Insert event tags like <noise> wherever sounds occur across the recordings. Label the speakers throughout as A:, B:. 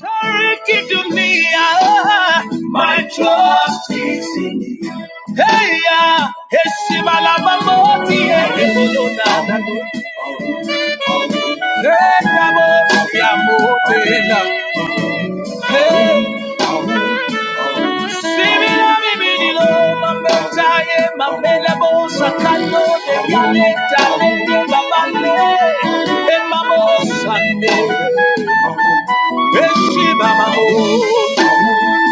A: Turkey to me, ah, my trust is in you. Hey, ah, Eshimalamamoti, Ekebolona, Ekabosiamotela. Hey, Similamimililo, Mametaye, Mamelabosakalo, Ekaleta, Ekebabale, Emamosande, Eshibamamo.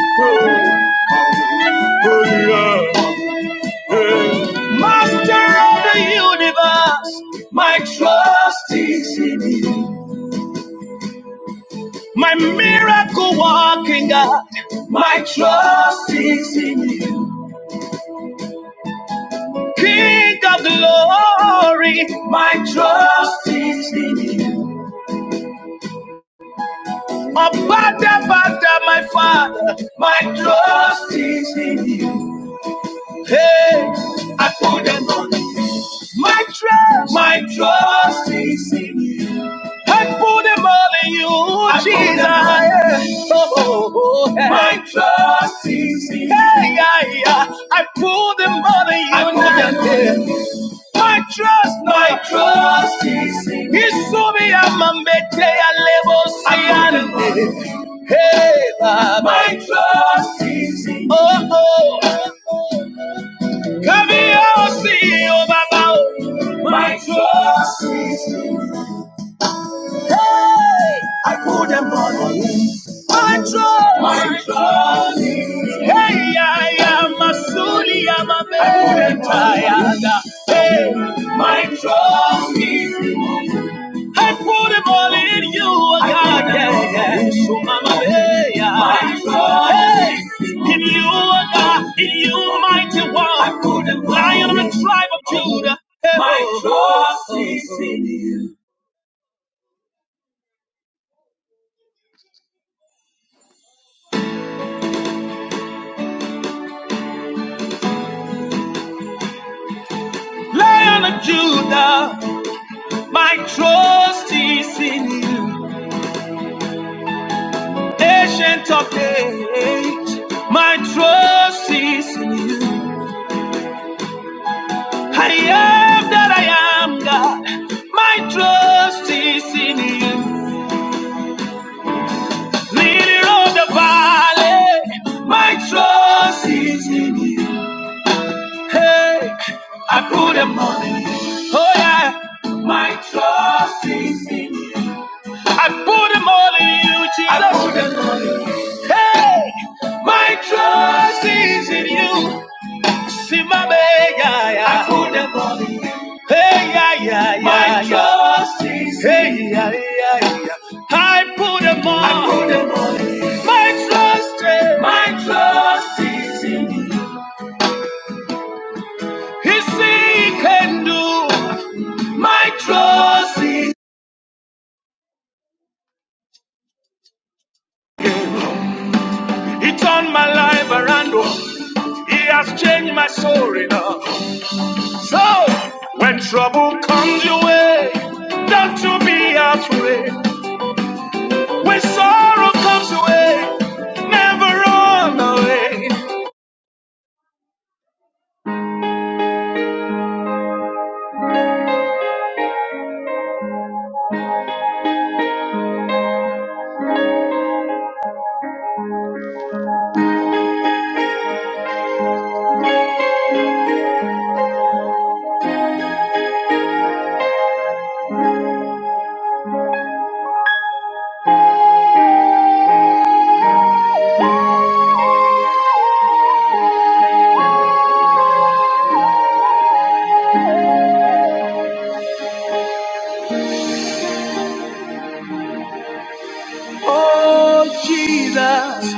A: Oh, oh, yeah. Master of the universe, my trust is in you. My miracle walking God, my trust is in you. King of glory, my trust is in you. Abada, bada, my father, my trust is in you. Hey, I put them on. My trust, my trust is in you. I put them all in you, Jesus. Oh, oh, oh, yeah. My trust is in you. Hey, yeah, yeah. I put them all in you. I put them all in you. My trust, my trust is in you. Isumi amambete ya lebo siyande. Hey, Baba. My trust is in you. Oh, oh. Come o see, o Baba My trust is in you. Hey. I put them all in you. My trust, my joy. Hey, I am a suli, I'm a betayada. Hey, my trophy. I put it all in you, oh God. Yeah, yeah. So, Mama, hey, yeah. my joy. Hey, in you, oh God, in you, mighty one. I put them Lion of the tribe of you. Judah. Hey, my Lion of Judah, my trust is in you. Ancient of days, my trust is in you. I am that I am, God. My trust is in you. Leader of the valley, my trust is in you. Hey, I put them on in you. Oh yeah, my trust is in you. I put them all in you, Jesus. I put them- Hey, my trust is in you. Simame, yeah, Hey, yeah, yeah, yeah. Hey, yeah, yeah, yeah. I put them on. My trust, eh, my trust is in you. He see, he can do. My trust is. He turned my life around. oh. He has changed my story now. So when trouble comes your way, don't you be afraid. When sorrow comes away, never run away. Oh, Jesus,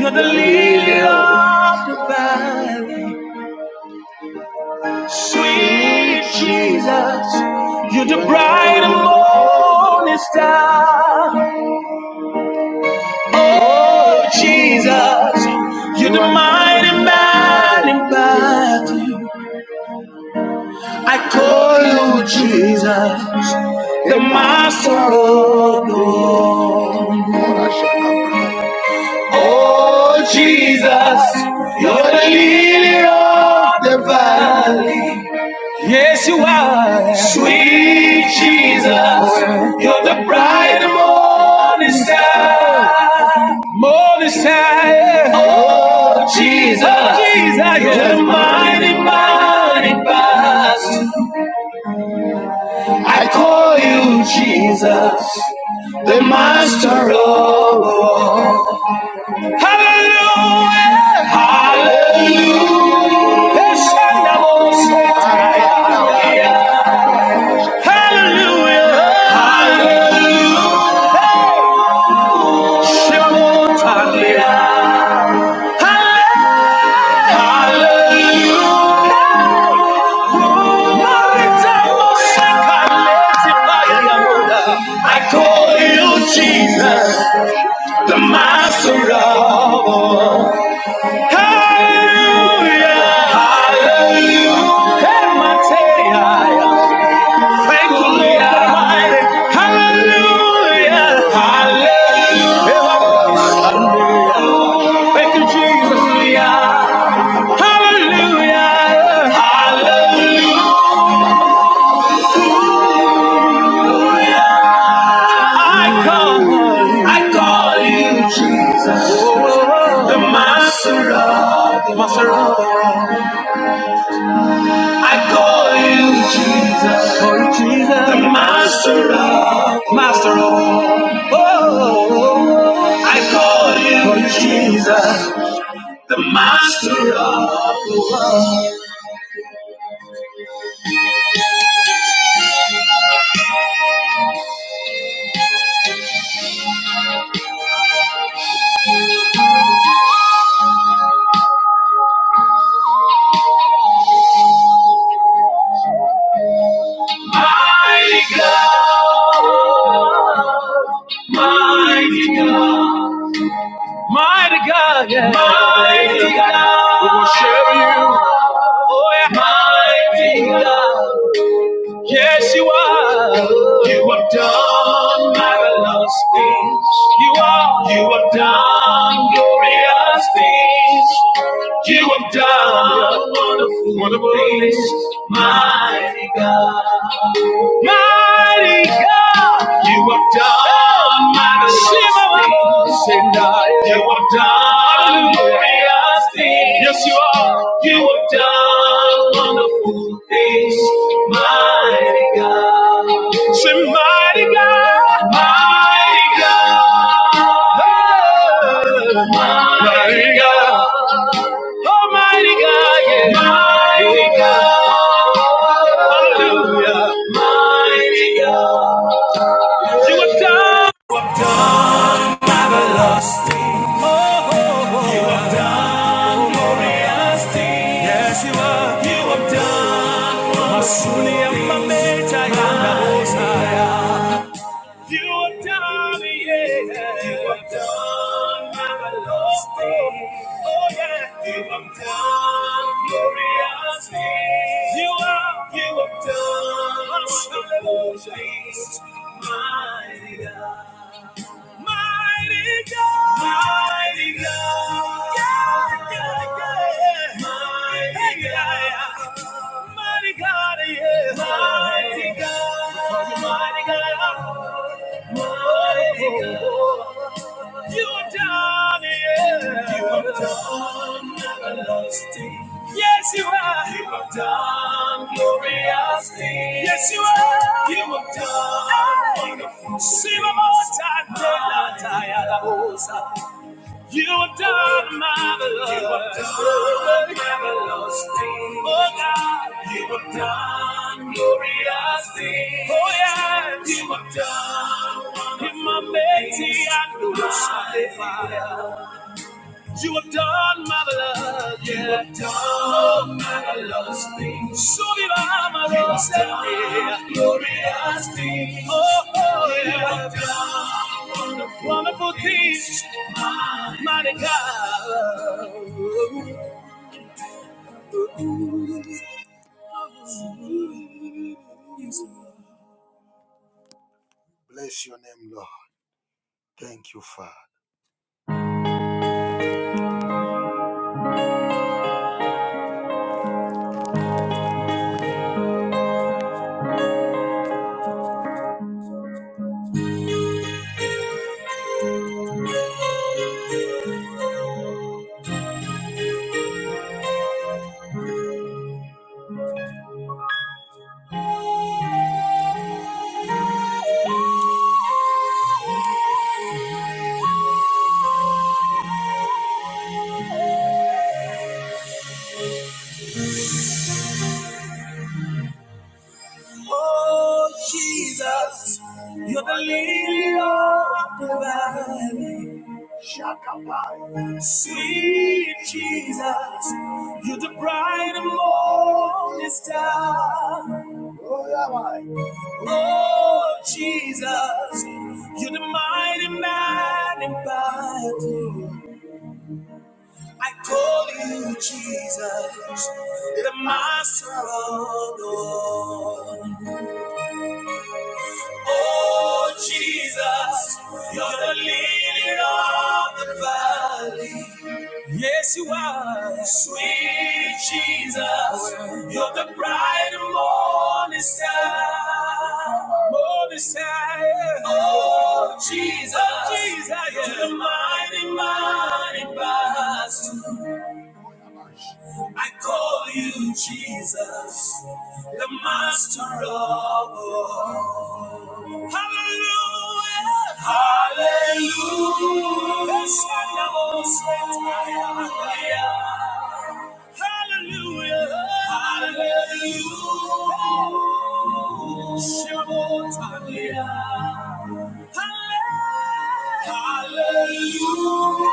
A: you're the lily of the valley. Sweet Jesus, you're the bright and morning star. Oh, Jesus, you're the mighty man in battle. I call you Jesus, the master of all. Oh Jesus, you're the lily of the valley. Yes, you are. Sweet Jesus, you're the bright morning star. Morning star. Oh Jesus, you're the mighty, mighty past. I call you Jesus, the master of all. Hallelujah. Hallelujah. Yes, I Hallelujah. Hallelujah. Hey, Shabbat Hallelujah. Hey. I call you Jesus, the master of all. Thank you, Lord Hallelujah. Hallelujah. Thank you, Jesus. Hallelujah. I call, I call you Jesus, the Master of the Master. I call you Jesus, call you Jesus, the master of, master of. all. Oh, I call you, call you Jesus, the master of. all. Mighty God, mighty God, mighty God, yeah. We worship you, oh yeah, mighty God. Yes, you are. You have done marvelous things. You are. You have done glorious things. You have done wonderful, wonderful things. Mighty God. Mighty God. You have done marvelous things. And I, you have done. Yes, you are. You have done wonderful things, mighty God. Say, mighty God, mighty God, Hey. mighty God, oh mighty God, yeah, mighty God, hallelujah, mighty God you have done. Yes, you have. You have done. Masuni amameja yanga hosaya. You have done, yeah. You have done marvelous things. Oh yeah. You have done glorious things. You have. You have done marvelous things, my God. Mighty God. Mighty God. Yeah, yeah, yeah. Mighty Hey, yeah, God. yeah. Mighty God, yeah. Mighty God. Mighty God. Mighty God. You are done, yeah. You are done, everlasting. Yes, you are. You are done, glorious thing. Yes, you are. You are done, wonderful. Sing one more time. Tell her, tell her, you have done marvelous. You have done marvelous things. Oh God. You have done glorious things. Oh yes. You have done wonderful In my things. Betty, I do I magnify. You have done marvelous, yeah. You have done marvelous things. So viva marvelous, you have done glorious things. Oh, oh, yeah. you yeah. have done wonderful, wonderful things, things. mighty God. Bless your name, Lord. Thank you, Father. Oh, Jesus, you're the lily of the valley. Shakabai. Sweet Jesus, you're the bright and morning star. Oh, yeah, why? Lord Jesus, you're the mighty man in battle. I call you Jesus, the master of all. Oh, Jesus, you're the lily of the valley. Yes, you are. Sweet Jesus, you're the bright and morning star. Morning star. Oh, Jesus, Jesus, you're the mighty, mighty boss. I call you Jesus, the master of all. Hallelujah. Hallelujah. Hallelujah. Hallelujah. Shabbatania. Hallelujah.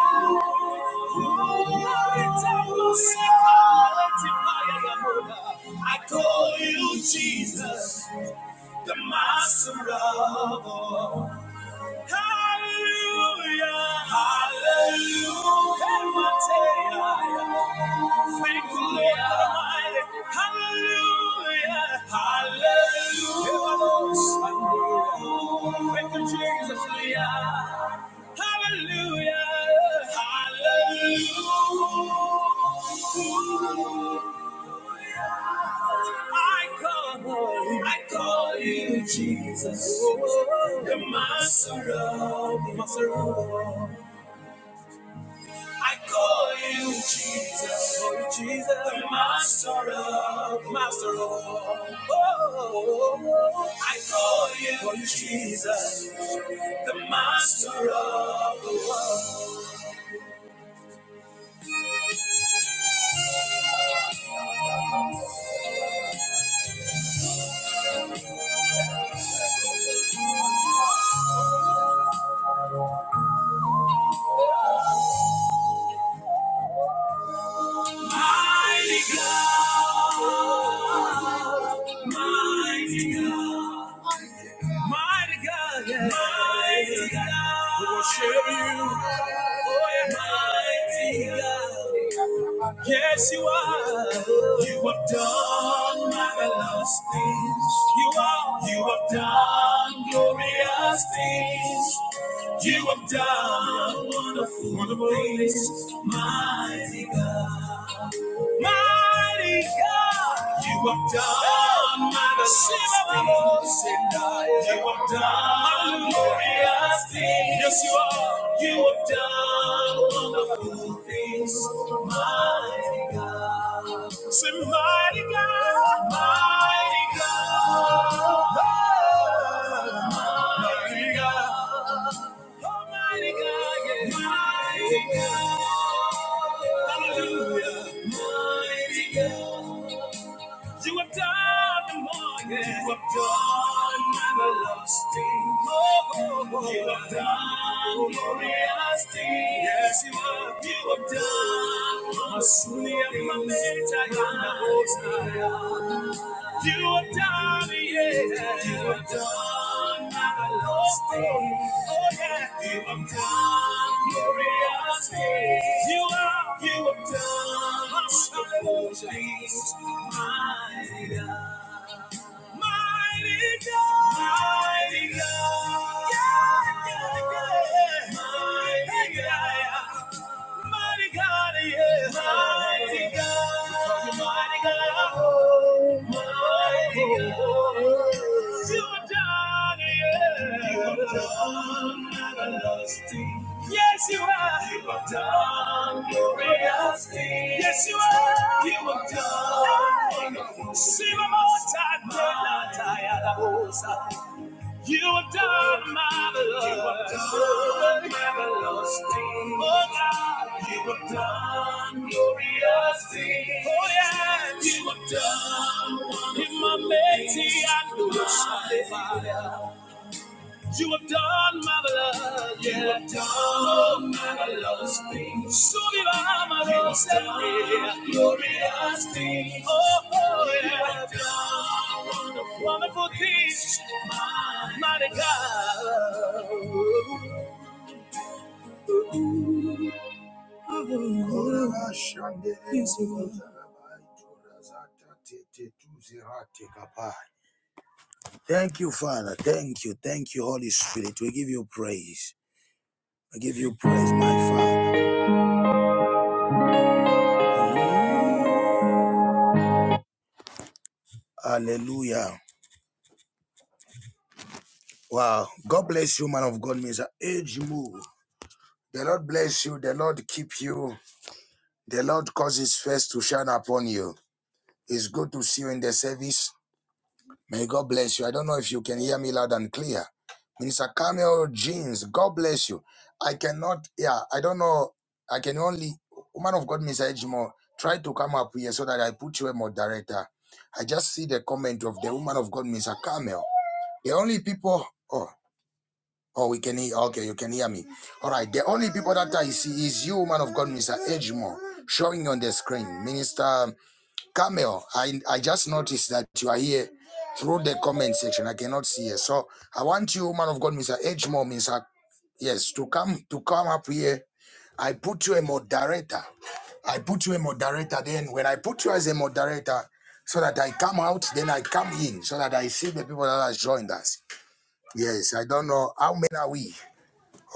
A: I call you Jesus, the master of all. Hallelujah. Hallelujah. Thankfully, Almighty. Hallelujah. Hallelujah. Thank you, Jesus. Yeah. Hallelujah. Hallelujah. I call, I call you Jesus. You're my surround, my surround. I call you Jesus, call you Jesus, the master of, master of. Oh, I call you, call you Jesus, the master of the world. Mighty God, mighty God, mighty God, yeah. mighty God. We worship you, oh yeah, mighty God. Yes, you are. You have done marvelous things. You are. You have done glorious things. You have done wonderful, wonderful things, mighty God. Mighty God, you have done marvelous things. You have done glorious things. Yes, you are. You have done wonderful things, mighty God. Say, mighty God, mighty God, mighty God. Almighty God, yeah. Mighty God. Hallelujah. Mighty God. You have done the more, yeah. You have done everlasting. Oh, oh, oh. You have done glorious things. Yes, you have. You have done. Asuni amameta yana hosaya. You are done, yeah. You are done, my Lord. Oh, yeah. You are done, glorious things. You are, you are done, unstoppable things. Mighty God. Mighty God. Mighty God. Yeah, yeah, yeah. Mighty God mighty God, yeah. Mighty God. Mighty God. Mighty God. You are done, yeah. You are done, everlasting. Yes, you are. You are done, glorious thing. Yes, you are. You are done. Hey. Sing one more time. Mighty God. You have done marvelous. You have done marvelous things. Oh God, you have done glorious things. Oh yeah, you have done. wonderful things. In my mighty and glorious. You have done marvelous, yeah. You have done marvelous things. So be marvelous, you have done glorious things. Oh, oh yeah. You have done wonderful, wonderful things, mighty God. Thank you, Father. Thank you. Thank you, Holy Spirit. We give you praise. We give you praise, my Father. Hallelujah. Wow. God bless you, man of God, Mr. Age move. The Lord bless you. The Lord keep you. The Lord cause his face to shine upon you. It's good to see you in the service. May God bless you. I don't know if you can hear me loud and clear. Minister Camel Jeans, God bless you. I cannot, yeah, I don't know. I can only, woman of God, Mr. Ejimo, try to come up here so that I put you a moderator. I just see the comment of the woman of God, Mr. Camel. The only people, oh, oh, we can hear, okay, you can hear me. All right, the only people that I see is you, man of God, Mr. Edgemore, showing on the screen. Minister Camel, I, I just noticed that you are here through the comment section. I cannot see you. So I want you, man of God, Mr. Edgemore, Mr. Yes, to come to come up here. I put you a moderator. I put you a moderator. Then when I put you as a moderator, so that I come out, then I come in, so that I see the people that has joined us. Yes, I don't know how many are we.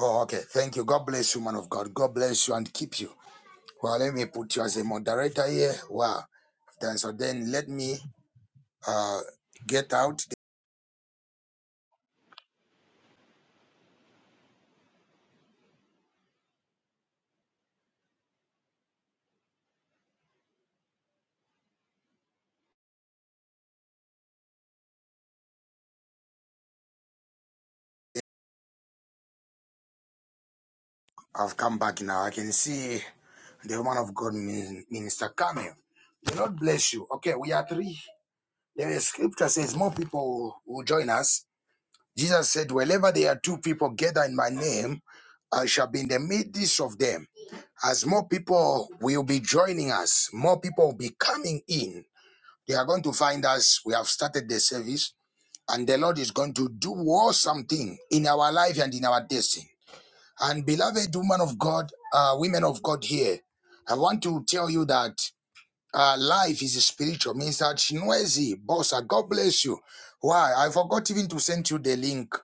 A: Oh, okay. Thank you. God bless you, man of God. God bless you and keep you. Well, let me put you as a moderator here. Wow. Then so then let me uh get out. I've come back now. I can see the woman of God, Min- Minister Camille. The Lord bless you. Okay, we are three. The scripture says more people will join us Jesus said, Wherever there are two people gather in my name, I shall be in the midst of them. As more people will be joining us, more people will be coming in. They are going to find us. We have started the service, and the Lord is going to do awesome thing in our life and in our destiny. And beloved woman of God, uh, women of God here, I want to tell you that uh, life is spiritual means that Chinwezi, boss, uh, God bless you. Why? I forgot even to send you the link.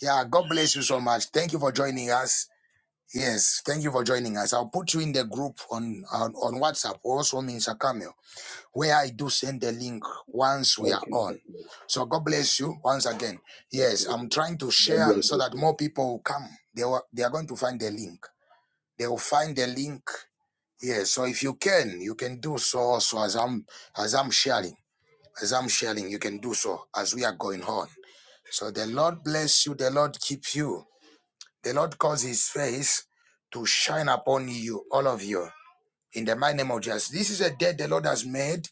A: Yeah, God bless you so much. Thank you for joining us. Yes, thank you for joining us. I'll put you in the group on on, on WhatsApp, also Minister Camille, where I do send the link once we are
B: Okay,
A: on.
B: okay,
A: So God bless you once again.
B: God bless
A: Yes, I'm trying to
B: God
A: share
B: bless
A: so
B: you,
A: that
B: too,
A: more
B: sir.
A: people will come. They, will, they are going to find the link. They will find the link yeah, so if you can, you can do so also as I'm as I'm sharing. As I'm sharing, you can do so as we are going on. So the Lord bless you, the Lord keep you. The Lord cause his face to shine upon you, all of you. In the mighty name of Jesus. This is a day the Lord has made.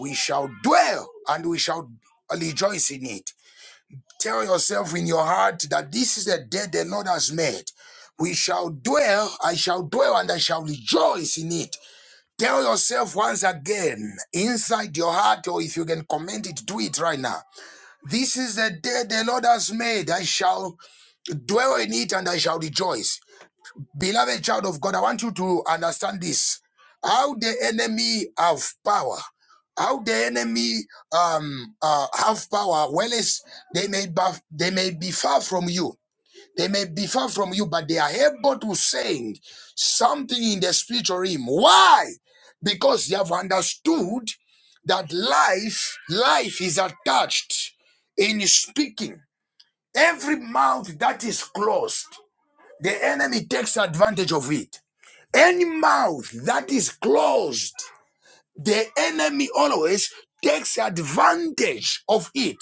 A: We shall dwell and we shall rejoice in it. Tell yourself in your heart that this is a day the Lord has made. We shall dwell, I shall dwell, and I shall rejoice in it. Tell yourself once again, inside your heart, or if you can comment it, do it right now. This is the day the Lord has made. I shall dwell in it and I shall rejoice. Beloved child of God, I want you to understand this. How the enemy have power, how the enemy um uh, have power, well as they may buff, they may be far from you. They may be far from you, but they are able to send something in the spiritual realm. Why? Because they have understood that life, life is attached in speaking. Every mouth that is closed, the enemy takes advantage of it. Any mouth that is closed, the enemy always takes advantage of it.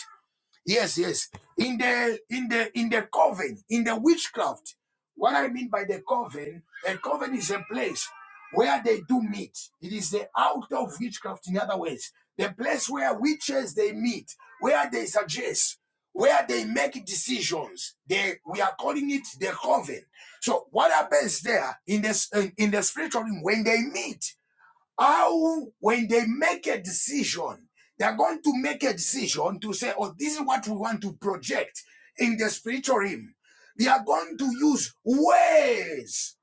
A: Yes, yes. In the in the in the coven, in the witchcraft. What I mean by the coven, a coven is a place where they do meet. It is the out of witchcraft, in other words, the place where witches they meet, where they suggest, where they make decisions. They we are calling it the coven. So what happens there in this in in the spiritual realm when they meet? How, when they make a decision, they're going to make a decision to say, oh, this is what we want to project in the spiritual realm. They are going to use ways.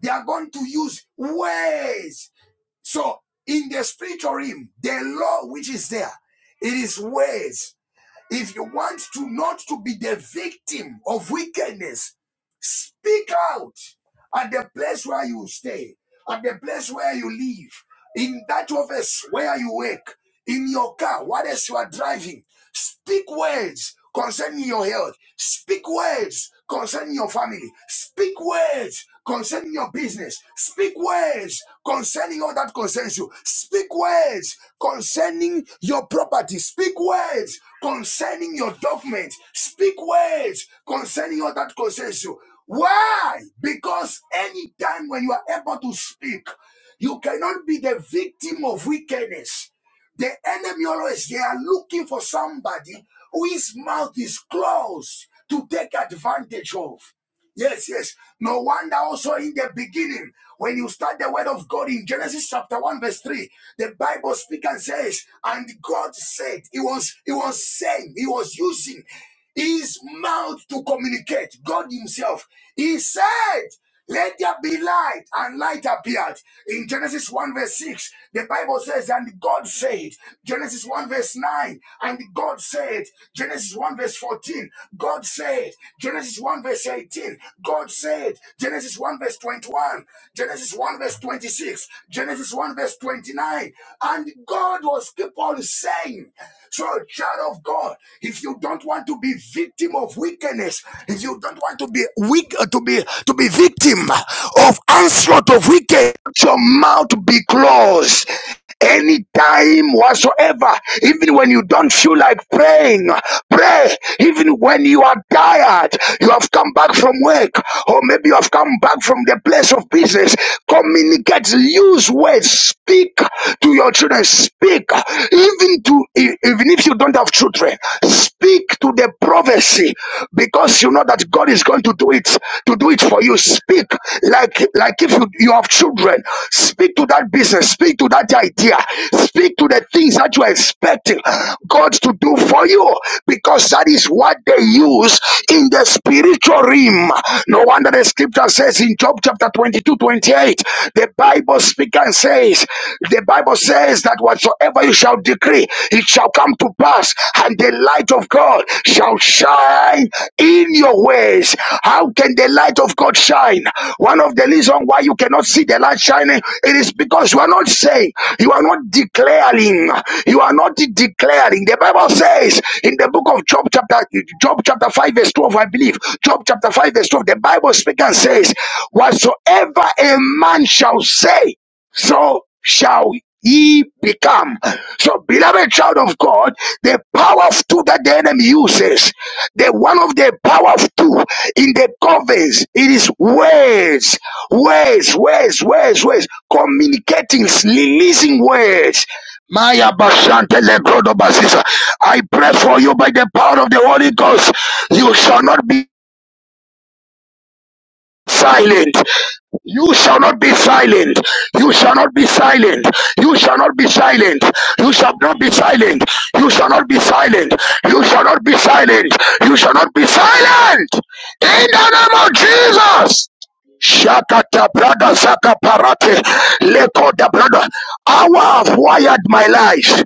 A: They are going to use ways. So in the spiritual realm, the law which is there, it is ways. If you want to not to be the victim of wickedness, speak out at the place where you stay, at the place where you live, in that office where you work, in your car, what else you are driving. Speak words concerning your health. Speak words concerning your family. Speak words concerning your business. Speak words concerning all that concerns you. Speak words concerning your property. Speak words concerning your documents. Speak words concerning all that concerns you. Why? Because anytime when you are able to speak, you cannot be the victim of wickedness. The enemy always they are looking for somebody whose mouth is closed to take advantage of. Yes, yes. No wonder also in the beginning, when you start the word of God in Genesis chapter 1, verse 3, the Bible speaks and says, And God said, He was He was saying, He was using his mouth to communicate. God Himself. He said, Let there be light, and light appeared. In Genesis 1, verse 6, the Bible says, And God said, Genesis 1, verse 9, and God said, Genesis 1, verse 14, God said, Genesis 1, verse 18, God said, Genesis 1, verse 21, Genesis 1, verse 26, Genesis 1, verse 29, and God was keep on saying. So, child of God, if you don't want to be victim of wickedness, if you don't want to be weak, uh, to be to be victim of onslaught of wicked, your mouth be closed. Anytime whatsoever, even when you don't feel like praying, Pray even when you are tired. You have come back from work, or maybe you have come back from the place of business. Communicate, use words, speak to your children, speak even to e- even if you don't have children, speak to the prophecy because you know that God is going to do it to do it for you. Speak like like if you, you have children children. Speak to that business. Speak to that idea. Speak to the things that you are expecting God to do for you because that is what they use in the spiritual realm. No wonder the scripture says in Job chapter 22, 28. the Bible speaks and says, The Bible says that whatsoever you shall decree, it shall come to pass, and the light of God shall shine in your ways. How can the light of God shine? One of the reasons why you cannot see the light shining, it is because you are not saying, you are not declaring, you are not declaring. The Bible says in the book of Job chapter Job chapter 5 verse 12, I believe. Job chapter 5 verse 12, the Bible speaks and says, Whatsoever a man shall say, so shall he become. So, beloved child of God, the power of two that the enemy uses, the one of the power of two in the conference, it is words, words, words, words, words, communicating, releasing words. Maya Bashante Legrodo Basisa. I pray for you by the power of the Holy Ghost. You shall not be silent. You shall not be silent. You shall not be silent. You shall not be silent. You shall not be silent. You shall not be silent. You shall not be silent. You shall not be silent. In the name of Jesus. Shakata brother Zaka Parate Leko the brother. Hour have wired my life.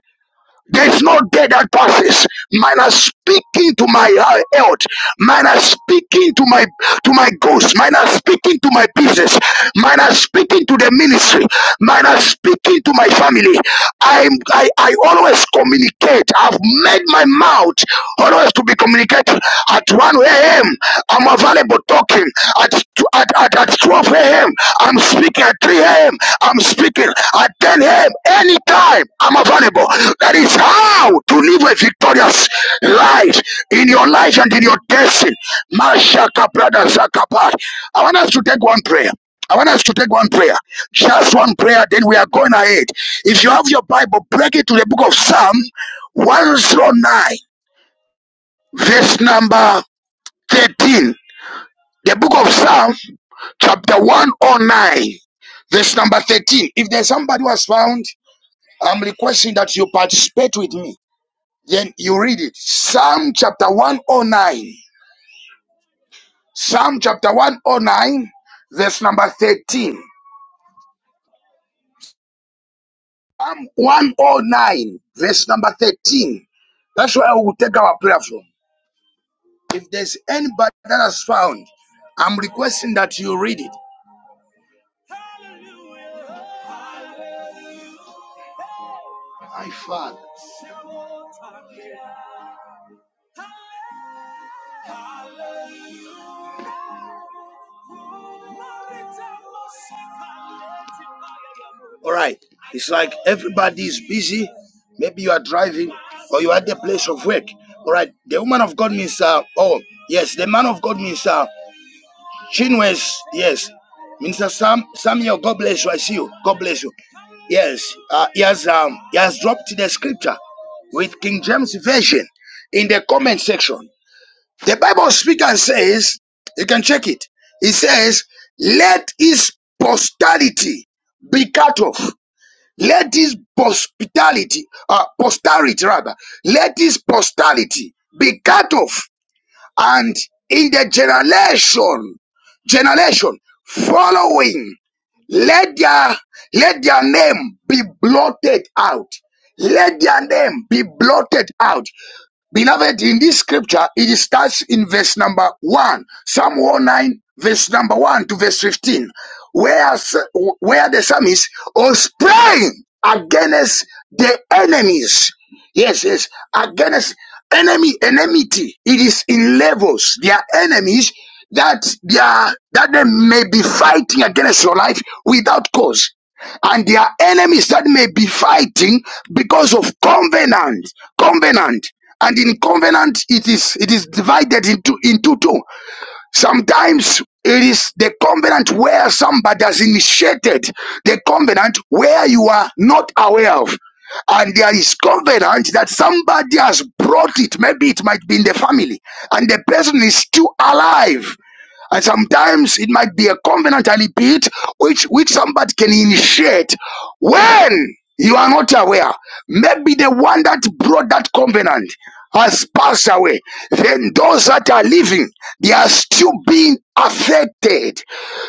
A: There's no day that passes. Mine are speaking to my uh, health. Mine are speaking to my to my goals. Mine are speaking to my business. Mine are speaking to the ministry. Mine are speaking to my family. I I I always communicate. I've have made my mouth always to be communicated at 1 a.m. I'm available talking at, at, at, at 12 a.m. I'm speaking at 3 a.m. I'm speaking at 10 a.m. Anytime I'm available. That is how to live a victorious life in your life and in your destiny. Mashaka brother Zakabat. I want us to take one prayer. I want us to take one prayer, just one prayer, then we are going ahead. If you have your Bible, break it to the book of Psalm. 109, verse number 13. The book of Psalm, chapter 109, verse number 13. If there's somebody who has found, I'm requesting that you participate with me. Then you read it. Psalm chapter 109. Psalm chapter 109, verse number 13. Psalm 109, verse number 13. That's where we will take our prayer from. If there's anybody that has found, I'm requesting that you read it. My father. All right. It's like everybody is busy. Maybe you are driving or you are at the place of work. All right. The woman of God means, uh, oh, yes. The man of God means, uh, Chinwes. Yes. Minister Sam, Samuel, God bless you. I see you. God bless you. Yes. Uh, he has, um, he has dropped the scripture with King James Version in the comment section. The Bible speaks and says, you can check it. It says, let his posterity be cut off. Let his posterity, uh, posterity rather, let his posterity be cut off. And in the generation, generation following, let their, let their name be blotted out. Let their name be blotted out. Beloved, in this scripture, it starts in verse number 1, Psalm 109, verse number 1 to verse 15, where, where the psalmist was praying against the enemies. Yes, yes, against enemy, enmity. It is in levels. They are enemies that they are, that they may be fighting against your life without cause and their enemies that may be fighting because of covenant covenant and in covenant it is it is divided into into two sometimes it is the covenant where somebody has initiated the covenant where you are not aware of and there is covenant that somebody has brought it maybe it might be in the family and the person is still alive and sometimes it might be a covenant, I repeat, which, which somebody can initiate when you are not aware. Maybe the one that brought that covenant has passed away. Then those that are living, they are still being affected.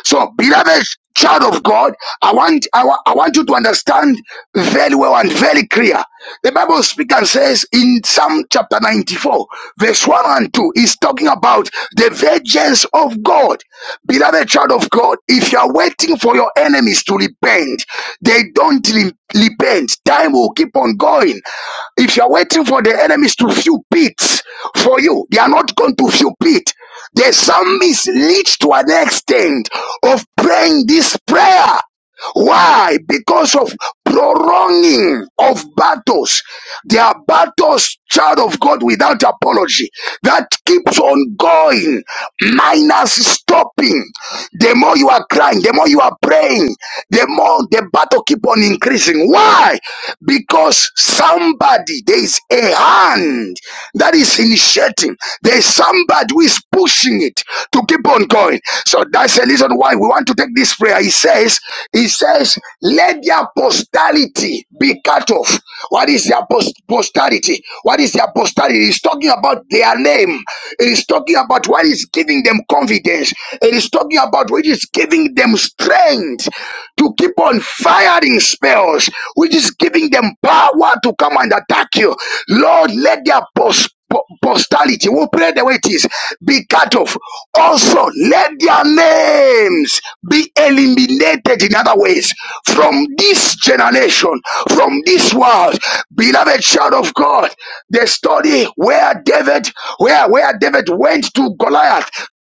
A: So, beloved child of God, I want I, wa- I want you to understand very well and very clear. The Bible speaks and says in Psalm chapter 94, verse 1 and 2, is talking about the vengeance of God. Beloved child of God, if you are waiting for your enemies to repent, they don't re- repent. Time will keep on going. If you are waiting for the enemies to fill pits for you, they are not going to fill pit. The psalmist reached to an extent of praying this prayer. Why? Because of prolonging of battles. There are battles, child of God, without apology that keeps on going, minus stopping. The more you are crying, the more you are praying, the more the battle keep on increasing. Why? Because somebody, there is a hand that is initiating. There is somebody who is pushing it to keep on going. So that's the reason why we want to take this prayer. He says, He says, let the apostality be cut off. What is the apost- apostality? What is the apostality? He's talking about their name. It is talking about what is giving them confidence. It is talking about what is giving them strength to keep on firing spells, which is giving them power to come and attack you. Lord, let their post posterity, we'll pray the way it is, be cut off. Also, let their names be eliminated in other ways from this generation, from this world. Beloved child of God, the story where David, where, where David went to Goliath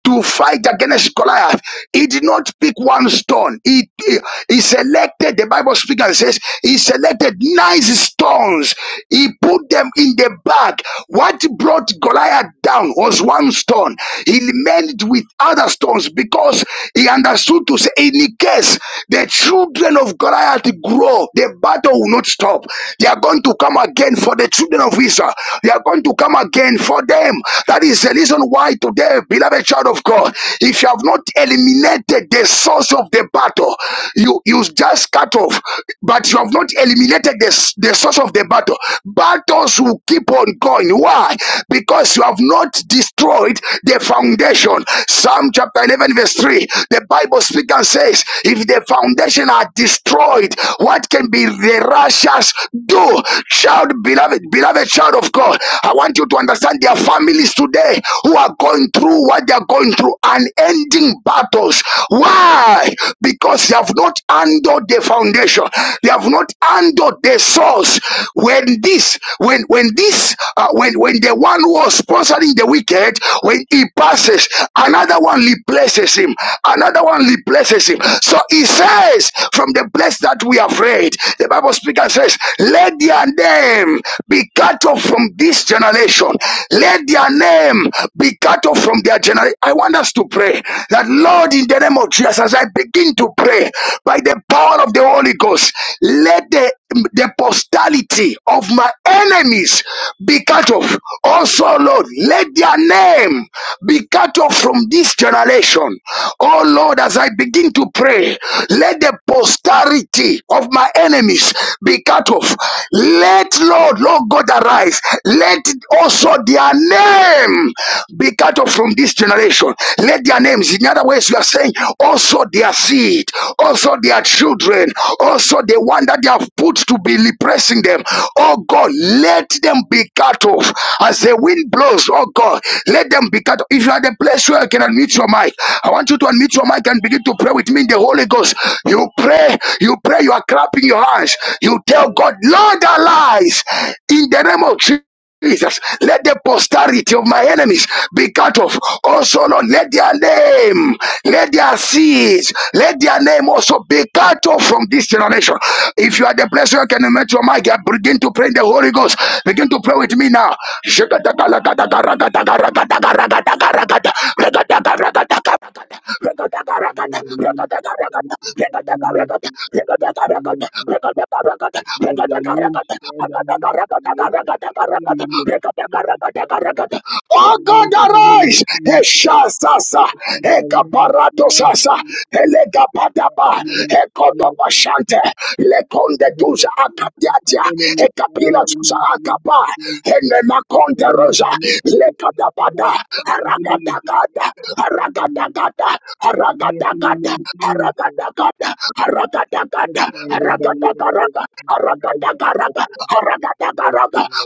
A: to fight against Goliath. He did not pick one stone. He, he, he selected, the Bible speaks and says, he selected nine stones. He put them in the bag. What brought Goliath down was one stone. He remained with other stones because he understood to say, in the case the children of Goliath grow, the battle will not stop. They are going to come again for the children of Israel. They are going to come again for for them. That is the reason why today, beloved child of God, if you have not eliminated the source of the battle, you, you just cut off, but you have not eliminated the, the source of the battle. Battles will keep on going. Why? Because you have not destroyed the foundation. Psalm chapter 11, verse 3, the Bible speaks and says, If the foundation are destroyed, what can be the righteous do? child? beloved, beloved child of God, I want you to understand their families today who are going through what they are going through, unending battles. Why? Because they have not handled the foundation, they have not handled the source. When this, when when this, uh, when when the one who was sponsoring the wicked, when he passes, another one replaces him, another one replaces him. So he says, from the place that we have read, it. The Bible speaker says, Let their name be cut off from this generation. Let their name be cut off from their generation. I want us to pray that, Lord, in the name of Jesus, as I begin to pray by the power of the Holy Ghost, let the the posterity of my enemies be cut off. Also, Lord, let their name be cut off from this generation. Oh Lord, as I begin to pray, today. Let the posterity of my enemies be cut off. Let Lord, Lord God arise. Let also their name be cut off from this generation. Let their names, in other words, you are saying also their seed, also their children, also the one that they have put to be repressing them. Oh God, let them be cut off as the wind blows. Oh God, let them be cut off. If you are the place where you can unmute your mind mic. I want you to unmute your mic and begin to pray with me in the Holy Ghost. You pray, you pray, you are clapping your hands. You tell God, Lord, arise in the name of Jesus. Jesus, let the posterity of my enemies be cut off. Also, Lord, let their name, let their seeds, let their name also be cut off from this generation. If you are the place where you can meet your mic, begin to pray in the Holy Ghost. Begin to pray with me now. Oh God,
B: God bless you, Lord Jesus. God bless
A: arise! Eshasasa, ekaparatosasa, elegapadapa, ekotopashante, lekondetusa akadiatia, ekapilasusa akapa, Rama, Enemakonte Rosa, Lekadabada, Aragadagada, Aragadagada, Aragadagada, Aragadagada, Aragadagada, Aragadagaraga, Aragadagaraga,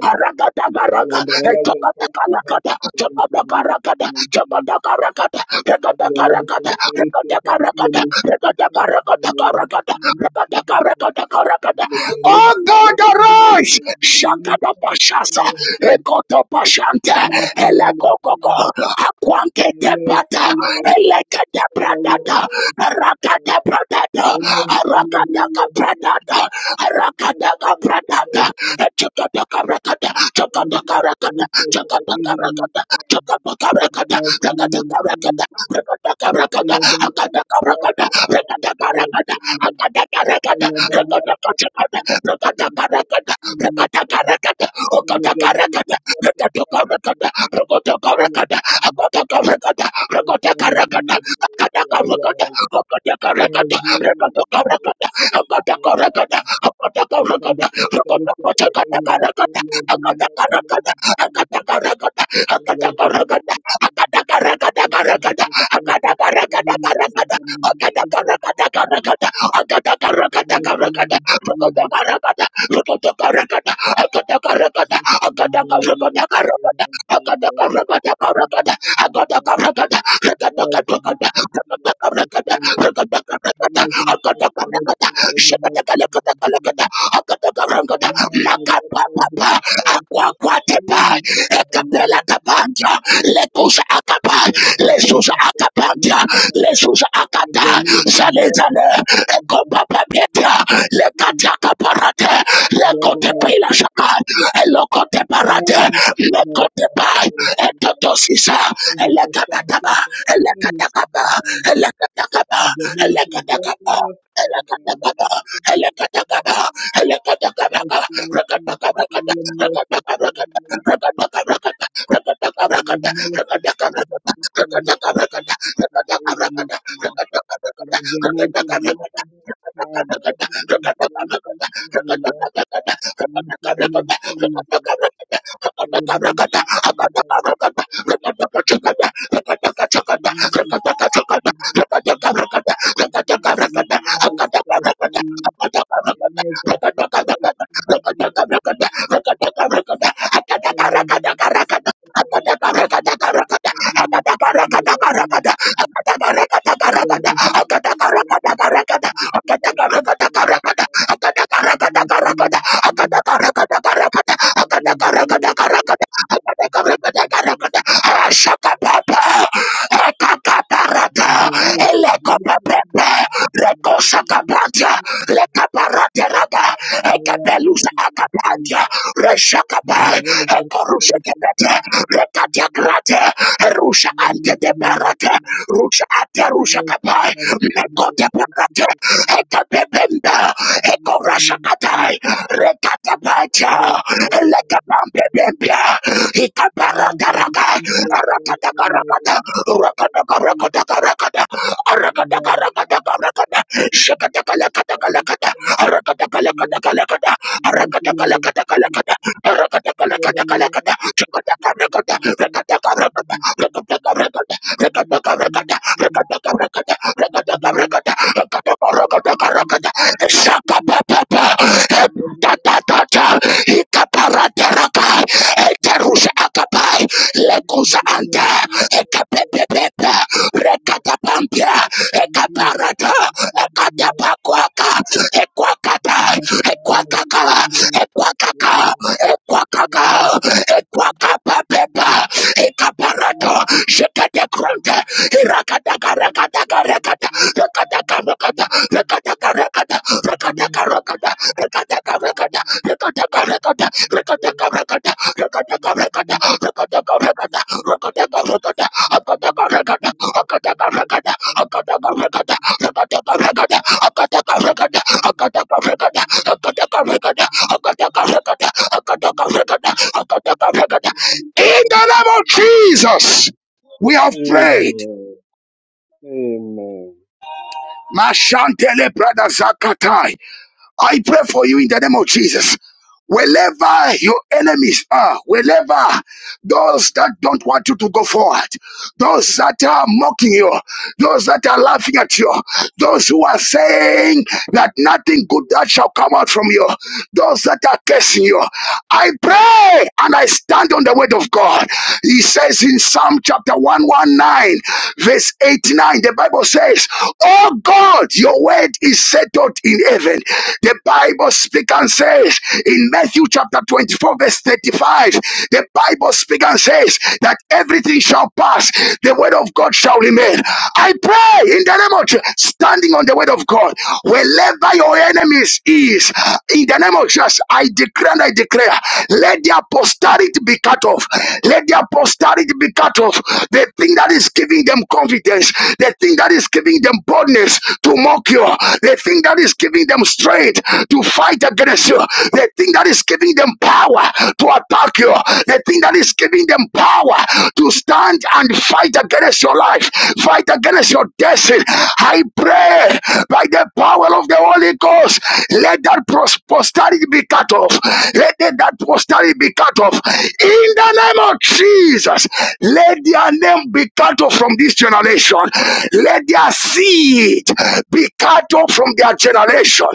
A: Aragadagaraga, Aragadagaraga, Ekabadakalakada, Chakadakaragada, Chakadakaragada, Rekadakaragada, Rekadakaragada, Rekadakaragadakaragada, Rekadakaragadakaragada. Oh God, arise! Shakada Pashasa, Ekoto Pashanta, Elekokoko, Aquanke Tepata, Elekata Pratata, Rakata Pratata, Rakataka Pratata, Rakataka Pratata, Chakataka Rakata, Chakataka Rakata, Chakataka Rakata, Chakataka Rakata, Rakataka Rakata, Rakataka Rakata, Rakataka Rakata, Rakataka Rakata, Rakata I Agada Lekatapa, Rakata Rekata grate, Rusha ante de Rate, Rusha Ate, Rusha Kapai, Mekote Parate, Ekapependa, Ekorasha Katai, Rekate Pacha, Lekapampe Bempia, Ikaparata Raka, Rakata Karakata, Rakata Karakata Karakata, Arakata Karakata Karakata, Shakata Kalakata Kalakata, Arakata Kalakata Kalakata, Arakata Kalakata Kalakata, Arakata Kalakata Kalakata, Chakata Karakata, Rakata Karakata, Rakata Karakata Ekwakaka, ekwakaka, ekwakapa pepa, Ekaparato, Shekate Kronte, Hirakataka Rakataka Rakata, Rakataka Rakata, Rakataka Rakata, Rakataka Rakata, Rakataka Rakata, Rakataka Rakata, Rakataka Rakata, Rakataka Rakata, Rakataka Rakata, Rakataka Rakata, Akataka Rakata, Akataka Rakata, Akataka Rakata, Rakataka Rakata, Akataka Rakata, Akataka Rakata, Akataka Rakata, Akataka Rakata, Akataka Rakata, Akataka Rakata, in the name of Jesus, we have
B: you.
A: prayed.
B: Amen. Amen.
A: Mashantele brother Zakatai. I pray for you in the name of Jesus. Wherever your enemies are, wherever those that don't want you to go forward, those that are mocking you, those that are laughing at you, those who are saying that nothing good that shall come out from you, those that are cursing you. I pray and I stand on the word of God. He says in Psalm chapter 119, verse 89, the Bible says, Oh God, your word is settled in heaven. The Bible speaks and says in Matthew chapter 24, verse 35, the Bible speaks and says, that everything shall pass. The word of God shall remain. I pray in the name of Jesus, standing on the word of God, wherever your enemies is, in the name of Jesus, I declare and I declare, let their posterity be cut off. Let their posterity be cut off. The thing that is giving them confidence, the thing that is giving them boldness to mock you, the thing that is giving them strength to fight against you, the thing that is giving them power to attack you, the thing that is giving them power to stand and fight against your life, fight against your destiny. I pray by the power of the Holy Ghost, let that posterity be cut off. Let that posterity be cut off. In the name of Jesus, let their name be cut off from this generation. Let their seed be cut off from their generation.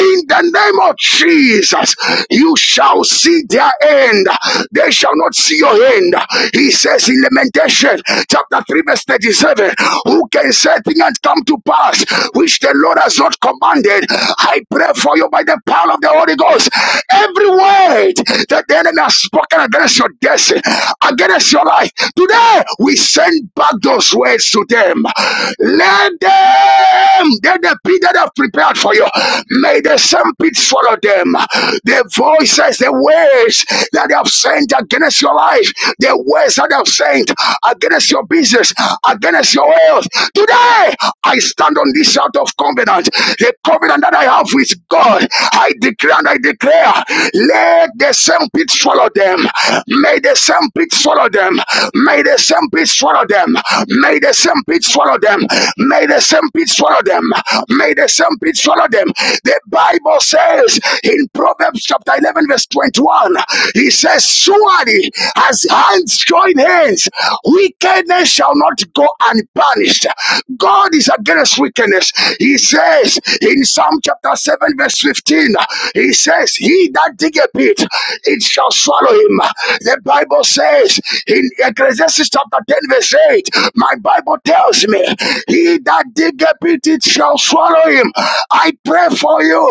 A: In the name of Jesus, you shall shall see their end. They shall not see your end. He says in Lamentation chapter 3, verse 37, Who can say things and come to pass which the Lord has not commanded? I pray for you by the power of the Holy Ghost. Every word that the enemy has spoken against your destiny, against your life, today we send back those words to them. Let them, let the pit that I've prepared for you, may the same pits follow them them. The voices, the words that they have sent against your life, the words that they have sent against your business, against your health. Today, I stand on this out of covenant, the covenant that I have with God. I declare and I declare, let the same pit swallow them. May the same pit swallow them. May the same pit swallow them. May the same pit swallow them. May the same pit swallow them. May the same pit swallow them. The Bible says in Proverbs chapter 11, verse 21, he says, Surely as hands join hands, wickedness shall not go unpunished. God is against wickedness. He says in Psalm chapter 7, verse 15, he says, He that diggeth it, it shall swallow him. The Bible says in Ecclesiastes chapter 10, verse 8, my Bible tells me, He that diggeth it, it shall swallow follow him. I pray for you.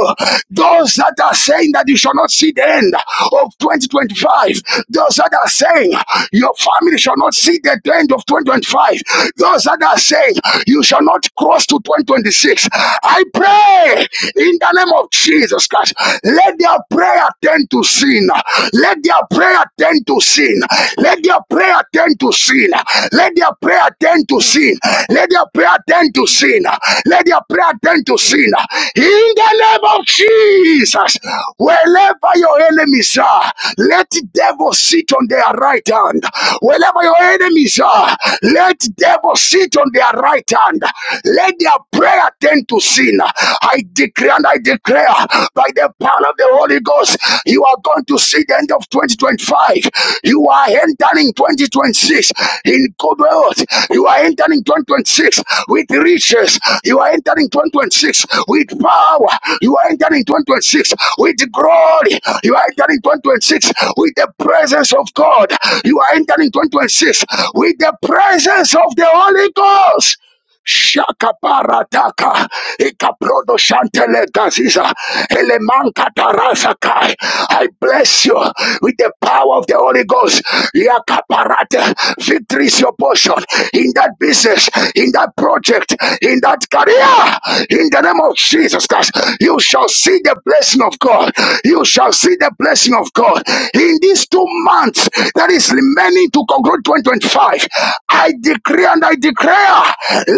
A: Those that are saying that you shall not see the end of 2025, those that are saying your family shall not see the end of 2025, those that are saying you shall not cross to 2026. I pray in the name of Jesus Christ. Let their prayer tend to sin. Let their prayer tend to sin. Let their prayer tend to sin. Let their prayer tend to sin. Let their prayer tend turn to sin. Let your prayer turn to sin. In the name of Jesus, wherever your enemies are, let the devil sit on their right hand. Wherever your enemies are, let the devil sit on their right hand. Let their prayer turn to sin. I decree and I declare by the power of the Holy Ghost, you are going to see the end of 2025. You are entering 2026 in good health. You are are entering 2026 with riches. You are entering 2026 with power. You are entering 2026 with glory. You are entering 2026 with the presence of God. You are entering 2026 with the presence of the Holy Ghost. Shakaparataka, Ikaprodo Shantele Gaziza, Elemanka Tarasakai. I bless you with the power of the Holy Ghost. Yakaparate, victory is your portion in that business, in that project, in that career. In the name of Jesus Christ, you shall see the blessing of God. You shall see the blessing of God. God, in these two months that is remaining to conclude 2025, I decree and I declare,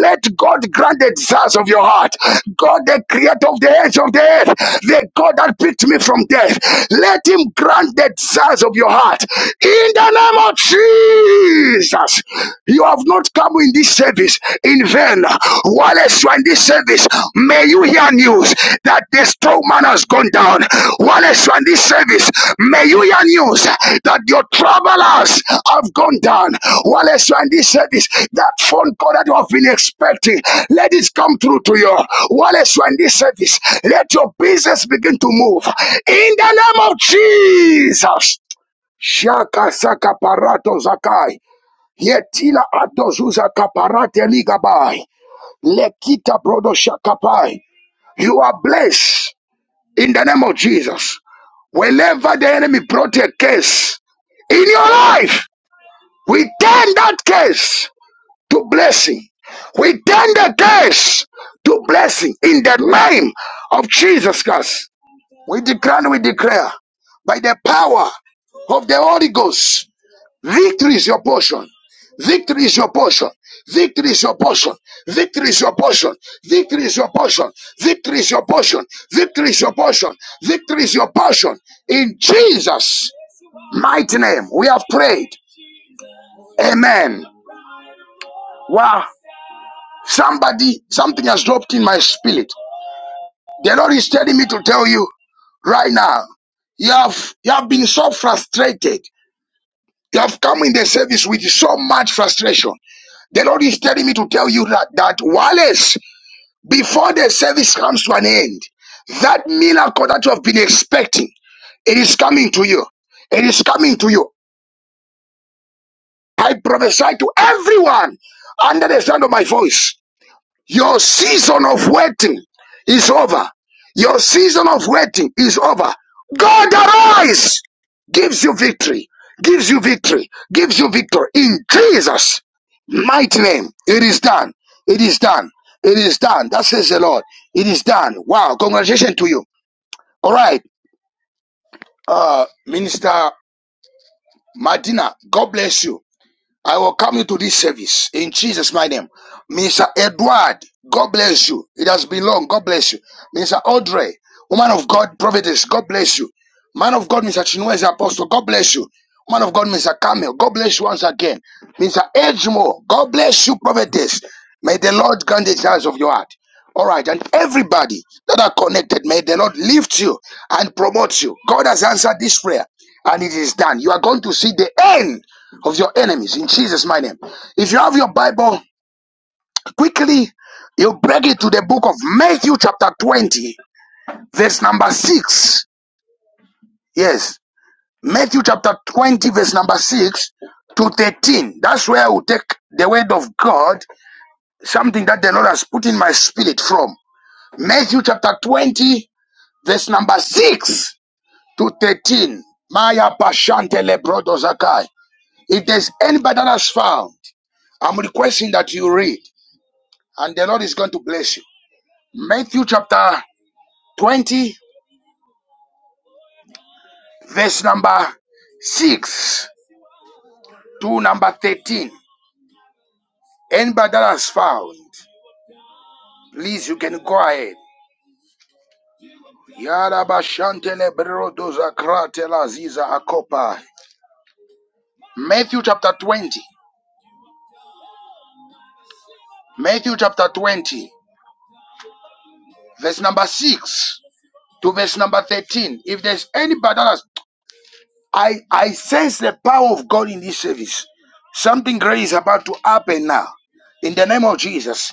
A: let God grant the desires of your heart. God, the creator of the ends of the earth, the God that picked me from death, let him grant the desires of your heart. In the name of Jesus, you have not come in this service in vain. Wallace, you are in this service. May you hear news that the strong man has gone down. Wallace, you are in this service. May you hear news that your travelers have gone down. Wallace, you are in this service. That phone call that you have been expecting, let it come through to you. Wallace, you are in this service. Let your business begin to move. In the name of Jesus. Shaka Saka Parato Zakai. Yetila Adozuza Kaparate Ligabai. Lekita brodo shakapai. You are blessed in the name of Jesus. Whenever the enemy brought a case in your life, we turn that case to blessing. We turn the case to blessing in the name of Jesus Christ. We declare and we declare by the power of the Holy Ghost Victory is your portion. Victory is your portion. Victory is your portion. Victory is your portion. Victory is your portion. Victory is your portion. Victory is your portion. Victory is your portion. In Jesus' mighty name, we have prayed. Amen. Wow. Somebody, something has dropped in my spirit. The Lord is telling me to tell you right now. You have you have been so frustrated. You have come in the service with so much frustration. The Lord is telling me to tell you that, that Wallace, before the service comes to an end, that miracle that you have been expecting, it is coming to you. It is coming to you. I prophesy to everyone under the sound of my voice your season of waiting is over. Your season of waiting is over. God arise, gives you victory, gives you victory, gives you victory in Jesus' mighty name. It is done. It is done. It is done. That says the Lord. It is done. Wow. Congratulations to you. All right. Uh, Minister Madina, God bless you. I welcome you to this service in Jesus' my name. Mr. Edward, God bless you. It has been long. God bless you. Mr. Audrey, woman of God, prophetess, God bless you. Man of God, Mr. Chinweze Apostle, God bless you. Man of God, Mr. Camel, God bless you once again. Mr. Edgemo, God bless you, prophetess. May the Lord grant the desires of your heart. All right, and everybody that are connected, may the Lord lift you and promote you. God has answered this prayer, and it is done. You are going to see the end of your enemies in Jesus' my name. If you have your Bible, quickly you break it to the book of Matthew, chapter 20, verse number 6. Yes. Matthew chapter 20, verse number 6 to 13. That's where I will take the word of God, something that the Lord has put in my spirit from. Matthew chapter 20, verse number 6 to 13. Maya Pashante Lebrodo Zakai. If there's anybody that has found, I'm requesting that you read, and the Lord is going to bless you. Matthew chapter 20, verse number 6 to number 13. Anybody that has found. Please, you can go ahead. Yarabashantele brodoza kratela ziza akopa. Matthew chapter 20. Matthew chapter 20, verse number 6 to verse number 13. If there's anybody that has, I, I sense the power of God in this service. Something great is about to happen now. In the name of Jesus.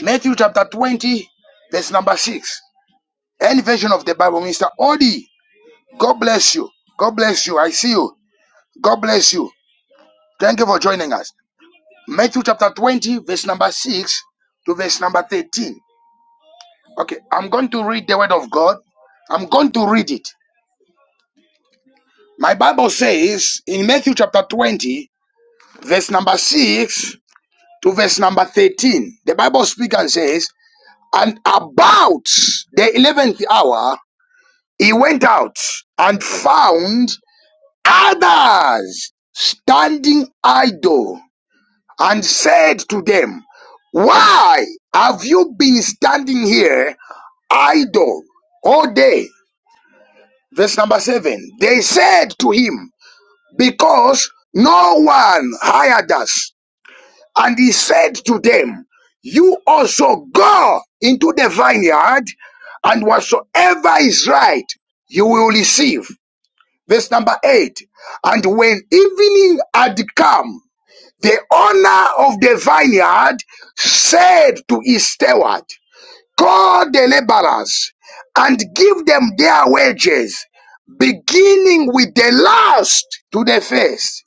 A: Matthew chapter 20, verse number 6. Any version of the Bible, Mr. Odi, God bless you. God bless you. I see you. God bless you. Thank you for joining us. Matthew chapter 20, verse number 6 to verse number 13. Okay, I'm going to read the word of God. I'm going to read it. My Bible says in Matthew chapter 20, verse number 6 to verse number 13, the Bible speaks and says, And about the 11th hour, he went out and found others standing idle and said to them, Why have you been standing here idle all day? Verse number seven. They said to him, Because no one hired us. And he said to them, You also go into the vineyard, and whatsoever is right, you will receive. Verse number eight. And when evening had come, The owner of the vineyard said to his steward, Call the laborers and give them their wages, beginning with the last to the first.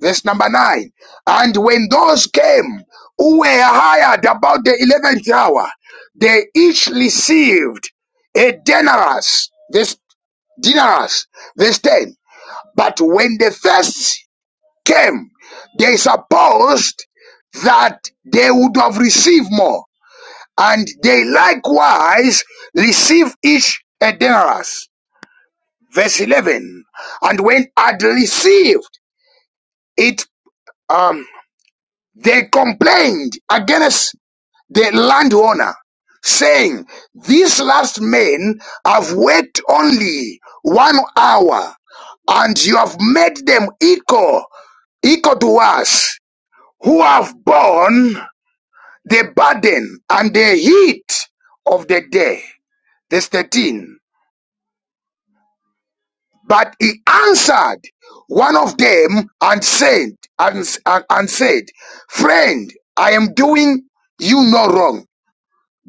A: Verse number nine. And when those came who were hired about the eleventh hour, they each received a denarius. This denarius. Verse ten. But when the first came, they supposed that they would have received more, and they likewise received each a denarius. Verse 11. And when had received it, um, they complained against the landowner, saying, These last men have worked only one hour, and you have made them equal equal to us who have borne the burden and the heat of the day. Verse 13. But he answered one of them and said, and, and, and said, Friend, I am doing you no wrong.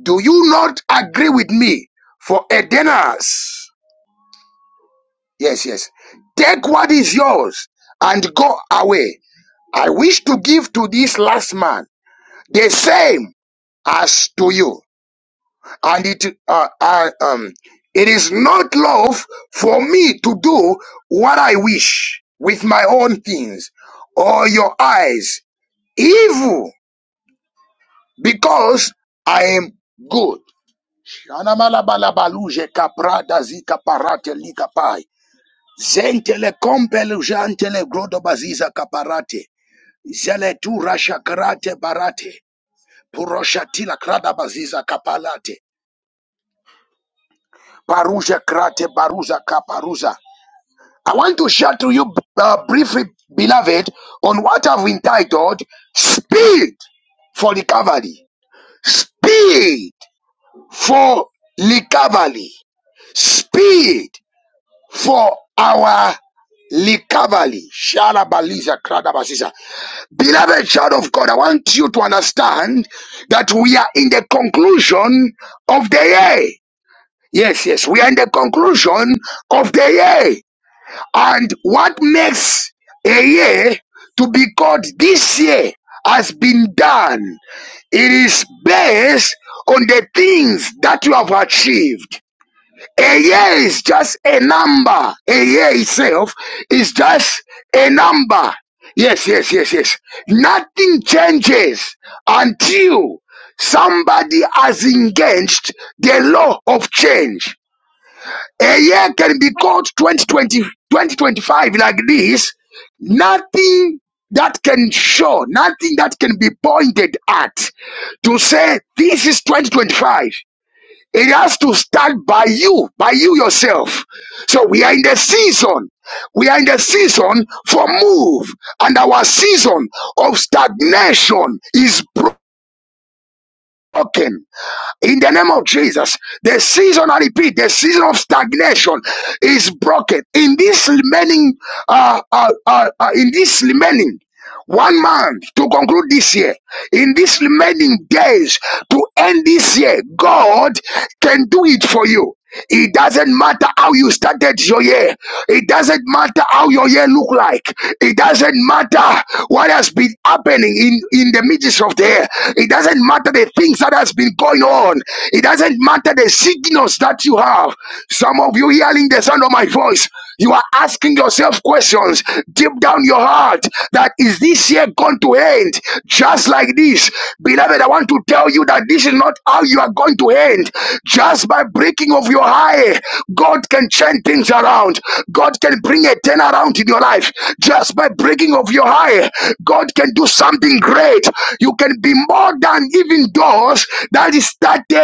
A: Do you not agree with me for a denarius? Yes, yes. Take what is yours and go away. I wish to give to this last man the same as to you. and it uh, I, um it is not love for me to do what I wish with my own things or your eyes evil because I am good. Anamalabalabaluje kaprada zika parate lika Zentele kompele jantele grodo kaparate. Zele tu rasha barate. Puroshatila krada baziza kapalate. Paruja krate baruza kaparuza. I want to share to you uh, briefly, beloved, on what I've entitled Speed for Recovery. Speed for Recovery. Speed for our recovery. Shalabaliza kradabasisa. Beloved child of God, I want you to understand that we are in the conclusion of the year. Yes, yes, we are in the conclusion of the year. And what makes a year to be called this year has been done. It is based on the things that you have achieved. A year is just a number. A year itself is just a number. Yes, yes, yes, yes. Nothing changes until somebody has engaged the law of change a year can be called 2020, 2025 like this. Nothing that can show, nothing that can be pointed at to say this is 2025. It has to start by you, by you yourself. So we are in the season. We are in the season for move, and our season of stagnation is broken. In the name of Jesus, the season, I repeat, the season of stagnation is broken. In this remaining, uh, uh, uh, uh, in this remaining one month to conclude this year. In these remaining days to end this year, God can do it for you. It doesn't matter how you started your year. It doesn't matter how your year look like. It doesn't matter what has been happening in, in the midst of the year. It doesn't matter the things that has been going on. It doesn't matter the sickness that you have. Some of you hearing the sound of my voice, you are asking yourself questions deep down your heart that is this year going to end just like this? Beloved, I want to tell you that this is not how you are going to end. Just by breaking of your eye, God can change things around. God can bring a turnaround in your life. Just by breaking of your eye, God can do something great. You can be more than and even doors that is started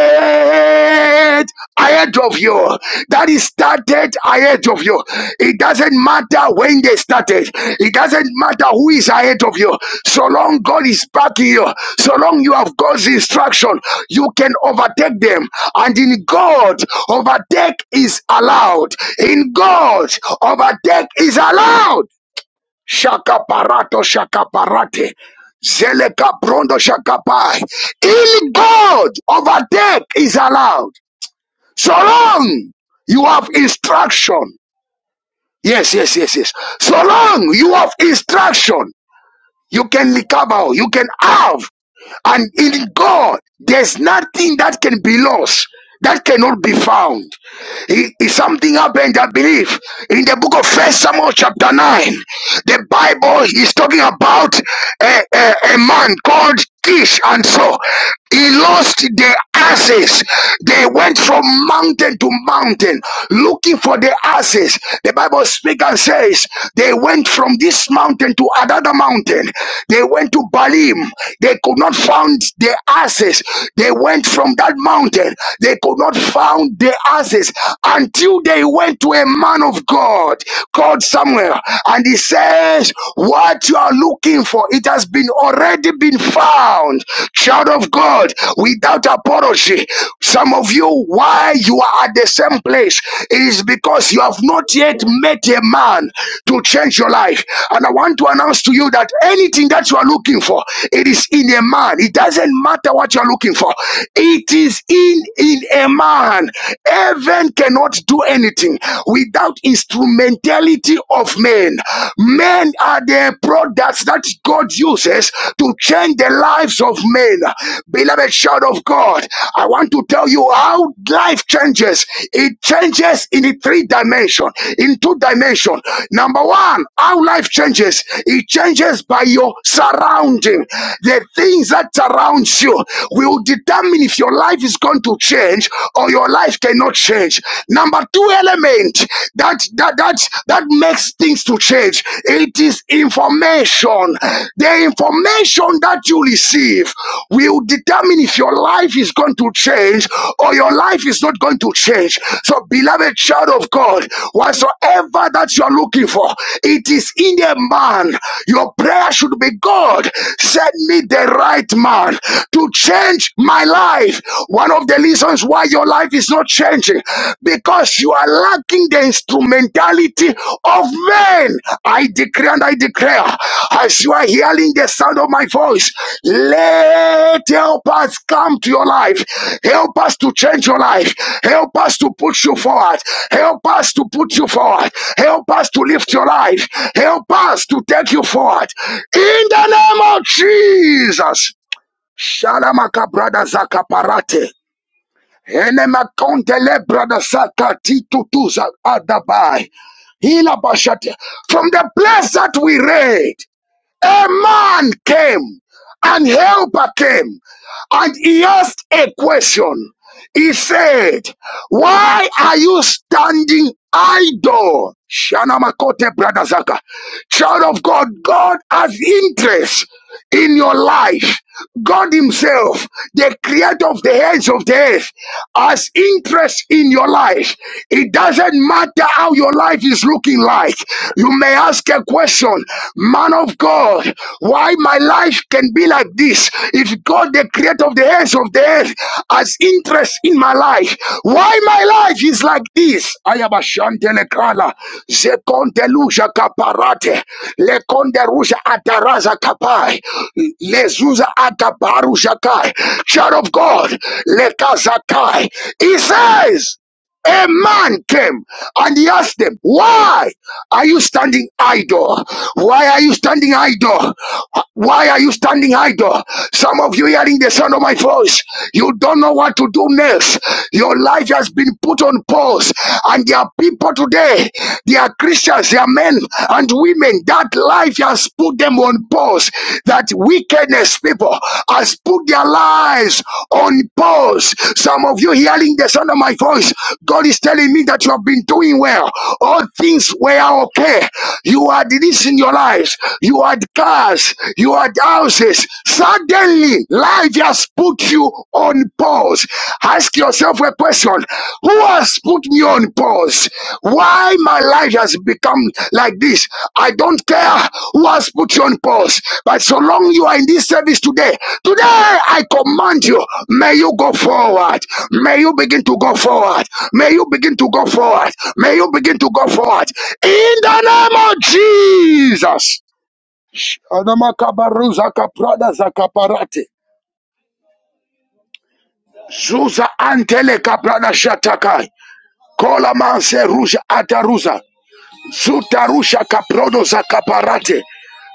A: ahead of you, that is started ahead of you. It doesn't matter when they started, it doesn't matter who is ahead of you. So long God is backing you, so long you have God's instruction, you can overtake them. And in God, overtake is allowed. In God, overtake is allowed shakaparato shakaparate zelekabrondo shakapai ill god overtake is allowed so long you have instruction yes yes yes yes so long you have instruction you can recover you can have and in god there's nothing that can be lost that cannot be found. It- something happened, I believe, in the book of First Samuel, chapter 9. The Bible is talking about a, a, a man called Kish, and so he lost the asses. They went from mountain to mountain looking for the asses. The Bible speaks and says they went from this mountain to another mountain. They went to Balim. They could not find the asses. They went from that mountain. They could not find the asses until they went to a man of God. God called Samuel and he says, What you are looking for, it has been already been found, child of God, without apology. Some of you, why you are at the same place is because you have not yet met a man to change your life. And I want to announce to you that anything that you are looking for, it is in a man. It doesn't matter what you are looking for, it is in, in a man. Heaven cannot do do anything without instrumentality of men. Men are the products that God uses to change the lives of men. Beloved child of God, I want to tell you how life changes. It changes in the three dimension, in two dimension. Number one, how life changes. It changes by your surrounding. The things that surround you will determine if your life is going to change or your life cannot change. Number two element that that that that makes things to change. It is information. The information that you receive will determine if your life is going to change or your life is not going to change. So, beloved child of God, whatsoever that you are looking for, it is in a man. Your prayer should be God, send me the right man to change my life life, one of the reasons why your life is not changing, because you are lacking the instrumentality of men. I declare and I declare, as you are hearing the sound of my voice, let help us come to your life. Help us to change your life. Help us to put you forward. Help us to put you forward. Help us to lift your life. Help us to take you forward. In the name of Jesus. Shalamaka brada zakaparate. Enemakondele brada zakati tutuza adabai. Hila bashate. From the place that we read, a man came, an helper came, and he asked a question. He said, why are you standing idle? Shanamakote Bradazaka. Child of God, God has interest in your life. God Himself, the creator of the ends of the earth, has interest in your life. It doesn't matter how your life is looking like. You may ask a question, man of God. Why my life can be like this? If God, the creator of the ends of the earth, has interest in my life, why my life is like this? I am a shantelekala, zekontelusha kaparate, lekonderusha ataraza kapai, lezuza ataparusha kai. Child of God, lekazakai. He says a man came and he asked them, Why are you standing idle? Why are you standing idle? Why are you standing idle? Some of you hearing the sound of my voice, you don't know what to do next. Your life has been put on pause, and there are people today, they are Christians, they are men and women. That life has put them on pause. That wickedness, people, has put their lives on pause. Some of you hearing the sound of my voice, God is telling me that you have been doing well. All things were okay. You had this in your lives. You had cars. You had houses. Suddenly, life has put you on pause. Ask yourself a question question Who has put me on pause? Why my life has become like this? I don't care who has put you on pause, but so long you are in this service today, today I command you, may you go forward, may you begin to go forward, may you begin to go forward, may you begin to go forward in the name of Jesus. Anamakaba kaprada zakaparate. Zuza antele kaprada shatakai. Kolamanse Ruja Adaruza. Zutarusha Kaprodo Zakaparate.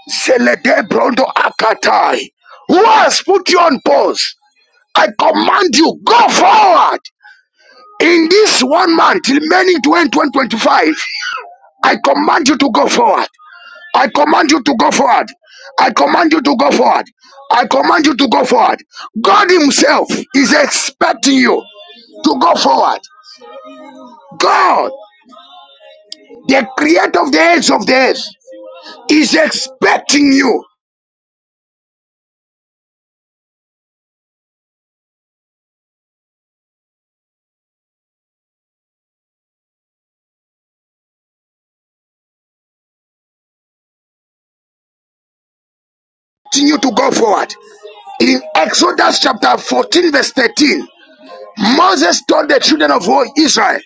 A: Selede Brondo Akatai. Who has put you on pause? I command you, go forward. In this one month, remaining to end 2025, I command you to go forward. I command you to go forward. I command you to go forward. I command you to go forward. God Himself is expecting you to go forward. God, the creator of the ends of the earth, is expecting you, you to go forward. In Exodus chapter 14, verse 13, Moses told the children of Israel,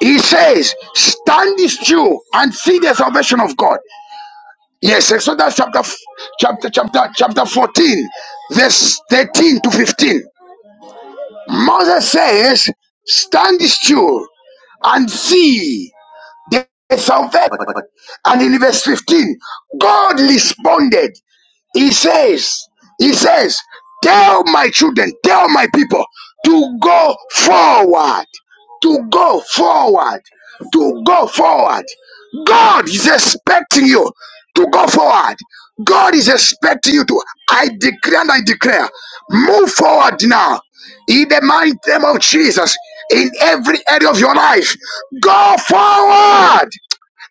A: He says, Stand still and see the salvation of God. Yes, Exodus chapter chapter chapter chapter 14, verse 13 to 15. Moses says, Stand still and see the salvation. And in verse 15, God responded. He says, He says, tell my children, tell my people to go forward, to go forward, to go forward. God is expecting you to go forward. God is expecting you to. I declare and I declare, move forward now. In the mighty name of Jesus, in every area of your life, go forward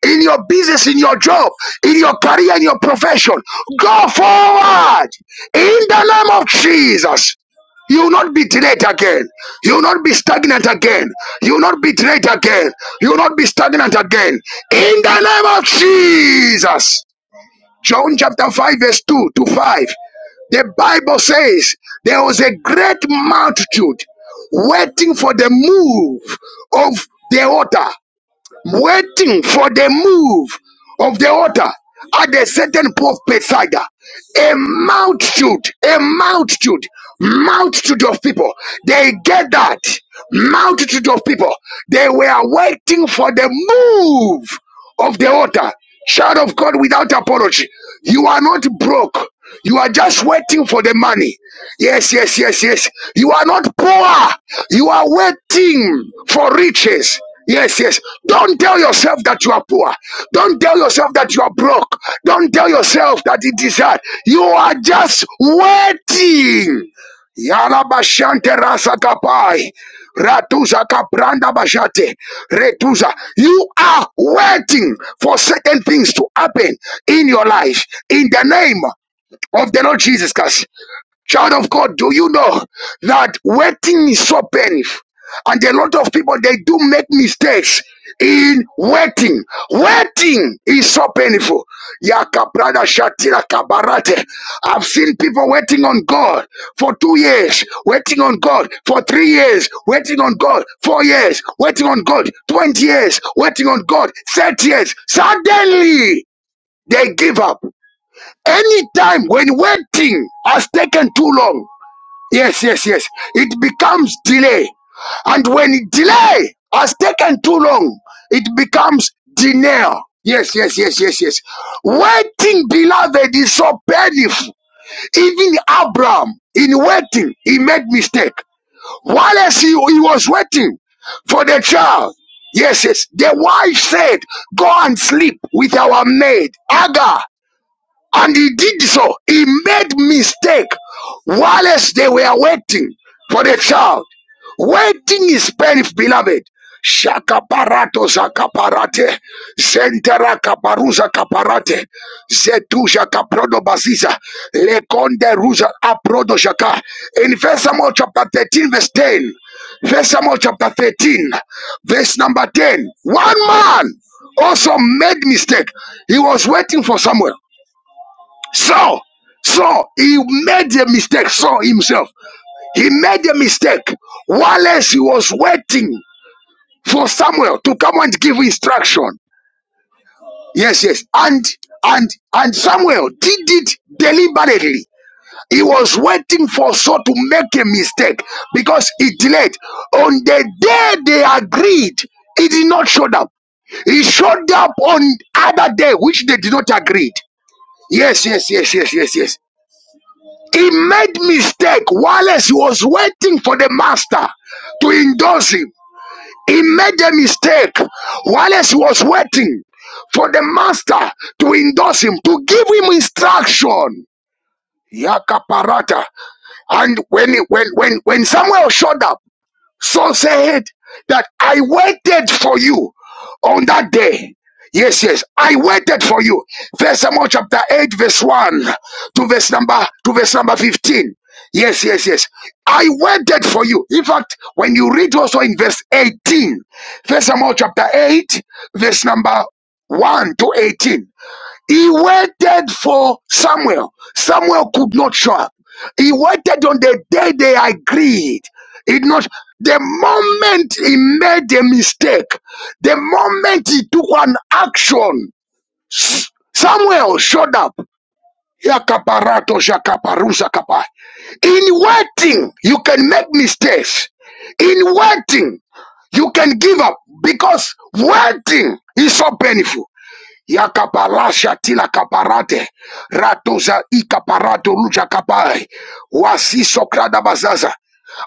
A: in your business, in your job, in your career, in your profession. Go forward in the name of Jesus. You will not be delayed again. You will not be stagnant again. You will not be delayed again. You will not be stagnant again. In the name of Jesus. John chapter 5, verse 2 to 5. The Bible says there was a great multitude waiting for the move of the water waiting for the move of the altar at a certain post beside her. a multitude, a multitude, multitude of people. They gathered, multitude of people. They were waiting for the move of the altar. Child of God without apology. You are not broke. You are just waiting for the money. Yes, yes, yes, yes. You are not poor. You are waiting for riches. Yes, yes. Don't tell yourself that you are poor. Don't tell yourself that you are broke. Don't tell yourself that it is hard. You are just waiting. Yala bashante rasa kapai, Ratuza kapranda bashate. Retuza. You are waiting for certain things to happen in your life. In the name of the Lord Jesus Christ. Child of God, do you know that waiting is so painful? And a lot of people they do make mistakes in waiting. Waiting is so painful. Yakabrada shatira kabarate. I've seen people waiting on God for two years, waiting on God for three years, waiting on God four years, waiting on God 20 years, waiting on God 30 years. Suddenly they give up. Anytime when waiting has taken too long, Yes, yes, yes. It becomes delay. And when delay has taken too long, it becomes denial. Yes, yes, yes, yes, yes. Waiting, beloved, is so painful. Even Abraham, in waiting, he made mistake. While as he, he was waiting for the child, yes, yes, the wife said, go and sleep with our maid, Agar. And he did so. He made mistake whilst they were waiting for the child. Waiting is painful, beloved. Shakaparato zakaparate, zentera kaparuza kaparate, zetuja kaprodo baziza, lekonde ruza aprodo shaka. In First Samuel chapter 13, verse 10, First Samuel chapter 13, verse number 10, one man also made mistake. He was waiting for Samuel. Saul, Saul, he made a mistake. Saul himself, he made a mistake. Whilst he was waiting for Samuel to come and give instruction. Yes, yes, and and and Samuel did it deliberately. He was waiting for Saul to make a mistake because he delayed. On the day they agreed, he did not show up. He showed up on other day, which they did not agree. Yes, yes, yes, yes, yes, yes. He made mistake whilst he was waiting for the master to endorse him. He made a mistake whilst he was waiting for the master to endorse him, to give him instruction. Yakaparata. And when, when, when, when Samuel showed up, Saul said that I waited for you on that day. Yes, yes, I waited for you. First Samuel chapter 8, verse 1 to verse number to verse number 15. Yes, yes, yes. I waited for you. In fact, when you read also in verse 18, First Samuel chapter 8, verse number 1 to 18. He waited for Samuel. Samuel could not show up. He waited on the day they agreed. It not the moment he made a mistake, the moment he took an action, S- Samuel showed up. Yakaparato shakaparusa kapai. In waiting, you can make mistakes. In waiting, you can give up because waiting is so painful. Yakabalasha tila kaparate. Ratoza ikaparato luja kapai. wasi krada bazaza.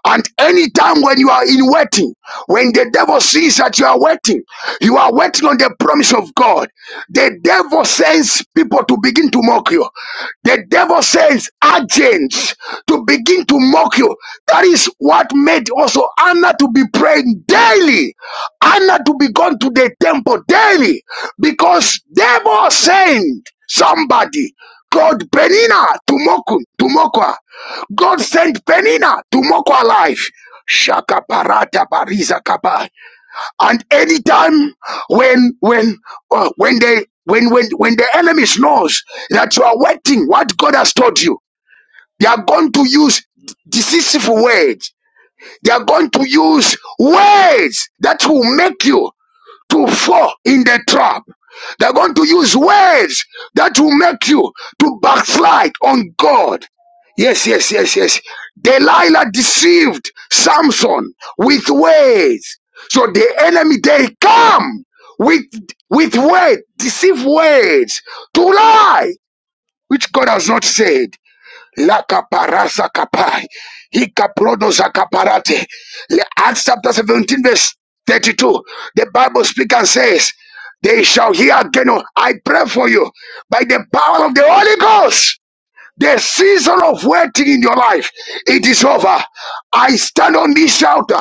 A: And anytime when you are in waiting, when the devil sees that you are waiting, you are waiting on the promise of God. The devil sends people to begin to mock you. The devil sends agents to begin to mock you. That is what made also Anna to be praying daily, Anna to be gone to the temple daily, because devil sent somebody called Penina to mock him- to mock her. God sent Penina to mock her life. Shaka parata bariza kaba. And anytime when when uh, when they when when when the enemy knows that you are waiting what God has told you, they are going to use decisive words. They are going to use words that will make you to fall in the trap. They're going to use words that will make you to backslide on God. Yes, yes, yes, yes. Delilah deceived Samson with words. So the enemy they come with with words, deceive words to lie, which God has not said. La caparasa capai. Hikaprodos acaparate. Le- Acts chapter 17, verse 32. The Bible speaks and says, They shall hear again. oh, I pray for you by the power of the Holy Ghost the season of waiting in your life, it is over. I stand on this shelter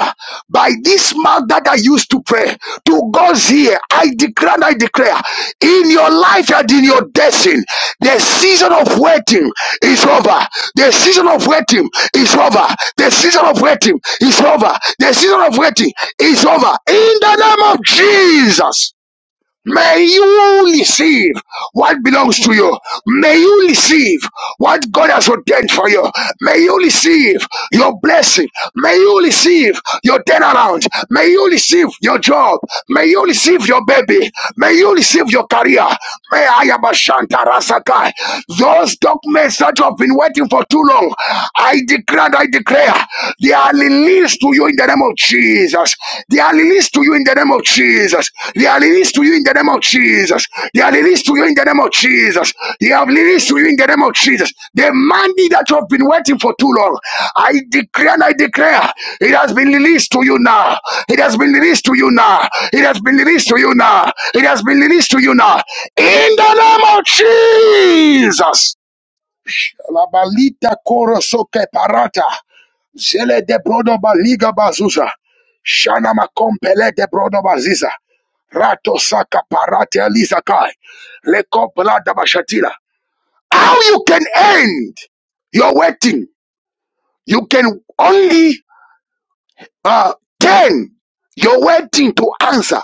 A: by this mouth that I used to pray to God's ear. I declare and I declare in your life and in your destiny, the season of waiting is over. The season of waiting is over. The season of waiting is over. The season of waiting is over. In the name of Jesus. May you receive what belongs to you. May you receive what God has ordained for you. May you receive your blessing. May you receive your turnaround. May you receive your job. May you receive your baby. May you receive your career. May I am a Shanta Rasakai. Those documents that you have been waiting for too long, I declare, I declare, they are released released to you in the name of Jesus. They are released to you in the name of Jesus. They are released to you in the name of Jesus. They are released to you in the name of Jesus. They have released to you in the name of Jesus. The money that you have been waiting for too long, I declare and I declare, it has been released to you now. It has been released to you now. It has been released to you now. It has been released to you now. In the name of Jesus. La Labalita korosoke parata. Zele de brodo baliga bazuza. Shana makompele de brodo baziza. Rato saka parate alizakai. Leko blada How you can end your waiting? You can only uh, turn your waiting to answer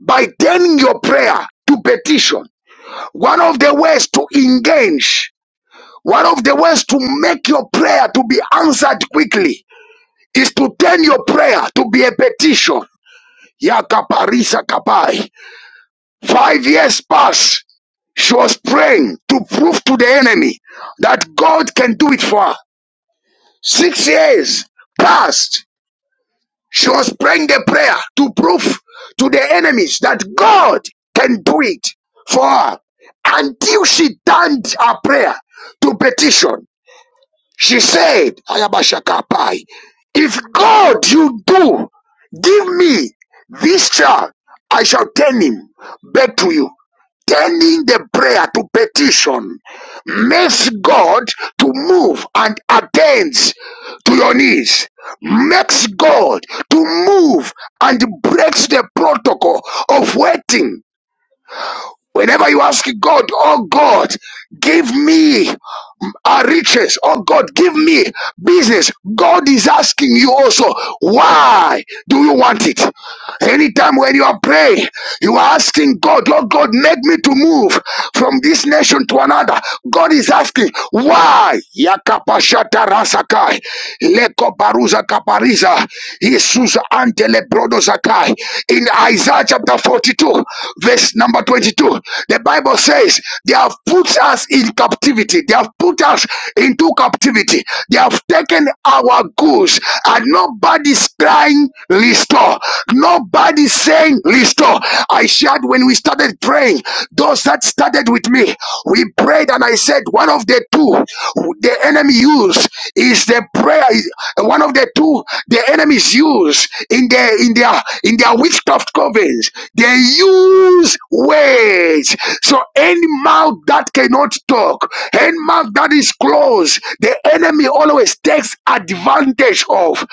A: by turning your prayer to petition. One of the ways to engage, one of the ways to make your prayer to be answered quickly is to turn your prayer to be a petition. Yakaparisa kapai. Five years past, she was praying to prove to the enemy that God can do it for her. Six years passed, she was praying the prayer to prove to the enemies that God can do it for her until she turned her prayer to petition. She said, Ayabashakapai, if God you do give me this child, I shall turn him back to you. Turning the prayer to petition makes God to move and attends to your needs. Makes God to move and breaks the protocol of waiting. Whenever you ask God, oh God, give me are riches. Oh God, give me business. God is asking you also, why do you want it? Anytime when you are praying, you are asking God, Lord God, make me to move from this nation to another. God is asking, why? Yakapashata rasakai, leko baruza kapariza, isuza antele brodo In Isaiah chapter 42, verse number 22, the Bible says, they have put us in captivity captivity. They have put us into captivity. They have taken our goods, and nobody's crying, Restore. Nobody's saying, Restore. I shared when we started praying, those that started with me, we prayed, and I said, One of the two the enemy used is the prayer, one of the two the enemies use in their in their in their witchcraft covens. They use words. So any mouth that cannot talk talk, any mouth that is closed, the enemy always takes advantage of.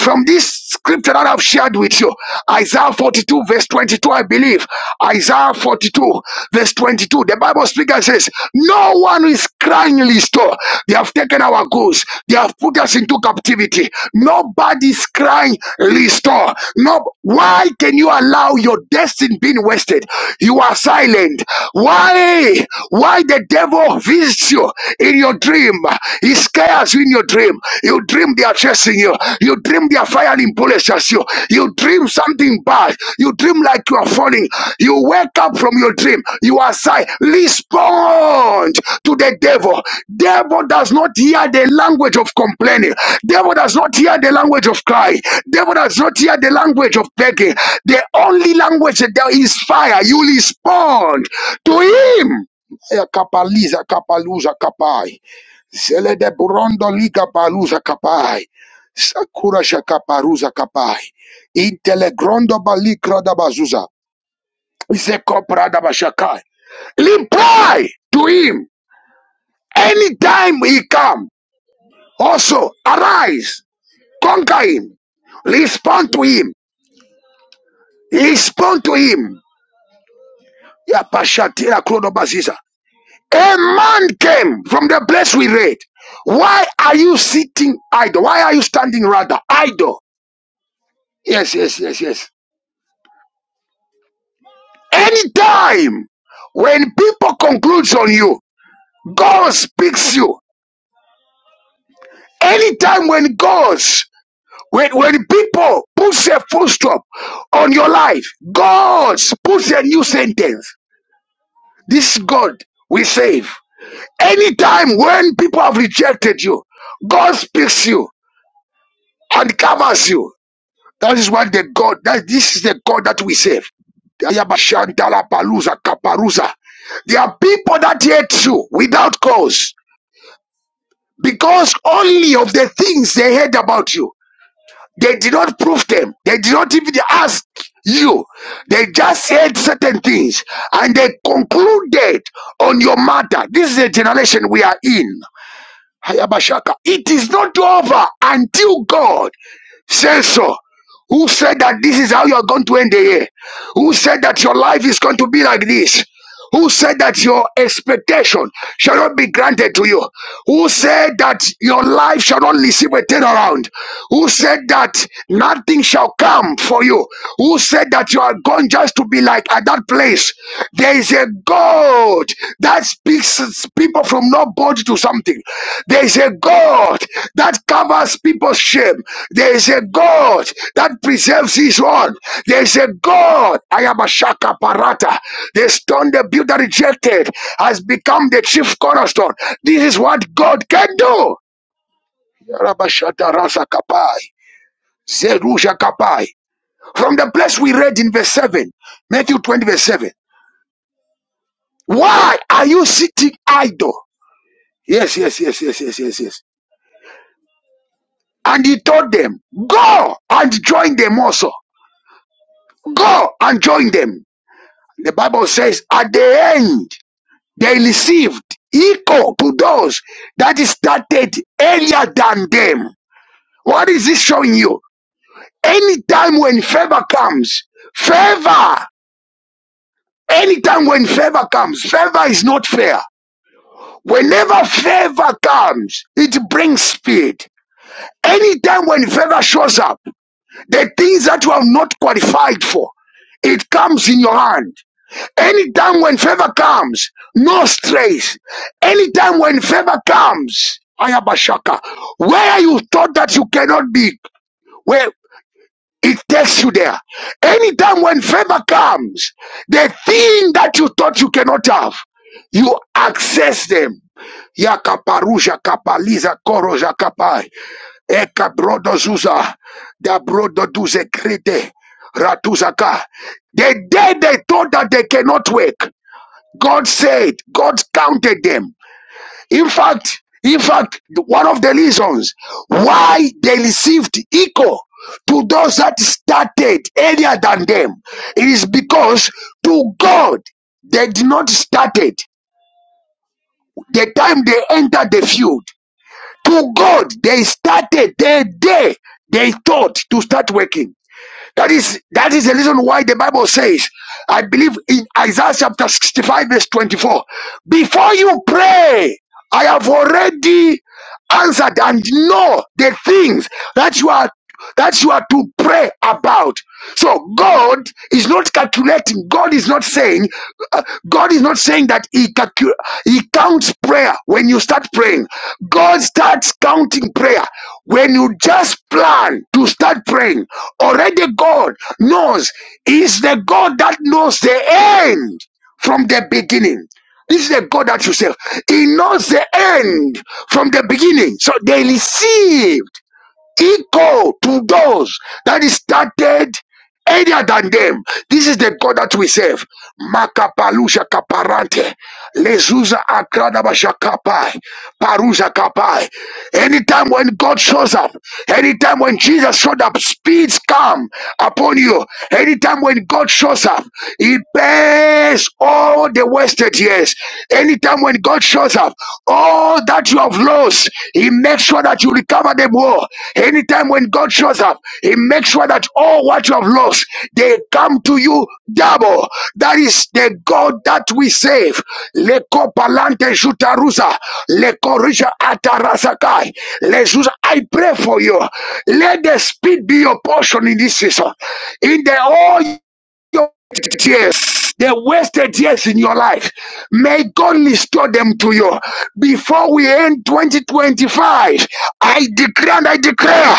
A: From this scripture that I've shared with you, Isaiah 42, verse 22, I believe. Isaiah 42, verse 22. The Bible speaker says, No one is crying in store. They have taken our goods. They have put us into captivity. Nobody is crying, restore. No, why can you allow your destiny being wasted? You are silent. Why? Why why the devil visits you in your dream. He scares you in your dream. You dream they are chasing you. You dream they are firing bullets at you. You dream something bad. You dream like you are falling. You wake up from your dream. You are sigh. Respond to the devil. Devil does not hear the language of complaining. Devil does not hear the language of cry. Devil does not hear the language of begging. The only language that there is fire. You respond to him. Kapaliza kapaluza kapai. Zele de brondo liga baluza kapai. Sakura shakaparuza kapai. Intele grondo balikra da bazuza. Zekopra da bashakai. Reply to him anytime he come. Also arise, conquer him, respond to him, respond to him. Ya Yapashatira krono baziza. A man came from the place we read. Why are you sitting idle? Why are you standing rather idle? Yes, yes, yes, yes. Anytime when people concludes on you, God speaks you. Anytime when God, when, when people puts a full stop on your life, God puts a new sentence. This God will save. Anytime when people have rejected you, God speaks you and covers you. That is what the God, that this is the God that we serve. Ayabashandala Palusa Kaparuza. There are people that hate you without cause because only of the things they heard about you. They did not prove them. They did not even ask you. They just said certain things and they concluded on your matter. This is the generation we are in. Hayabashaka. It is not over until God says so. Who said that this is how you are going to end the year? Who said that your life is going to be like this? Who said that your expectation shall not be granted to you? Who said that your life shall not receive a turnaround? Who said that nothing shall come for you? Who said that you are going just to be like at that place? There is a God that speaks, speaks people from not body to something. There is a God that covers people's shame. There is a God that preserves his own. There is a God. I am a shaka parata. The stone the builder rejected has become the chief cornerstone. This is what God can do. Yarabashata rasa kapai. Zerusha kapai. From the place we read in verse 7, Matthew 20, verse 7. Why are you sitting idle? Yes, yes, yes, yes, yes, yes, yes. And he told them, Go and join them also. Go and join them. The Bible says, At the end, they received equal to those that started earlier than them. What is this showing you? Anytime when favor comes, favor, anytime when favor comes, favor is not fair. Whenever favor comes, it brings speed. Anytime when favor shows up, The things that you have not qualified for, it comes in your hand. Anytime when favor comes, no stress. Anytime when favor comes, Ayabashaka, where you thought that you cannot be, where it takes you there. Anytime when favor comes, the thing that you thought you cannot have, you access them. Yakaparusha kapaliza koroja kapai. Eka brodo zuza, da brodo duze krete, ratuzaka. The day they thought that they cannot work, God said, God counted them. In fact, in fact, one of the reasons why they received equal to those that started earlier than them is because to God they did not start it. The time they entered the field, to God, they started their day, they thought to start working. That is that is the reason why the Bible says, I believe in Isaiah chapter 65, verse 24, before you pray, I have already answered and know the things that you are that you are to pray about. So God is not calculating. God is not saying. uh, God is not saying that He calcu- He counts prayer when you start praying. God starts counting prayer when you just plan to start praying. Already, God knows. He Is the God that knows the end from the beginning. This is a God that you serve. He knows the end from the beginning. So they receive equal to those that is started earlier than them. This is the God that we serve. Makapalusha kaparante. Lezuza akradabashakapai, kapai. Parusa kapai. Anytime when God shows up, anytime when Jesus showed up, speeds come upon you. Anytime when God shows up, he pays all the wasted years. Anytime when God shows up, all that you have lost, He makes sure that you recover them all. Anytime when God shows up, He makes sure that all what you have lost, they come to you double. That is the God that we save. Leko palante jutarusa, leko risha atarasakai, lezusa. I pray for you. Let the speed be your portion in this season. In the all your tears, the wasted tears in your life. May God restore them to you. Before we end 2025, I declare and I declare,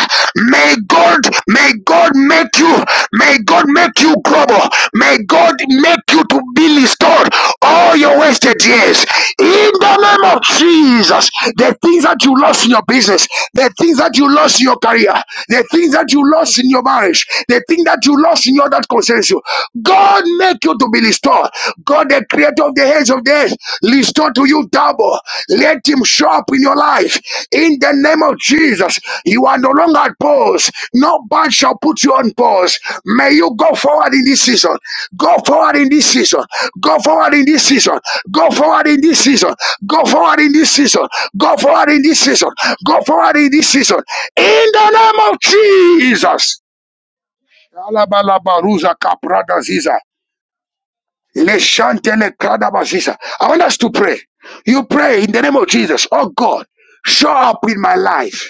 A: may God, may God make you, may God make you global. May God make you to be restored all your wasted years. In the name of Jesus, the things that you lost in your business, the things that you lost in your career, the things that you lost in your marriage, the thing that you lost lost in you that concerns you. God make you to be restored. God, the creator of the heads of the earth, restore to you double. Let him show up in your life. In the name of Jesus, you are no longer at pause. No band shall put you on pause. May you go forward in this season. Go forward in this season. Go forward in this season. Go forward in this season. Go forward in this season. Go forward in this season. Go forward in this season. In the name of Jesus. Kalabalabaruza kaprada ziza. Leshantele kadaba ziza. I want us to pray. You pray in the name of Jesus. Oh God, show up in my life.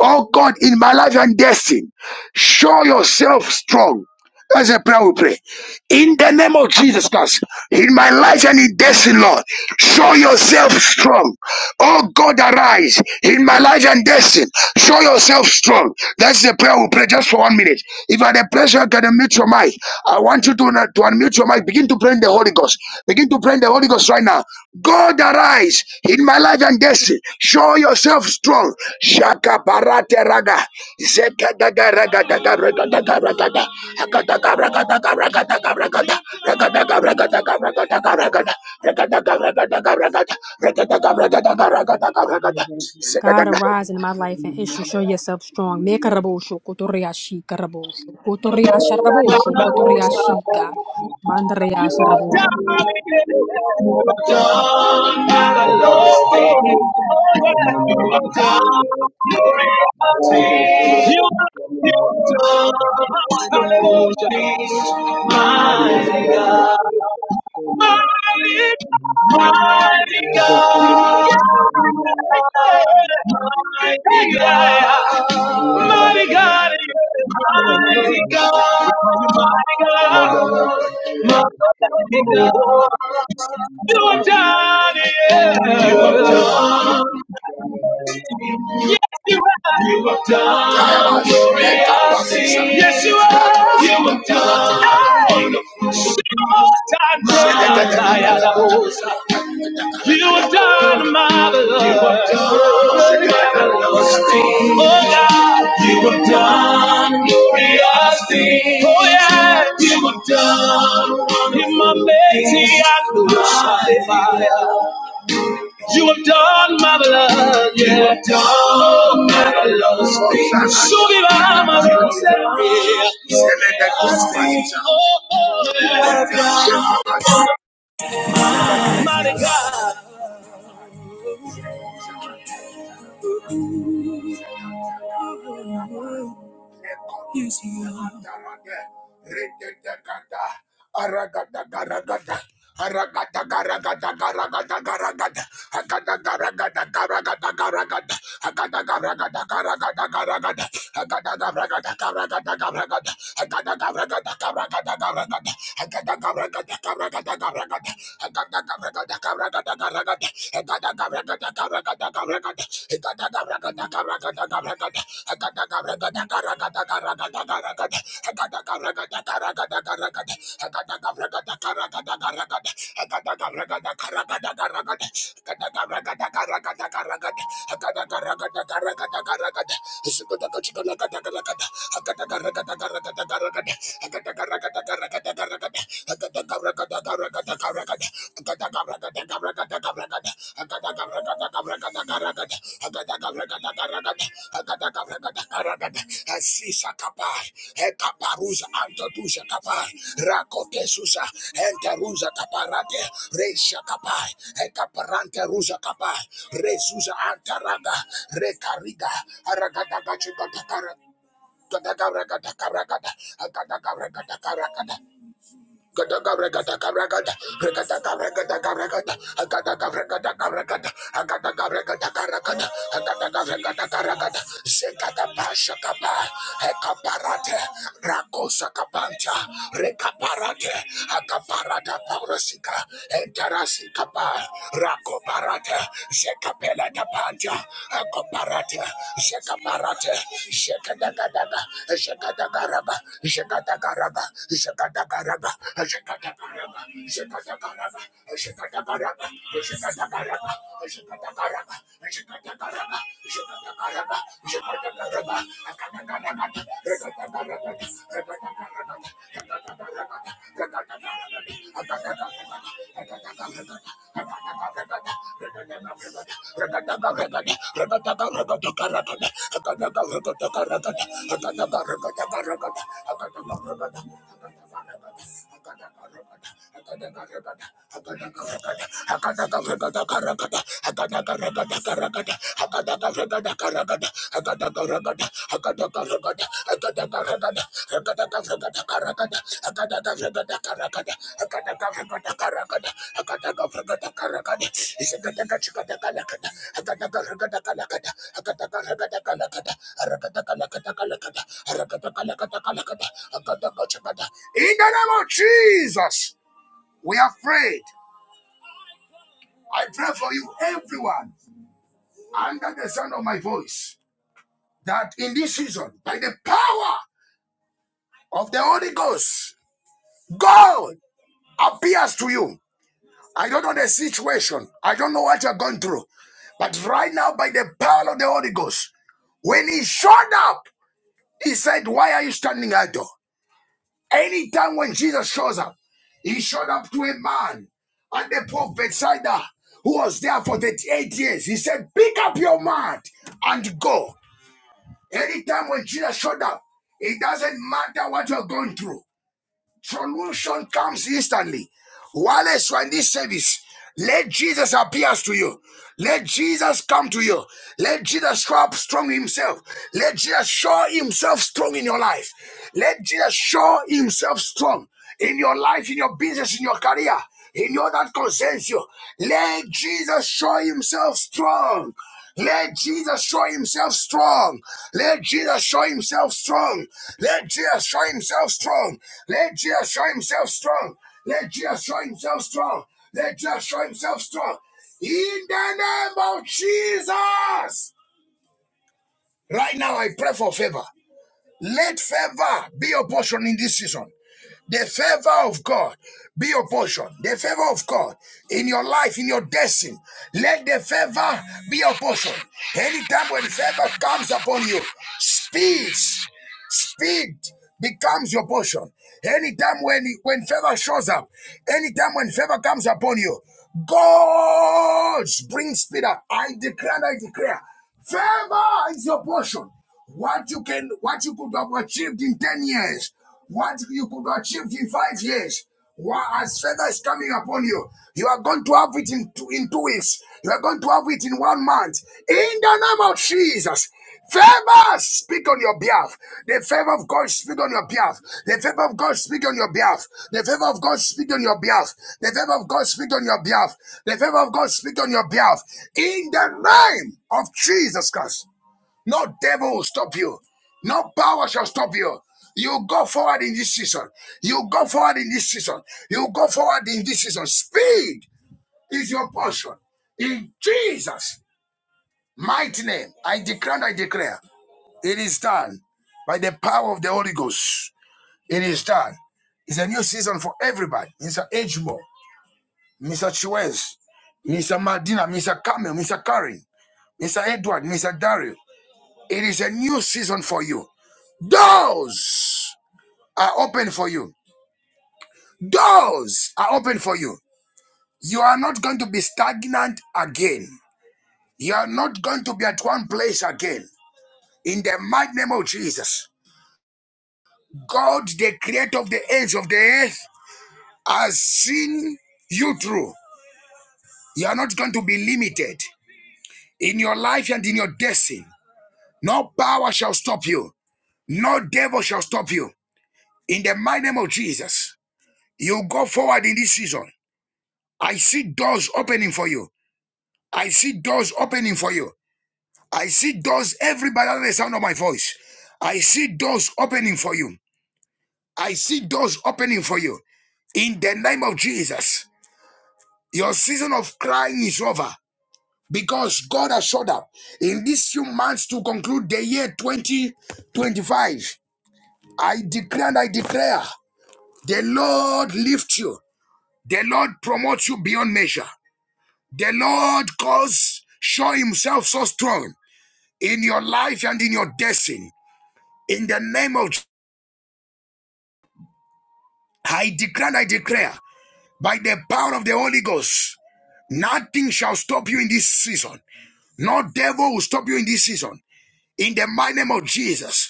A: Oh God, in my life and destiny, show yourself strong. That's a prayer we pray. In the name of Jesus Christ, in my life and in destiny, Lord, show yourself strong. Oh God, arise in my life and destiny. Show yourself strong. That's the prayer we pray just for one minute. If at the place you can unmute your mic, I want you to, to unmute your mic. Begin to pray in the Holy Ghost. Begin to pray in the Holy Ghost right now. God arise in my life and destiny. Show yourself strong. Shaka barate raga. Zeka daga raga daga raga daga raga da. Aka daga raga daga raga daga raga da. Raga daga raga daga raga daga raga da. Raga daga raga daga raga da. Raga daga raga daga raga daga raga da. Zeka
C: God
A: daga.
C: arise in my life and issue, show yourself strong. Me karabosho, kotoriashi karabosho, kotoriasha rabosho, kotoriashika, mandrea
A: Mighty God, mighty God, mighty God, mighty God, mighty God, mighty God, you are done, yeah. you have done. it. You were done for it, Yes, you are. You were done. Hey. You were done, marvelous. You were done, marvelous. Oh, God. You were done, glorious things. Oh, yeah. You were done, wonderful. In my things. You have done marvelous. You have done marvelous things. Subirá marvelous. Celebrate things. Oh, oh, yeah. Mighty God. Tamande, Rikitakata, Aragadagaragada, Aragadagaragadagaragadagaraga, Akadagaragadagaragadagaragada, Akadagaragadagaragadagaragada, Akadagaragadagaragadagaragada, Akadagaragadagaragadagaragada, Akadagaragadagaragadagaragada, Akadagaragadagaragadagaragada, Akadagaragadagaragadagaragada, Akadagaragadagaragadagaragada, Akadagaragadagaragadagaragada, Ragada, Asisa kapar, ekaparuza antoduza kapar, rakote susa, enteruza kaparate, resha kapar, ekaparante ruza kapar, antaraga, rekariga, aragadaga chikatakarata. Rakaparate, Shekapela Tapanta, Akoparate, Shekaparate, Shekadagadaba, Shekadagaraba, Shekadagaraba, Shekadagaraba, Shekadagaraba, Shekadagaraba, Shekadagaraba, Shekadagaraba, Shekadagaraba, Shekadagaraba, Shekadagaraba, Shekadagaraba, Shekadagaraba, I got in the name of Jesus, we are prayed. I pray for you, everyone, under the sound of my voice, that in this season, by the power of the Holy Ghost, God appears to you. I don't know the situation. I don't know what you're going through. But right now, by the power of the Holy Ghost, when he showed up, he said, Why are you standing idle? Anytime when Jesus shows up, he showed up to a man at the pool of Bethsaida who was there for 38 years. He said, Pick up your mat and go. Anytime when Jesus showed up, it doesn't matter what you're going through. Solution comes instantly. Whilst you are in this service, let Jesus appear to you. Let Jesus come to you. Let Jesus show up strong himself. Let Jesus show himself strong in your life. Let Jesus show himself strong in your life, in your business, in your career, in your that concerns you. Let Jesus show himself strong. Let Jesus show himself strong. Let Jesus show himself strong. Let Jesus show himself strong. Let Jesus show himself strong. Let Jesus show himself strong. Let Jesus show himself strong. In the name of Jesus. Right now, I pray for favor. Let favor be your portion in this season. The favor of God be your portion. The favor of God in your life, in your destiny. Let the favor be your portion. Anytime when favor comes upon you, speed, Speed becomes your portion. Anytime when when favor shows up, anytime when favor comes upon you, God brings speed up. I declare, I declare, favor is your portion. What you can, what you could have achieved in ten years, what you could have achieved in five years. What as favor is coming upon you, you are going to have it in two, in two weeks. You are going to have it in one month. In the name of Jesus, Favor speak on your behalf. The favor of God speak on your behalf. The favor of God speak on your behalf. The favor of God speak on your behalf. The favor of God speak on your behalf. The favor of God speak on your behalf. In the name of Jesus Christ, no devil will stop you. No power shall stop you. You go forward in this season. You go forward in this season. You go forward in this season. Speed is your portion. In Jesus' mighty name, I declare and I declare. It is done by the power of the Holy Ghost. It is done. It's a new season for everybody. Mr. Edgemore, Mr. Chiwez, Mr. Madina, Mr. Camel, Mr. Karen, Mr. Edward, Mr. Dario. It is a new season for you. Doors are open for you. Doors are open for you. You are not going to be stagnant again. You are not going to be at one place again. In the mighty name of Jesus, God, the creator of the ends of the earth, has seen you through. You are not going to be limited in your life and in your destiny. No power shall stop you. No devil shall stop you. In the mighty name of Jesus, you go forward in this season. I see doors opening for you. I see doors opening for you. I see doors everybody under the sound of my voice. I see doors opening for you. I see doors opening for you. In the name of Jesus, your season of crying is over. because God has showed up in these few months to conclude the year 2025. I declare and I declare the Lord lift you, the Lord promotes you beyond measure, the Lord cause show himself so strong in your life and in your destiny. In the name of Je- I declare and I declare by the power of the Holy Ghost, nothing shall stop you in this season. No devil will stop you in this season. In the mighty name of Jesus.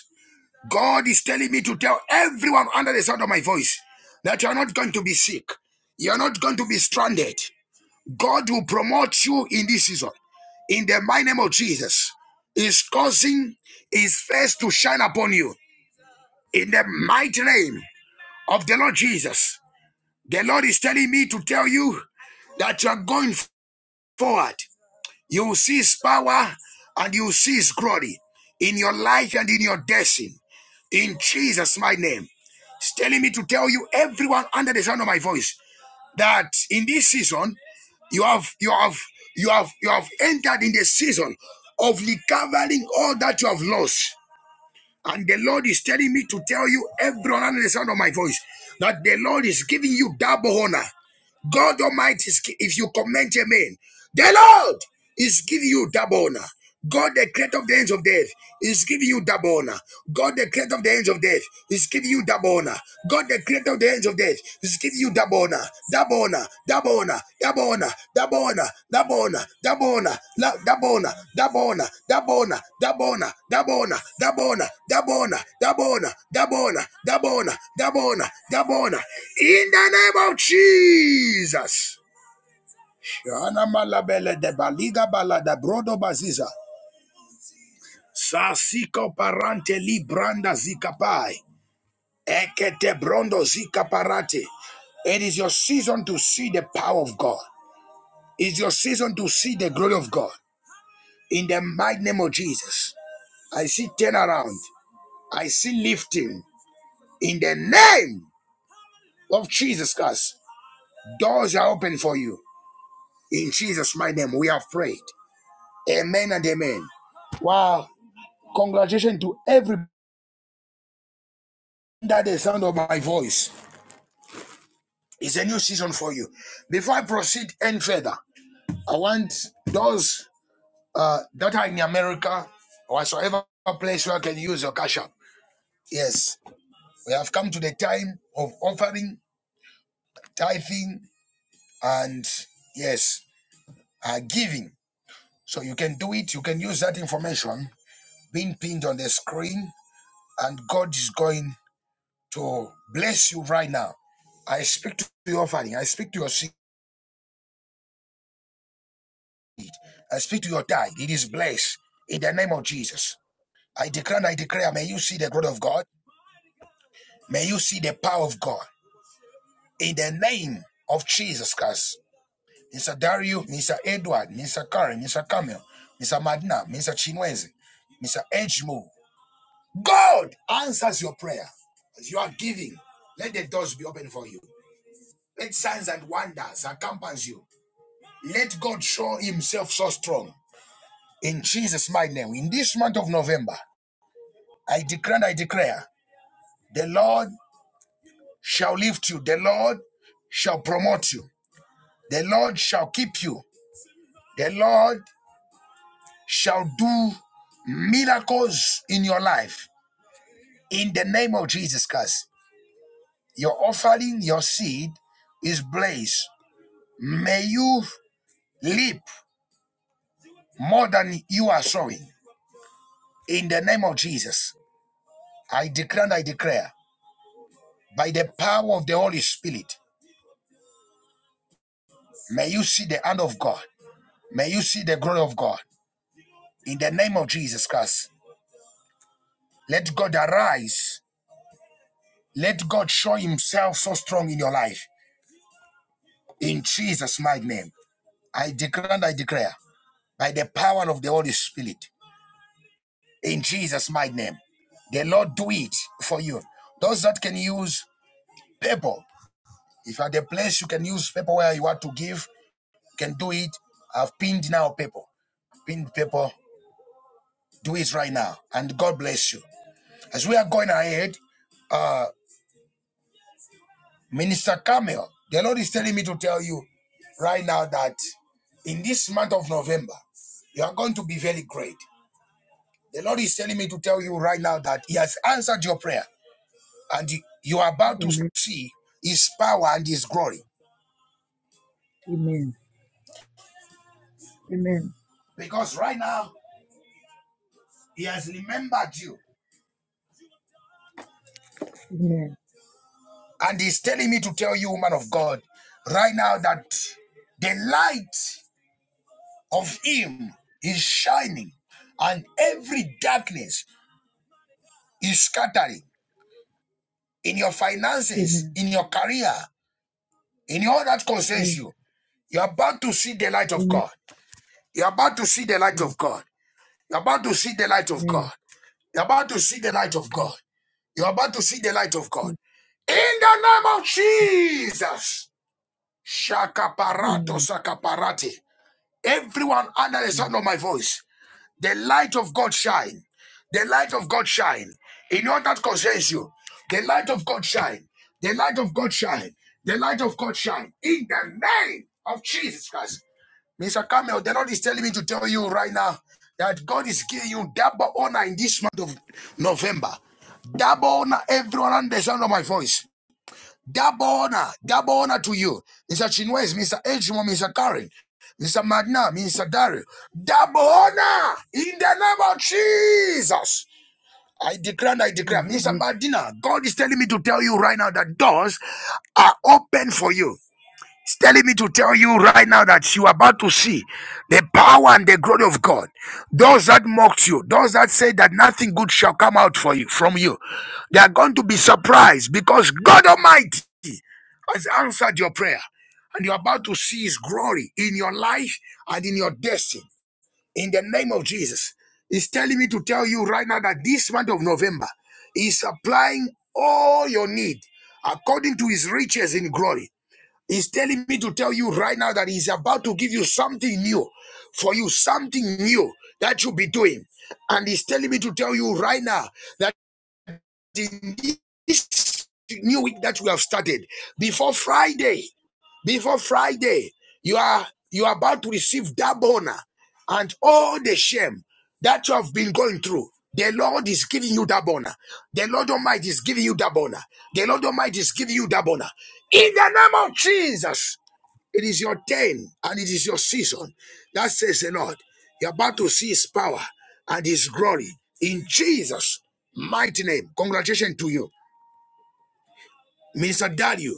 A: God is telling me to tell everyone under the sound of my voice that you are not going to be sick. You are not going to be stranded. God will promote you in this season. In the mighty name of Jesus, is causing his face to shine upon you. In the mighty name of the Lord Jesus, the Lord is telling me to tell you that you are going forward. You will see his power and you will see his glory in your life and in your destiny. In Jesus' mighty name. It's telling me to tell you, everyone under the sound of my voice, that in this season, you have you have you have you have entered in the season of recovering all that you have lost. And the Lord is telling me to tell you, everyone under the sound of my voice, that the Lord is giving you double honor. God Almighty, is, if you comment amen, the Lord is giving you double honor. God, the creator of the ends of death, is giving you double honor. God, the creator of the ends of death, is giving you double honor. God, the creator of the ends of death, is giving you double honor, double honor, double Dabona, Dabona, Dabona, Dabona, Dabona, Dabona, Dabona, Dabona, Dabona, Dabona, Dabona, Dabona, Dabona, Dabona, Dabona, Dabona, Dabona. In the name of Jesus. Shana malabele de baliga balada brodo baziza. Sasiko parante libranda zikapai. Ekete brondo zikaparate. It is your season to see the power of God. It's your season to see the glory of God in the mighty name of Jesus. I see turnaround. I see lifting in the name of Jesus Christ. Doors are open for you in Jesus' mighty name. We have prayed. Amen and amen. Wow! Congratulations to everybody that the sound of my voice. It's a new season for you. Before I proceed any further, I want those uh, that are in America, whatsoever place where I can use your cash app. Yes, We have come to the time of offering, tithing, and yes, uh, giving. So you can do it. You can use that information being pinned on the screen, and God is going to bless you right now. I speak to your offering. I speak to your seed. I speak to your tithe. It is blessed in the name of Jesus. I declare and I declare, may you see the glory of God. May you see the power of God in the name of Jesus Christ. Mr. Dario, Mr. Edward, Mr. Karen, Mr. Camille, Mr. Madna, Mr. Chinweze, Mr. Edgemo. God answers your prayer as you are giving. Let the doors be open for you. Let signs and wonders accompany you. Let God show himself so strong. In Jesus' mighty name, in this month of November, I declare and I declare, the Lord shall lift you. The Lord shall promote you. The Lord shall keep you. The Lord shall do miracles in your life in the name of Jesus Christ. Your offering, your seed is blessed. May you leap more than you are sowing in the name of Jesus. I declare and I declare by the power of the Holy Spirit, may you see the hand of God. May you see the glory of God in the name of Jesus Christ. Let God arise. Let God show himself so strong in your life in Jesus' mighty name. I declare and I declare by the power of the Holy Spirit in Jesus' mighty name. The Lord do it for you. Those that can use paper, if at are the place you can use paper where you want to give, you can do it. I've pinned now paper, pinned paper. Do it right now, and God bless you. As we are going ahead, uh, Minister Camille, the Lord is telling me to tell you right now that in this month of November, you are going to be very great. The Lord is telling me to tell you right now that He has answered your prayer and you are about to
D: Amen.
A: see His power and His glory.
D: Amen. Amen.
A: Because right now, He has remembered you.
D: Amen.
A: And He's telling me to tell you, woman of God, right now that the light of Him is shining and every darkness is scattering in your finances,
D: Amen.
A: in your career, in all that concerns
D: Amen.
A: you. You're about to see the light of
D: Amen.
A: God. You're about to see the light of
D: Amen.
A: God. You're about to see the light of God. You're about to see the light of
D: Amen.
A: God. You're about to see the light of God. In the name of Jesus.
D: Amen.
A: Shakaparato
D: Amen.
A: sakaparati. Everyone under the sound
D: Amen.
A: of my voice, the light of God shine. The light of God shine. In all that concerns you, the light of God shine. The light of God shine. The light of God shine. In the name of Jesus Christ. Mr. Camel, the Lord is telling me to tell you right now that God is giving you double honor in this month of November. Double honor, everyone under the sound of my voice. Double honor, double honor to you. Mr. Chinwes, Mr. Edgemore, Mr. Karen, Mr. Magna, Mr. Dario. Double honor in the name of Jesus. I declare and I declare,
D: Amen.
A: Mr. Madina, God is telling me to tell you right now that doors are open for you telling me to tell you right now that you are about to see the power and the glory of God. Those that mocked you, those that say that nothing good shall come out for you from you, they are going to be surprised because God Almighty has answered your prayer, and you're about to see His glory in your life and in your destiny. In the name of Jesus, He's telling me to tell you right now that this month of November is supplying all your need according to His riches in glory. He's telling me to tell you right now that he's about to give you something new for you, something new that you'll be doing. And he's telling me to tell you right now that in this new week that we have started, before Friday, before Friday, you are you are about to receive that honor and all the shame that you have been going through. The Lord is giving you that honor. The Lord Almighty is giving you that honor. The Lord Almighty is giving you that honor. In the name of Jesus. It is your turn and it is your season. That says the Lord. You're about to see his power and his glory in Jesus' mighty name. Congratulations to you. Minister Dario,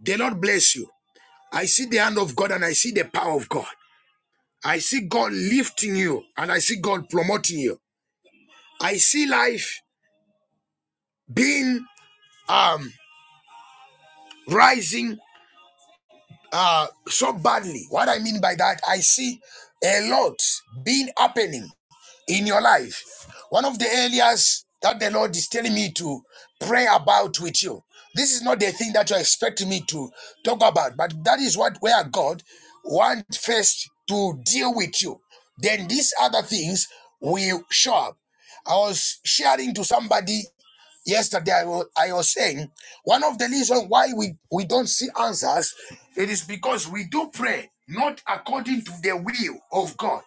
A: the Lord bless you. I see the hand of God and I see the power of God. I see God lifting you and I see God promoting you. I see life being um rising uh so badly. What I mean by that, I see a lot being happening in your life. One of the areas that the Lord is telling me to pray about with you. This is not the thing that you're expecting me to talk about, but that is what where God wants first to deal with you. Then these other things will show up. I was sharing to somebody yesterday, I was, I was saying one of the reasons why we, we don't see answers, it is because we do pray not according to the will of God.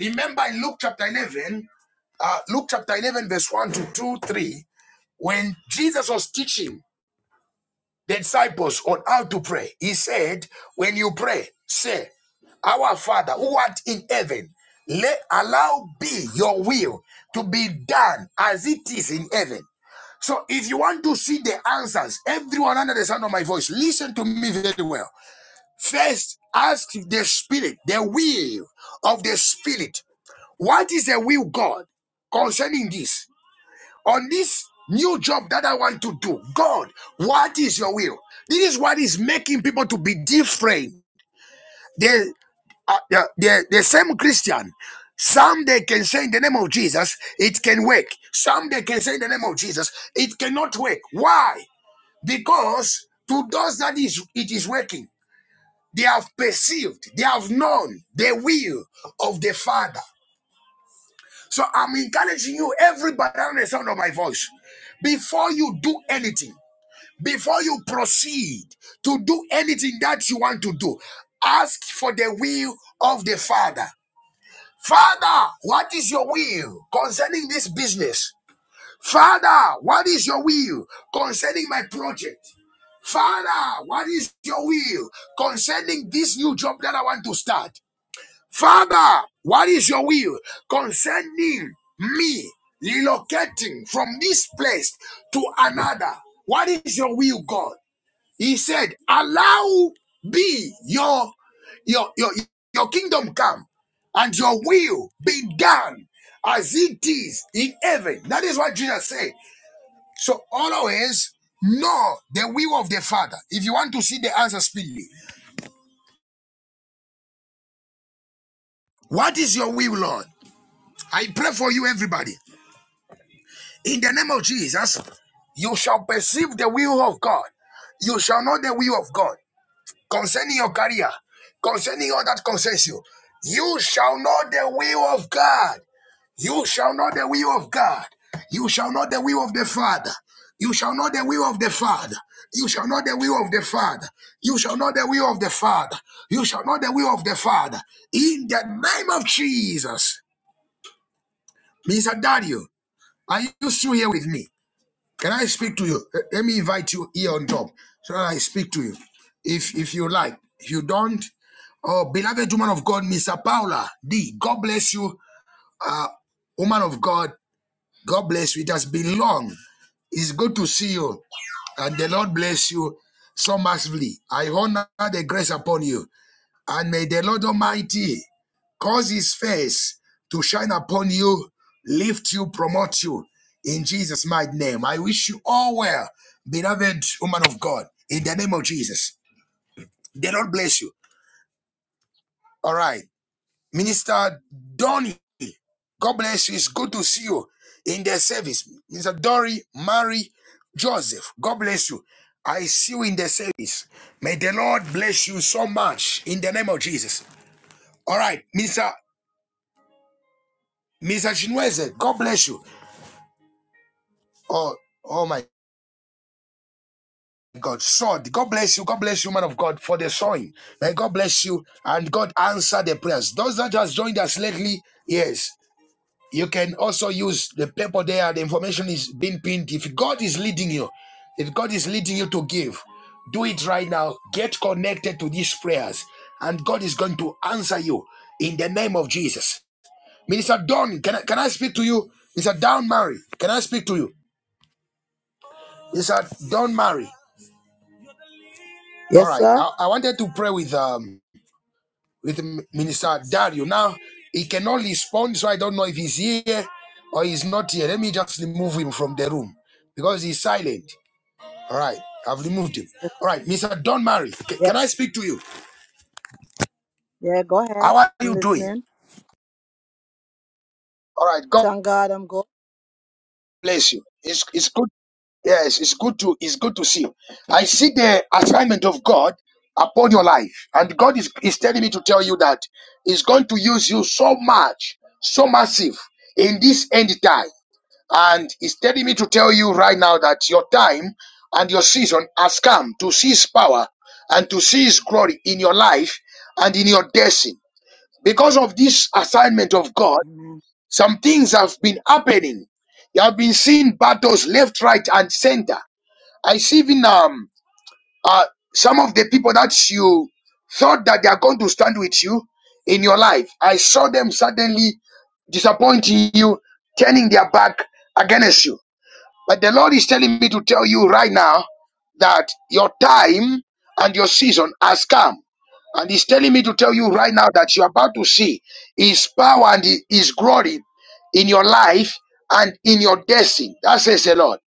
A: Remember in Luke chapter 11, uh, Luke chapter 11, verse 1 to 2, 3, when Jesus was teaching the disciples on how to pray, he said, When you pray, say, Our Father who art in heaven, let allow be your will to be done as it is in heaven. So if you want to see the answers, everyone under the sound of my voice, listen to me very well. First, ask the spirit, the will of the spirit. What is the will of God concerning this? on this new job that I want to do. God, what is your will? This is what is making people to be different. They are the, the, the same Christian. Some they can say in the name of Jesus, it can work. Some they can say in the name of Jesus, it cannot work. Why? Because to those that is it is working, they have perceived, they have known the will of the Father. So I'm encouraging you, everybody on the sound of my voice, before you do anything. Before you proceed to do anything that you want to do, ask for the will of the Father. Father, what is your will concerning this business? Father, what is your will concerning my project? Father, what is your will concerning this new job that I want to start? Father, what is your will concerning me relocating from this place to another? What is your will, God? He said, Allow be your your your, your kingdom come and your will be done as it is in heaven. That is what Jesus said. So always know the will of the Father. If you want to see the answer speedily, what is your will, Lord? I pray for you, everybody. In the name of Jesus, you shall perceive the will of God. You shall know the will of God. concerning your career, concerning all that concerns you. You shall know the will of God. You shall know the will of God. You shall know the will of the Father. You shall know the will of the Father. You shall know the will of the Father. You shall know the will of the Father. You shall know the will of the Father. In the name of Jesus. Mr. Dario, are you still here with me? Can I speak to you? Let me invite you here on top so that I speak to you. If if you like, if you don't, oh beloved woman of God, Mr. Paula D. God bless you, uh, woman of God. God bless you. It has been long. It's good to see you, and the Lord bless you so massively. I honor the grace upon you. And may the Lord Almighty cause his face to shine upon you, lift you, promote you in Jesus' mighty name. I wish you all well, beloved woman of God, in the name of Jesus. The Lord bless you. All right. Minister Donny, God bless you. It's good to see you in the service. Minister Dory, Mary, Joseph, God bless you. I see you in the service. May the Lord bless you so much in the name of Jesus. All right, Minister Mr. Chinweze, God bless you. Oh, oh my God. Sword, God bless you. God bless you, man of God, for the sowing. May God bless you and God answer the prayers. Those that just joined us lately, yes, you can also use the paper there. The information is being pinned. If God is leading you, if God is leading you to give, do it right now. Get connected to these prayers, and God is going to answer you in the name of Jesus. Minister Don, can I, can I speak to you? Mr. Don Murray, can I speak to you? He said, "Don't marry." All
E: Yes,
A: right.
E: sir.
A: I, I wanted to pray with um with Minister Dario. Now he cannot respond, so I don't know if he's here or he's not here. Let me just remove him from the room because he's silent. All right. I've removed him.
E: Yes,
A: All right, Mister. Don not
E: yeah,
A: can I speak to you?
E: yeah. Go ahead.
A: How are
E: I'm
A: you doing?
E: listening.
A: All right. God
E: Thank God, I'm good.
A: bless you. It's it's good. Yes, it's good to it's good to see. I see the assignment of God upon your life, and God is, is telling me to tell you that He's going to use you so much, so massive in this end time. And He's telling me to tell you right now that your time and your season has come to see His power and to see His glory in your life and in your destiny. Because of this assignment of God,
E: Amen.
A: some things have been happening. You have been seeing battles left, right, and center I see even um uh some of the people that you thought that they are going to stand with you in your life. I saw them suddenly disappointing you, turning their back against you. But the Lord is telling me to tell you right now that your time and your season has come. And He's telling me to tell you right now that you're about to see His power and His glory in your life and in your destiny. That says the Lord.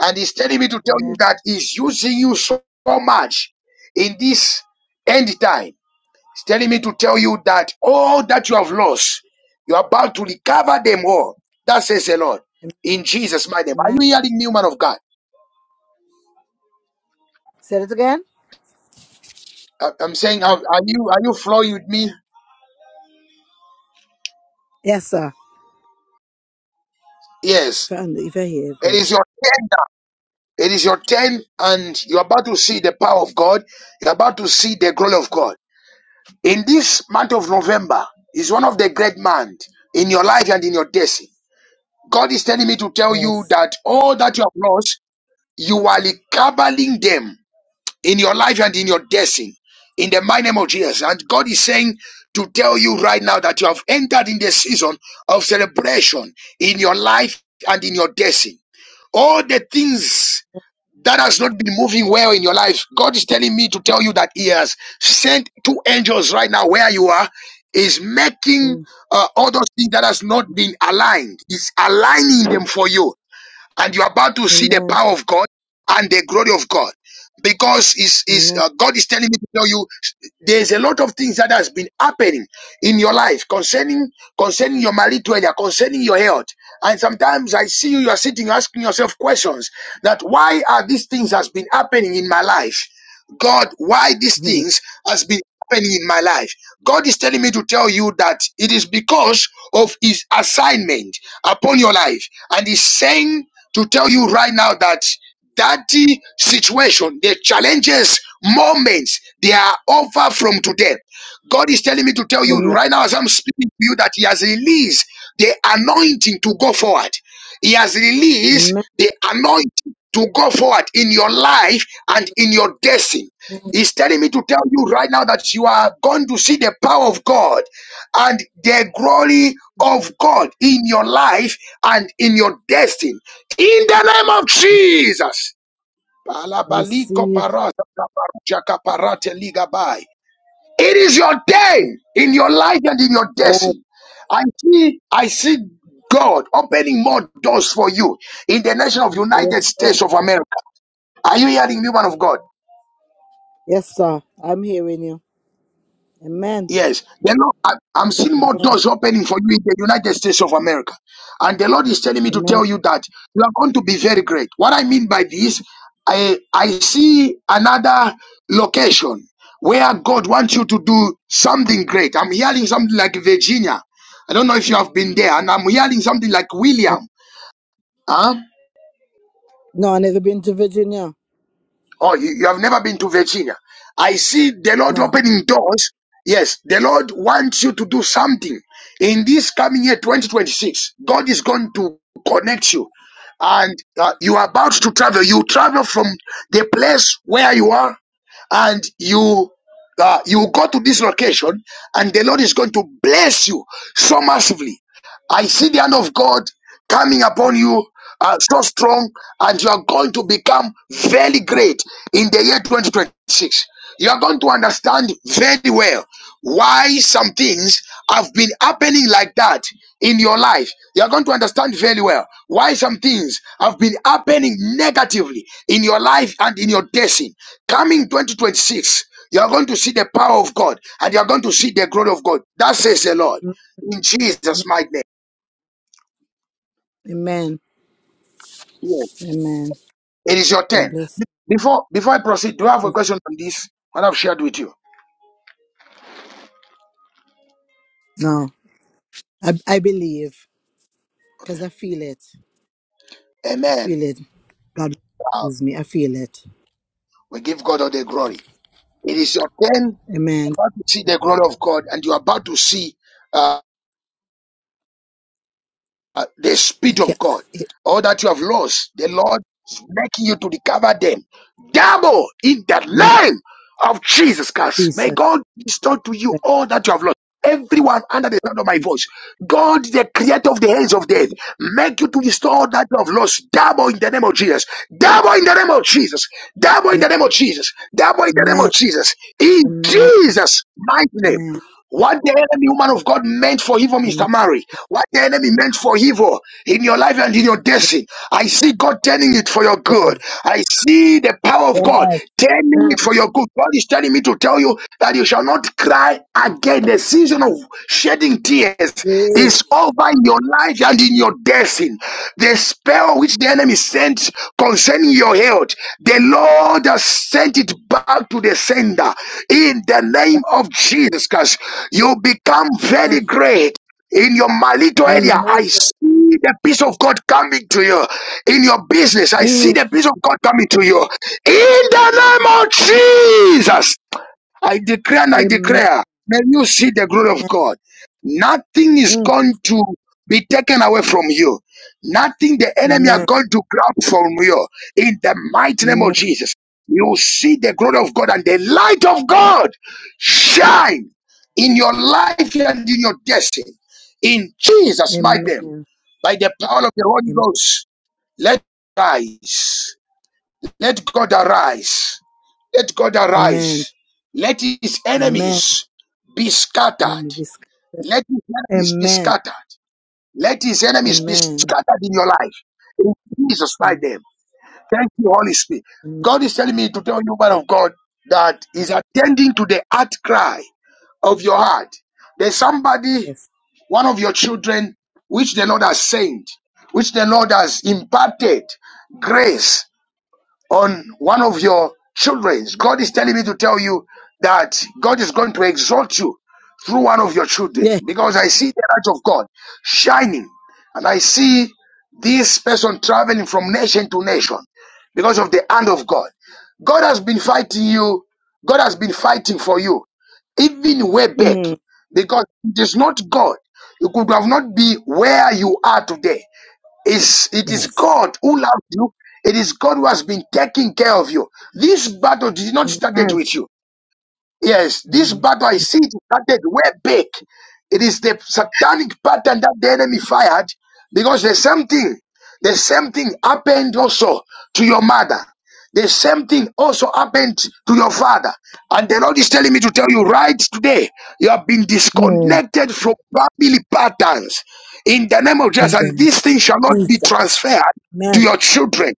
A: And he's telling me to tell
E: Amen.
A: you that he's using you so so much in this end time. He's telling me to tell you that all that you have lost, you're about to recover them all. That says the Lord.
E: Amen.
A: In Jesus' mighty name. Are
E: Amen.
A: you hearing me, man of God?
E: Say it again.
A: I- I'm saying, are are you are you flowing with me?
E: Yes, sir.
A: Yes.
E: If I, if I hear
A: It
E: good.
A: is your turn now. It is your turn, and you're about to see the power of God. You're about to see the glory of God. In this month of November, is one of the great months in your life and in your destiny. God is telling me to tell you
E: Yes.
A: that all that you have lost, you are recovering them in your life and in your destiny. In the mighty name of Jesus. And God is saying to tell you right now that you have entered in the season of celebration in your life and in your destiny. All the things that has not been moving well in your life, God is telling me to tell you that He has sent two angels right now where you are, is making
E: Amen.
A: uh, all those things that has not been aligned. is aligning them for you and you're about to see the
E: Amen.
A: power of God and the glory of God because is is
E: Amen.
A: uh,
E: <laughs>
A: God is telling me to tell you there's a lot of things that has been happening in your life concerning concerning your marital area, concerning your health. And sometimes I see you, you are sitting asking yourself questions that why are these things has been happening in my life? God, why these
E: Mhm.
A: things has been happening in my life? God is telling me to tell you that it is because of his assignment upon your life. And he's saying to tell you right now that that situation, the challenges, moments, they are over from today. God is telling me to tell you
E: Amen.
A: right now as I'm speaking to you that He has released the anointing to go forward. He has released
E: Amen.
A: the anointing to go forward in your life and in your destiny. He's telling me to tell you right now that you are going to see the power of God and the glory of God in your life and in your destiny. In the name of Jesus.
E: I
A: Palabaliko
E: receive.
A: parata kaparuja kaparate ligabai. It is your
E: this.
A: day in your life and in your
E: Yes,
A: destiny. I see, I see God opening more doors for you in the nation of United
E: yes, sir.
A: States of America. Are you hearing me, man of God?
E: Yes, sir. I'm hearing you. Amen.
A: Yes, the Lord, I, I'm seeing more
E: Amen.
A: doors opening for you in the United States of America. And the Lord is telling me to
E: Amen.
A: tell you that you are going to be very great. What I mean by this, I, I see another location where God wants you to do something great. I'm hearing something like Virginia. I don't know if you have been there, and I'm hearing something like William. Huh?
E: No, I never been to Virginia.
A: Oh, you, you have never been to Virginia. I see the Lord
E: No.
A: opening doors. Yes, the Lord wants you to do something in this coming year 2026. God is going to connect you. And uh, you are about to travel. You travel from the place where you are and you uh, you go to this location and the lord is going to bless you so massively I see the hand of God coming upon you uh, so strong, and you are going to become very great in the year 2026. You are going to understand very well why some things have been happening like that in your life. You are going to understand very well why some things have been happening negatively in your life and in your destiny. Coming 2026, you are going to see the power of God and you are going to see the glory of God. That says the Lord in Jesus' mighty name.
E: Amen.
A: Yes.
E: Amen.
A: It is your
E: God
A: turn.
E: bless.
A: Be- Before before I proceed, do I have a
E: you.
A: question on this? What I've shared with you.
E: No, I, I believe.
A: Okay.
E: because I feel it. I
A: Amen.
E: feel it. God
A: Wow.
E: bless me. I feel it.
A: We give God all the glory. It is your turn You're
E: Amen.
A: about to see the glory of God, and you are about to see. uh, uh, the
E: I
A: Spirit of
E: can't.
A: God,
E: It,
A: all that you have lost, the Lord is making you to recover them. Double in the
E: mm,
A: name of Jesus Christ. May
E: Jesus.
A: God restore to you all that you have lost. Everyone under the sound of my
E: Thanks.
A: voice, God, the creator of the hands of death, make you to restore all that you have lost. Double in the name of Jesus. Double in the name of Jesus. Double in
E: Amen.
A: the name of Jesus. Double in the name of
E: Amen.
A: Jesus. In
E: Amen.
A: Jesus' mighty name.
E: Amen.
A: What the enemy, woman of God, meant for evil, Mr.
E: Amen.
A: Mary. What the enemy meant for evil in your life and in your
E: Yes,
A: destiny. I see God turning it for your
E: Lord.
A: good. I see the power of God
E: Yes.
A: turning
E: Amen.
A: it for your good. God is telling me to tell you that you shall not cry again. The season of shedding tears
E: Yes.
A: is over in your life and in your destined, the spell which the enemy sent concerning your health, the Lord has sent it back to the sender in the name of Jesus Christ. You become
E: Amen.
A: very great. In your malito area,
E: Amen.
A: I see the peace of God coming to you. In your business, I see
E: Mm.
A: the peace of God coming to you. In the name of Jesus. I declare and I
E: Amen.
A: declare, may you see the glory of God. Nothing is
E: Mm.
A: going to be taken away from you. Nothing the enemy are
E: Amen.
A: going to grab from you. In the mighty name of
E: Amen.
A: Jesus, you will see the glory of God and the light of God shine in your life and in your destiny. In Jesus' mighty name,
E: Amen.
A: by the power of the Holy
E: Amen.
A: Ghost, let rise. Let God arise let God
E: Amen.
A: arise. Let his
E: Amen.
A: enemies be
E: And
A: scattered.
E: we discuss-
A: Let his enemies be
E: Amen.
A: scattered. Let his enemies be
E: Amen.
A: scattered in your life. In Jesus' mighty
E: Mm.
A: name. Thank you, Holy Spirit.
E: Amen.
A: God is telling me to tell you, man of God, that is attending to the heart cry of your heart. There's somebody,
E: Yes.
A: one of your children, which the Lord has sent, which the Lord has imparted grace on one of your children. God is telling me to tell you that God is going to exalt you through one of your children
E: Yeah.
A: because I see the light of God shining and I see this person traveling from nation to nation because of the hand of God. God has been fighting you. God has been fighting for you even way back
E: Mm.
A: because it is not God. You could have not be where you are today it's, it is
E: Yes.
A: God who loves you. It is God who has been taking care of you. This battle did not
E: Amen.
A: started with you. Yes, this
E: No.
A: battle I see it started way back. It is the satanic pattern that the enemy fired because the same thing, the same thing happened also to your mother. The same thing also happened to your father. And the Lord is telling me to tell you right today, you have been
E: Move
A: disconnected from family patterns in the name of Jesus.
E: in the
A: And
E: name
A: this thing shall not
E: of
A: be
E: Jesus.
A: transferred to
E: Amen.
A: your children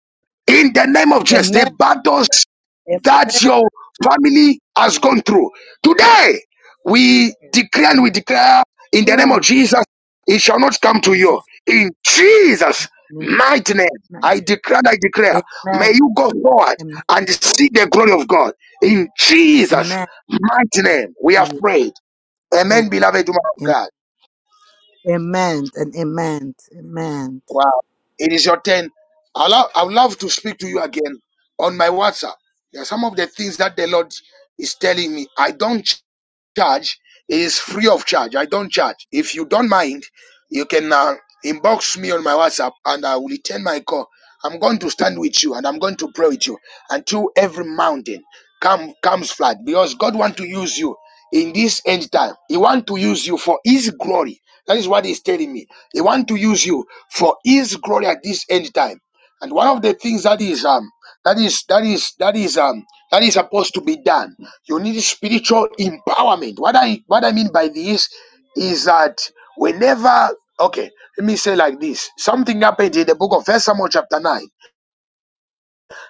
A: in the name of Jesus. The
E: Amen.
A: battles that
E: Amen.
A: your family has gone through. Today, we declare and
E: Amen.
A: we declare in the name of
E: Mm.
A: Jesus, it shall not come to you.
E: Jesus.
A: In Jesus'
E: Amen.
A: mighty name, I
E: Mighty.
A: declare, I declare, may
E: Amen.
A: you go forward and see the glory of God. In Jesus'
E: Amen.
A: mighty name, we have prayed. Amen, beloved woman of
E: Amen. Amen. Amen.
A: God.
E: Amen. And amen. Amen.
A: Wow. It is your turn. I love, I would love to speak to you again on my WhatsApp. There are some of the things that the Lord is telling me. I don't ch- charge. It is free of charge. I don't charge. If you don't mind, you can uh, inbox me on my WhatsApp and I will return my call. I'm going to stand with you and I'm going to pray with you until every mountain come comes flat because God wants to use you in this end time. He wants to use you for his glory. That is what he's telling me. He wants to use you for his glory at this end time. And one of the things that is um that is that is that is um that is supposed to be done. You need spiritual empowerment. What I what I mean by this is that whenever okay, let me say like this. Something happened in the book of First Samuel chapter 9.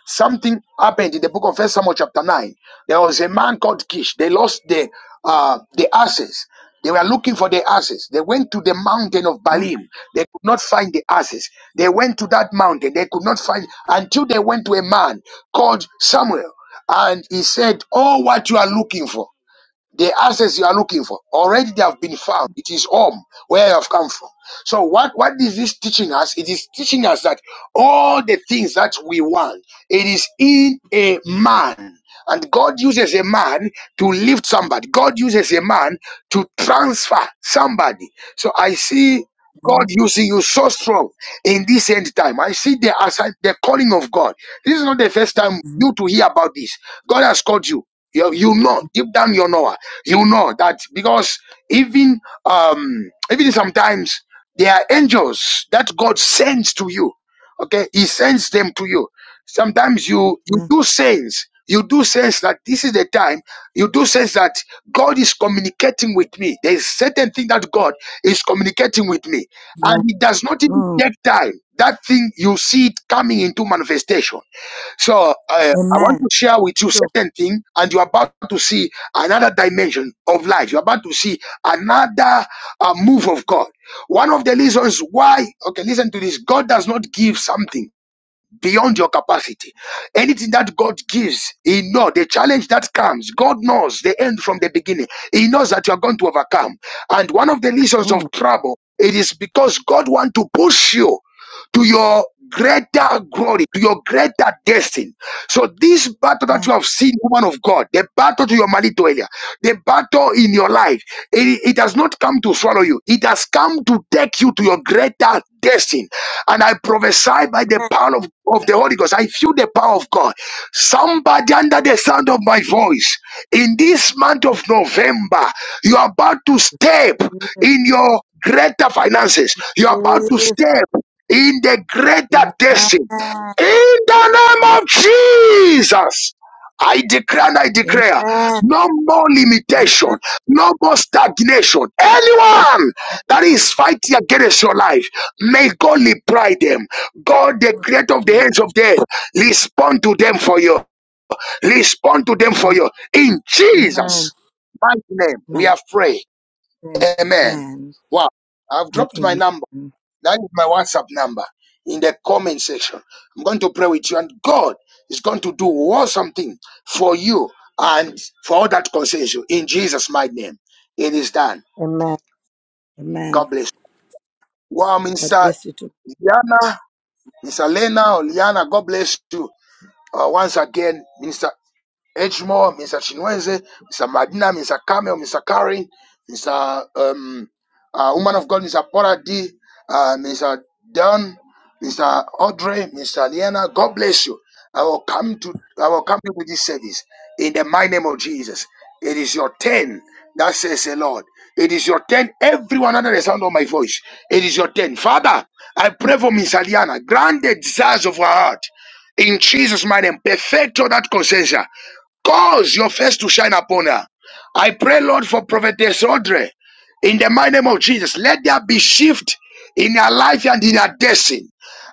A: Something happened in the book of First Samuel chapter 9. There was a man called Kish. They lost the uh the asses. They were looking for the asses. They went to the mountain of
E: Mm.
A: Balim. They could not find the asses. They went to that mountain. They could not find until they went to a man called Samuel. And he said, Oh, what you are looking for. The answers you are looking for already they have been found. It is home where you have come from. So what what is this teaching us? It is teaching us that all the things that we want, it is in a man. And God uses a man to lift somebody. God uses a man to transfer somebody. So I see God
E: Amen.
A: using you so strong in this end time. I see the aside, the calling of God. This is not the first time
E: Amen.
A: you to hear about this. God has called you. You, you know, deep down you know. You know that because even um even sometimes there are angels that God sends to you. Okay, He sends them to you. Sometimes you you
E: Amen.
A: do sense, you do sense that this is the time. You do sense that God is communicating with me. There is certain thing that God is communicating with me and it does not even
E: Mm.
A: take time. That thing you see it coming into manifestation. So uh, I want
E: Amen.
A: to share with you
E: Sure.
A: certain thing, and you're about to see another dimension of life. You're about to see another uh, move of God. One of the reasons why, okay, listen to this: God does not give something beyond your capacity. Anything that God gives, He knows the challenge that comes. God knows the end from the beginning. He knows that you are going to overcome. And one of the reasons
E: Mm.
A: of trouble, it is because God wants to push you to your
E: Yes.
A: greater glory, to your greater destiny. So this battle that
E: Amen.
A: you have seen, woman of God, the battle to your marital area, the battle in your life, it, it has not come to swallow you. It has come to take you to your greater destiny. And I prophesy by the
E: Amen.
A: power of, of the Holy Ghost. I feel the power of God. Somebody under the sound of my voice, in this month of November, you are about to step
E: Yes.
A: in your greater finances. You are about to step in the
E: Yes.
A: greater
E: Amen.
A: destiny. In the name
E: Yes.
A: of Jesus. I declare and I
E: Amen.
A: declare no more
E: Amen.
A: limitation, no more stagnation. Anyone that is fighting against your life, may God reply them. God, the creator of the hands of death, respond to them for you. Respond to them for you. In
E: Amen.
A: Jesus' mighty name, we
E: Amen.
A: have prayed. Amen.
E: Amen
A: Wow. I've
E: and
A: dropped my number.
E: amen.
A: That is my WhatsApp number in the comment section. I'm going to pray with you, and God is going to do awesome thing for you and for all that concerns you. In Jesus' mighty name, it is done.
E: Amen.
A: God
E: Amen.
A: bless. you. Wow,
E: God
A: Minister
E: bless you too.
A: Liana, Mister Lena, or Liana, God bless you. Uh, once again, Minister. Edgemore, Mr. Chinweze, Mr. Madina, Mr. Kamel, Mr. Kari, Mr. Um, uh, Woman of God, Mr. Paula D, uh, Mr. Don, Mr. Audrey, Mr. Liana. God bless you. I will come to I will come with this service in the mighty name of Jesus. It is your turn. That says the Lord. It is your turn. Everyone under the sound of my voice. It is your turn. Father, I pray for Miss Aliana. Grant the desires of her heart. In Jesus' mighty name, perfect all that concerns her. Cause your face to shine upon her. I pray, Lord, for Prophetess Audrey in the mighty name of Jesus. Let there be shift in her life and in her destiny.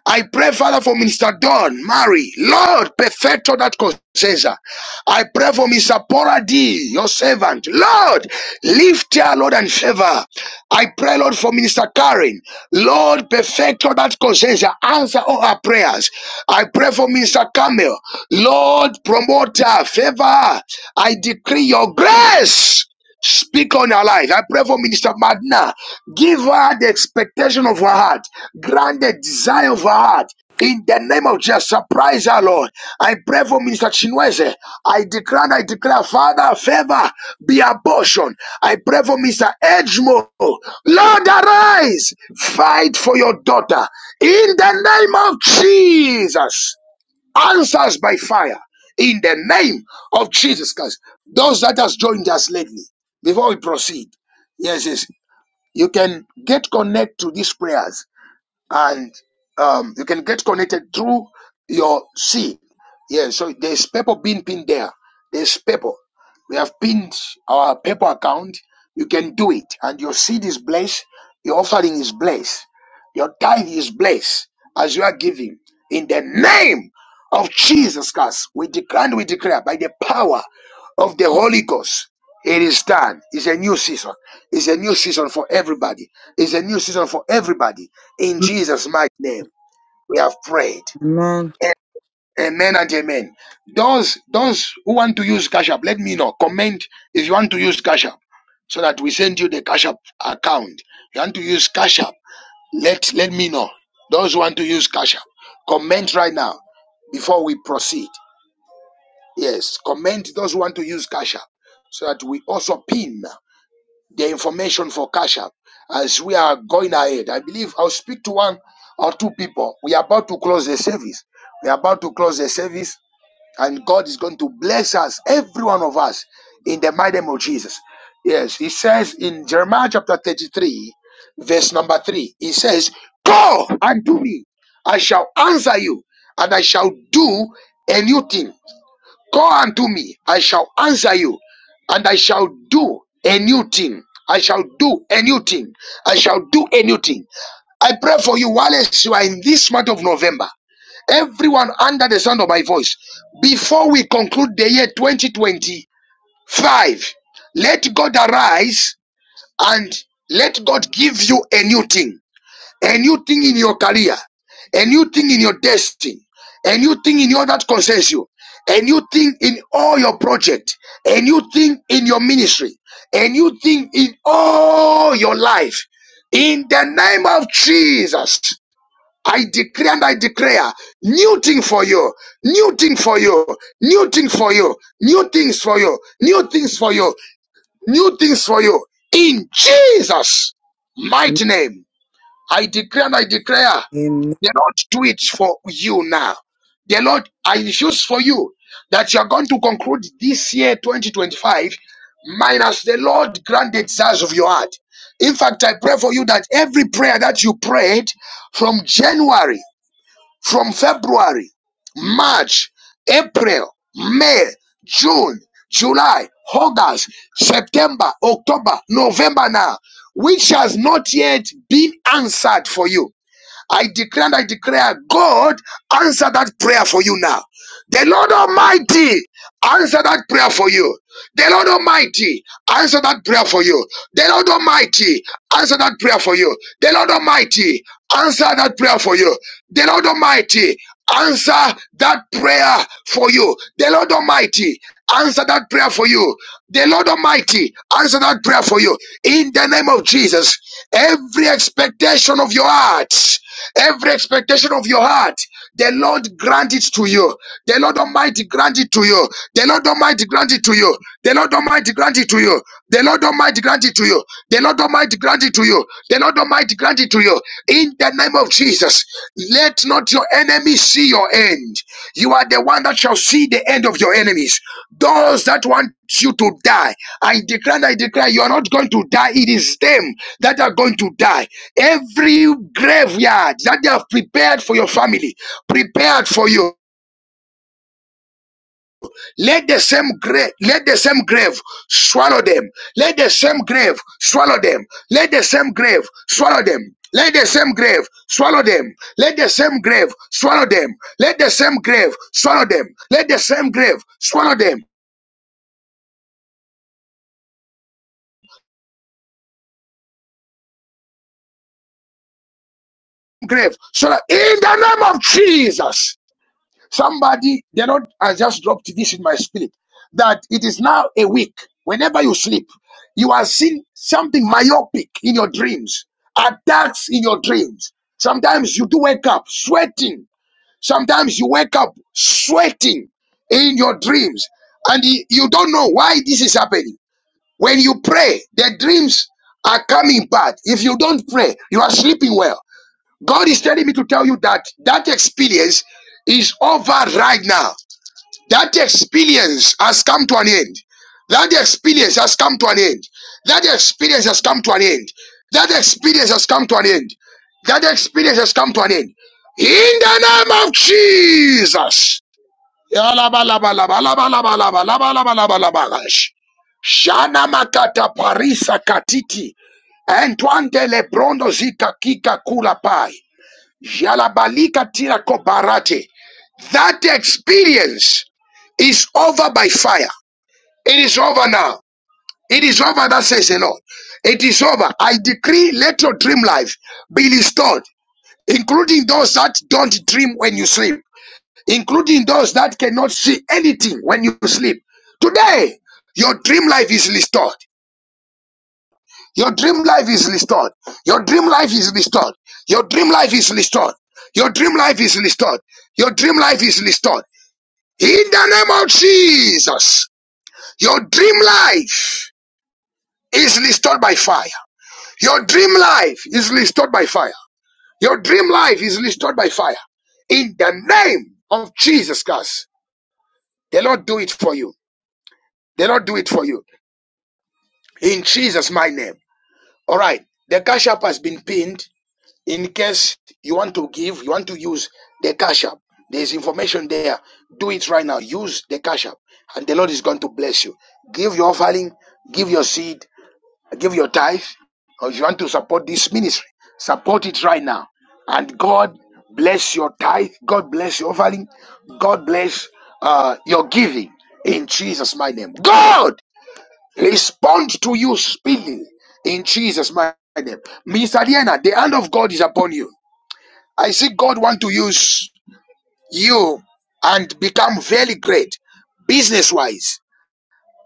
A: I pray, Father, for Minister Don, Mary, Lord, perfecto that concerns her. I pray for Mr. Paula D, your servant. Lord, lift her, Lord, and favor. her. I pray, Lord, for Minister Karen. Lord, perfecto that concerns her. Answer all her prayers. I pray for Minister Camille, Lord, promote her, favor her. I decree your grace. Speak on her life. I pray for Minister Madna. Give her the expectation of her heart. Grant the desire of her heart. In the name of Jesus, surprise her, Lord. I pray for Minister Chinweze. I declare and I declare, Father, favor be her portion. I pray for Mr. Edgemo. Lord, arise. Fight for your daughter. In the name of Jesus. Answers by fire in the name of Jesus Christ. Those that has joined us lately, before we proceed, yes, yes, you can get connect to these prayers and um, you can get connected through your seed. Yeah, so there's paper being pinned there. There's paper. We have pinned our paper account. You can do it, and your seed is blessed. Your offering is blessed. Your tithe is blessed as you are giving. In the name of Jesus Christ, we declare and we declare by the power of the Holy Ghost. It is done. It's a new season. It's a new season for everybody. It's a new season for everybody. In Jesus' mighty name, we have prayed.
E: Amen.
A: A- Amen and amen. Those those who want to use Cash App, let me know. Comment if you want to use Cash App, so that we send you the Cash App account. If you want to use Cash App, let let me know. Those who want to use Cash App, comment right now before we proceed. Yes, comment those who want to use Cash App, so that we also pin. the information for Cash App as we are going ahead. I believe I'll speak to one or two people. We are about to close the service. We are about to close the service, and God is going to bless us, every one of us, in the mighty name of Jesus. Yes, He says in Jeremiah chapter 33, verse number 3, He says, Go and do me, I shall answer you, and I shall do a new thing. Call unto me, I shall answer you, and I shall do a new thing. I shall do a new thing. I shall do a new thing. I pray for you while you are in this month of November. Everyone under the sound of my voice, before we conclude the year 2025, let God arise and let God give you a new thing. A new thing in your career, a new thing in your destiny, a new thing in your that concerns you, a new thing in all your project, a new thing in your ministry, a new thing in all your life. In the name of Jesus, I decree and I declare new thing for you, new thing for you, new thing for you, new things for you, new things for you, new things for you. In Jesus' mighty name. I declare! and I declare
E: Amen.
A: the Lord do it for you now. The Lord, I choose for you that you are going to conclude this year 2025 minus the Lord grant the desires of your heart. In fact, I pray for you that every prayer that you prayed from January from February, March, April, May, June, July, August, September, October, November now, which has not yet been answered for you. I declare and I declare, God, answer that prayer for you now. The Lord Almighty, answer that prayer for you. The Lord Almighty, answer that prayer for you. The Lord Almighty, answer that prayer for you. The Lord Almighty, answer that prayer for you. The Lord Almighty, answer that prayer for you. The Lord Almighty, answer that prayer for you. The Lord Almighty, answer that prayer for you. In the name of Jesus, every expectation of your heart. Every expectation of your heart, the Lord grant it to you. The Lord Almighty grant it to you. The Lord Almighty grant it to you. The Lord Almighty grant it to you. The Lord Almighty grant it to you. The Lord Almighty grant it to you. The Lord Almighty grant it to you. In the name of Jesus, let not your enemy see your end. You are the one that shall see the end of your enemies. Those that want you to die, I declare, I declare, you are not going to die. It is them that are going to die. Every graveyard that they have prepared for your family, prepared for you. Let the same grave, let the same grave swallow them. Let the same grave swallow them. Let the same grave swallow them. Let the same grave swallow them. Let the same grave swallow them. Let the same grave swallow them. Let the same grave swallow them. Grave So, in the name of Jesus. Somebody, the Lord has just dropped this in my spirit that it is now a week. Whenever you sleep, you are seeing something myopic in your dreams, attacks in your dreams. Sometimes you do wake up sweating. Sometimes you wake up sweating in your dreams, and y- you don't know why this is happening. When you pray, the dreams are coming bad. If you don't pray, you are sleeping well. God is telling me to tell you that that experience is over right now. That experience has come to an end. That experience has come to an end. That experience has come to an end. That experience has come to an end. That experience has come to an end. In the name of Jesus. Shana makata parisa katiti. Antoine de Lebrondo zita kika kula pai. Jalabalika tira kobarate. That experience is over by fire. It is over now. It is over, that says the Lord. It is over. I decree let your dream life be restored, including those that don't dream when you sleep, including those that cannot see anything when you sleep. Today, your dream life is restored. Your dream life is restored. Your dream life is restored. Your dream life is restored. Your dream life is restored. Your dream life is restored. In the name of Jesus, your dream life is restored by fire. Your dream life is restored by fire. Your dream life is restored by fire. In the name of Jesus Christ, the Lord do it for you. The Lord do it for you. In Jesus' my name. All right. The cash app has been pinned. in case you want to give, you want to use the cash app. There's information there. Do it right now. Use the cash app, and the Lord is going to bless you. Give your offering, give your seed, give your tithe. Or if you want to support this ministry, support it right now. And God bless your tithe. God bless your offering. God bless uh, your giving in Jesus' my name. God respond to you speedily in Jesus' my name. Mr. Diana, the hand of God is upon you. I see God want to use you and become very great business wise.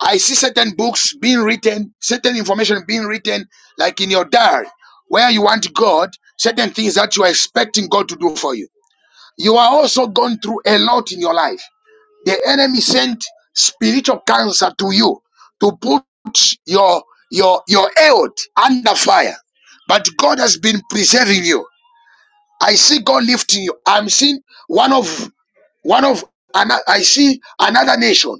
A: I see certain books being written, certain information being written, like in your diary, where you want God, certain things that you are expecting God to do for you. You are also going through a lot in your life. The enemy sent spiritual cancer to you to put your your your health under fire. But God has been preserving you. I see God lifting you. I'm seeing one of one of ana- I see another nation.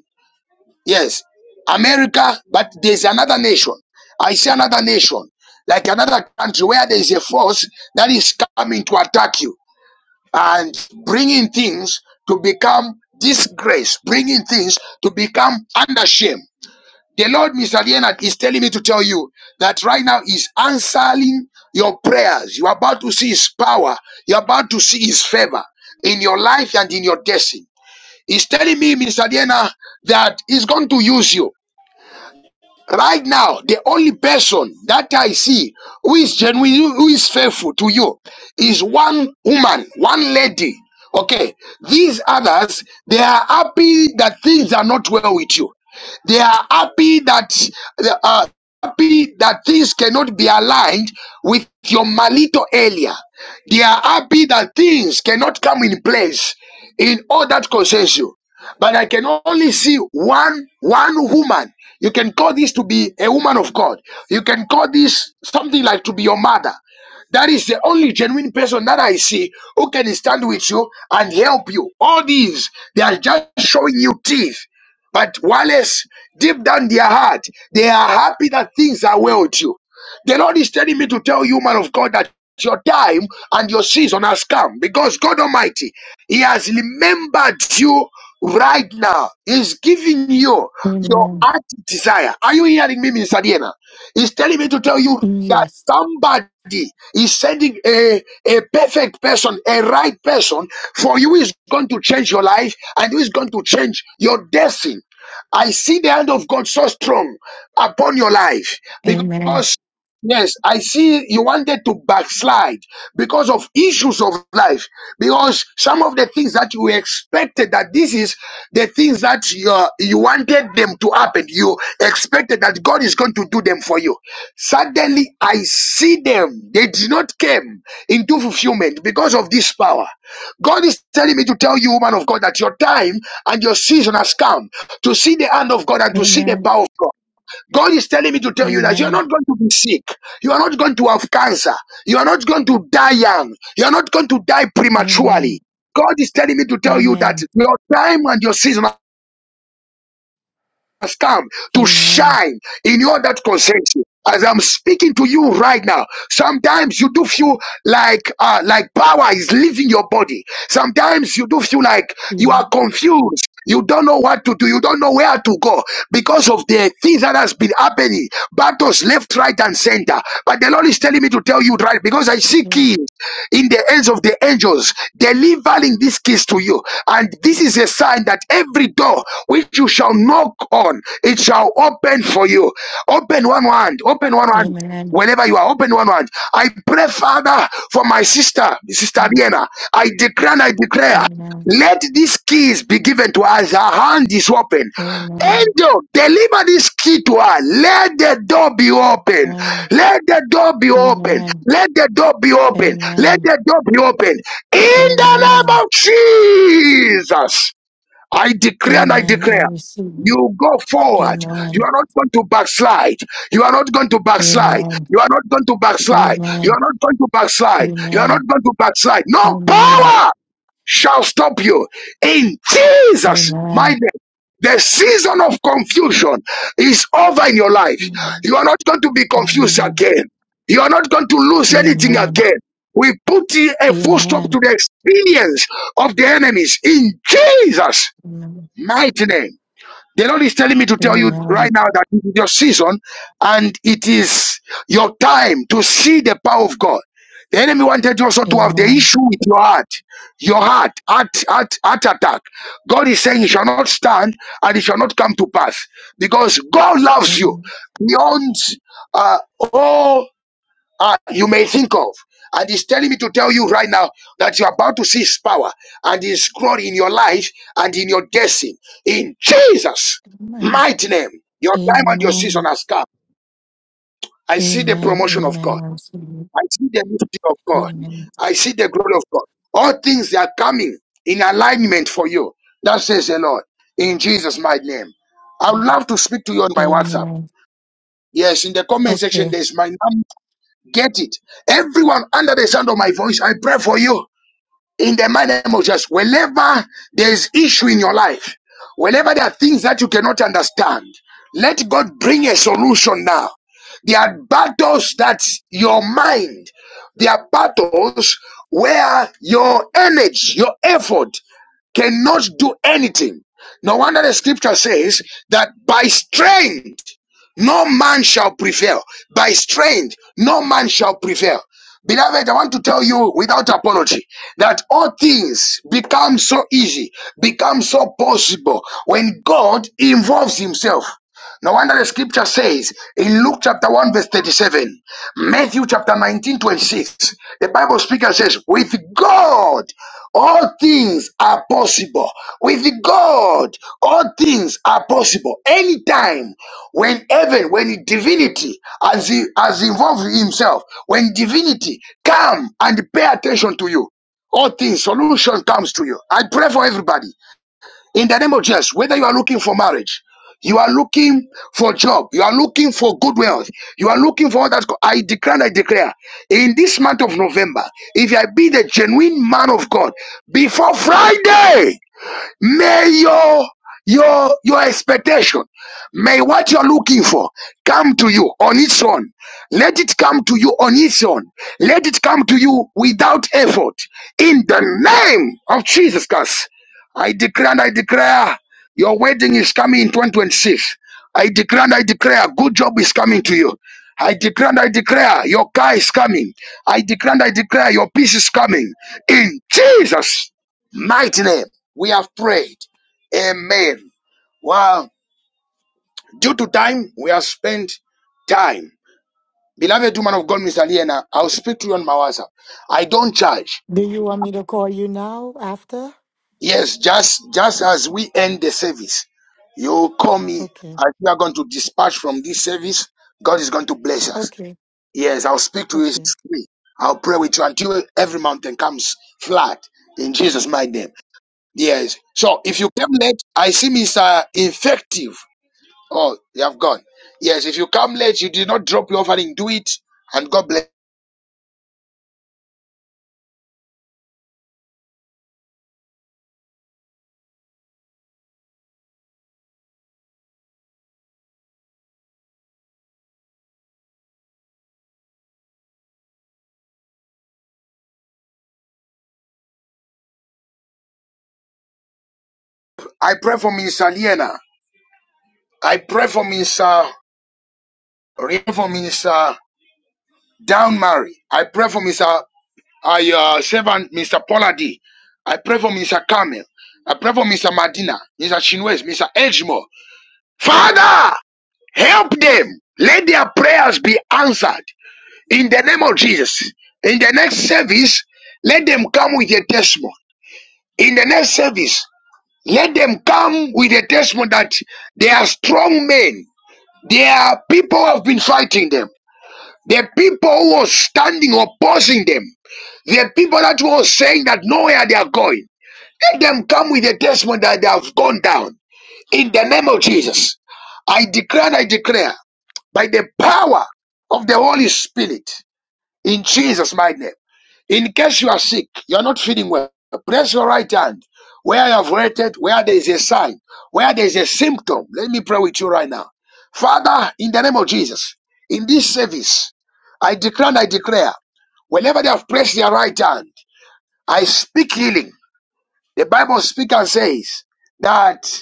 A: Yes, America, but there's another nation. I see another nation, like another country where there is a force that is coming to attack you and bringing things to become disgrace, bringing things to become under shame. The Lord, Mr. Leonard, is telling me to tell you that right now is answering your prayers. You're about to see His power. You're about to see His favor in your life and in your destiny. He's telling me, Mr. Diana, that he's going to use you. Right now, the only person that I see who is genuine, who is faithful to you, is one woman, one lady. Okay. These others, they are happy that things are not well with you. They are happy that they are happy that things cannot be aligned with your malito earlier. They are happy that things cannot come in place in all that concerns you but I can only see one one woman. You can call this to be a woman of God. You can call this something like to be your mother. That is the only genuine person that I see who can stand with you and help you. All these they are just showing you teeth. But Wallace, deep down their heart, they are happy that things are well with you. The Lord is telling me to tell you, man of God, that your time and your season has come because God Almighty he has remembered you right now. He's giving you your
F: Amen.
A: heart desire. Are you hearing me, Mr. Diana? He's telling me to tell you that
F: Yes.
A: somebody is sending a, a perfect person, a right person for you who is going to change your life and who is going to change your destiny. I see the hand of God so strong upon your life
F: Amen.
A: because. Yes, I see you wanted to backslide because of issues of life. Because some of the things that you expected that this is the things that you, are- you wanted them to happen. You expected that God is going to do them for you. Suddenly, I see them. They did not come into fulfillment because of this power. God is telling me to tell you, woman of God, that your time and your season has come to see the hand of God and to see the
F: Amen.
A: power of God. God is telling me to tell you that you are
F: Amen.
A: not going to be sick. You are not going to have cancer. You are not going to die young. You are not going to die
F: Amen.
A: prematurely. God is telling me to tell you that
F: Amen.
A: your time and your season has come to
F: Amen.
A: shine in your that concerns you. As I'm speaking to you right now, sometimes you do feel like uh, like power is leaving your body. Sometimes you do feel like you
F: Yeah.
A: are confused. You don't know what to do. You don't know where to go because of the things that has been happening happening. Battles left, right, and center. But the Lord is telling me to tell you right because I see
F: Yeah.
A: keys in the hands of the angels delivering these keys to you. And this is a sign that every door which you shall knock on, it shall open for you. Open one hand, open one hand.
F: Amen.
A: Whenever you are open one hand, I pray, Father, for my sister, Sister
F: Amen.
A: Vienna. I declare and I declare.
F: Amen.
A: Let these keys be given to us. Her hand is open.
F: Amen.
A: Angel, deliver this key to her. Let the door be open. Let the door be open.
F: Amen.
A: Let the door be open. Let
F: Amen.
A: the door be open. In the name
F: Amen.
A: of Jesus, I declare and I
F: Amen. I
A: declare.
F: receive it.
A: You go forward. You
F: Amen.
A: are not going to backslide. You are not going to backslide.
F: Amen.
A: You are not going to backslide. You
F: Amen.
A: are not going to backslide. You are not
F: Amen.
A: going to backslide.
F: Amen.
A: No
F: Amen.
A: power shall stop you. In Jesus' mighty
F: Amen.
A: name. The season of confusion is over in your life. You are not going to be confused
F: Amen.
A: again. You are not going to lose anything
F: Amen.
A: again. We put a full stop to the experience of the enemies in Jesus' mighty name. The Lord is telling me to tell you right now that this is your season and it is your time to see the power of God. The enemy wanted you also
F: Amen.
A: to have
F: Amen.
A: the
F: Amen.
A: issue with your heart, your heart, heart, heart, heart attack. God is saying it shall not stand and it shall not come to pass because God loves you
F: Amen.
A: beyond uh, all uh, you may think of. And he's telling me to tell you right now that you're about to see his power and his glory in your life and in your destiny. In Jesus'
F: Amen.
A: mighty name, your time and your season
F: Amen.
A: has come. I see the
F: Amen.
A: promotion of
F: Amen.
A: God.
F: I receive it.
A: I see the lifting of God.
F: Amen.
A: I see the glory of God. All things that are coming in alignment for you. That says the Lord. In Jesus' mighty name. I would love to speak to you on my WhatsApp.
F: Amen.
A: Yes, in the comment section,
F: Okay.
A: there's my number. Get it. Everyone under the sound of my voice, I pray for you in the mighty name of Jesus. Whenever there is issue in your life, whenever there are things that you cannot understand, let God bring a solution now. There are battles that your mind, there are battles where your energy, your effort cannot do anything. No wonder the scripture says that by strength no man shall prevail. By strength no man shall prevail. Beloved, I want to tell you without apology that all things become so easy, become so possible when God involves Himself. No wonder the scripture says in Luke chapter 1, verse 37, Matthew chapter 19 26. the Bible speaker says, With God, all things are possible. With God, all things are possible. Anytime, when heaven, when divinity has, has involved himself, when divinity come and pay attention to you, all things, solution comes to you. I pray for everybody in the name of Jesus, whether you are looking for marriage, you are looking for job, you are looking for good wealth, you are looking for all that. I declare, and I declare, in this month of November, if I be the genuine man of God, before Friday. May your your your expectation, may what you're looking for come to you on its own. Let it come to you on its own. Let it come to you without effort. In the name of Jesus Christ, I declare and I declare your wedding is coming in 2026. I declare and I declare good job is coming to you. I declare and I declare your car is coming. I declare and I declare your peace is coming in Jesus' mighty name. We have prayed. Amen. Well, due to time, we have spent time. Beloved woman of God, Miss Aliena, I'll speak to you on my WhatsApp. I don't charge.
F: Do you want me to call you now after?
A: Yes, just just as we end the service, you call me
F: Okay.
A: as we are going to dispatch from this service. God is going to bless us.
F: Okay.
A: Yes, I'll speak to you.
F: Okay.
A: It's free. I'll pray with you until every mountain comes flat in Jesus' mighty name. Yes. So if you came late, I see Mr. Infective. Oh, you have gone. Yes, if you come late, you did not drop your offering, do it, and God bless. you. I pray for Minister Liena. I pray for Minister Ria- for Minister Down Mary. I pray for Mr. Uh, your servant, Mr. Poladi. I pray for Mr. Kamel. I pray for Mr. Madina, Mr. Chinwes, Mr. Edgemore. Father, help them. Let their prayers be answered in the name of Jesus. In the next service, let them come with a testimony. In the next service, Let them come with a testimony that they are strong men. They are people who have been fighting them. The people who were standing opposing them. The people that were saying that nowhere they are going. Let them come with a testimony that they have gone down. In the name of Jesus, I declare and I declare by the power of the Holy Spirit in Jesus' mighty name. In case you are sick, you are not feeling well, press your right hand where you have waited, where there is a sign, where there is a symptom. Let me pray with you right now. Father, in the name of Jesus, in this service, I declare and I declare, whenever they have pressed their right hand, I speak healing. The Bible speaks and says that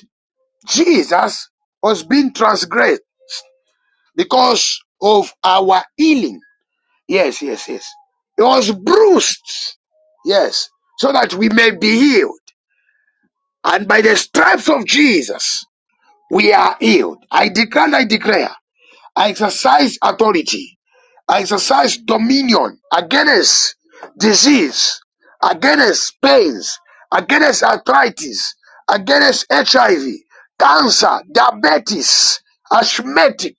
A: Jesus was being transgressed because of our healing. Yes, yes, yes. He was bruised. Yes. So that we may be healed. And by the stripes of Jesus, we are healed. I declare and I declare. I exercise authority. I exercise dominion against disease, against pains, against arthritis, against HIV, cancer, diabetes, asthmatic,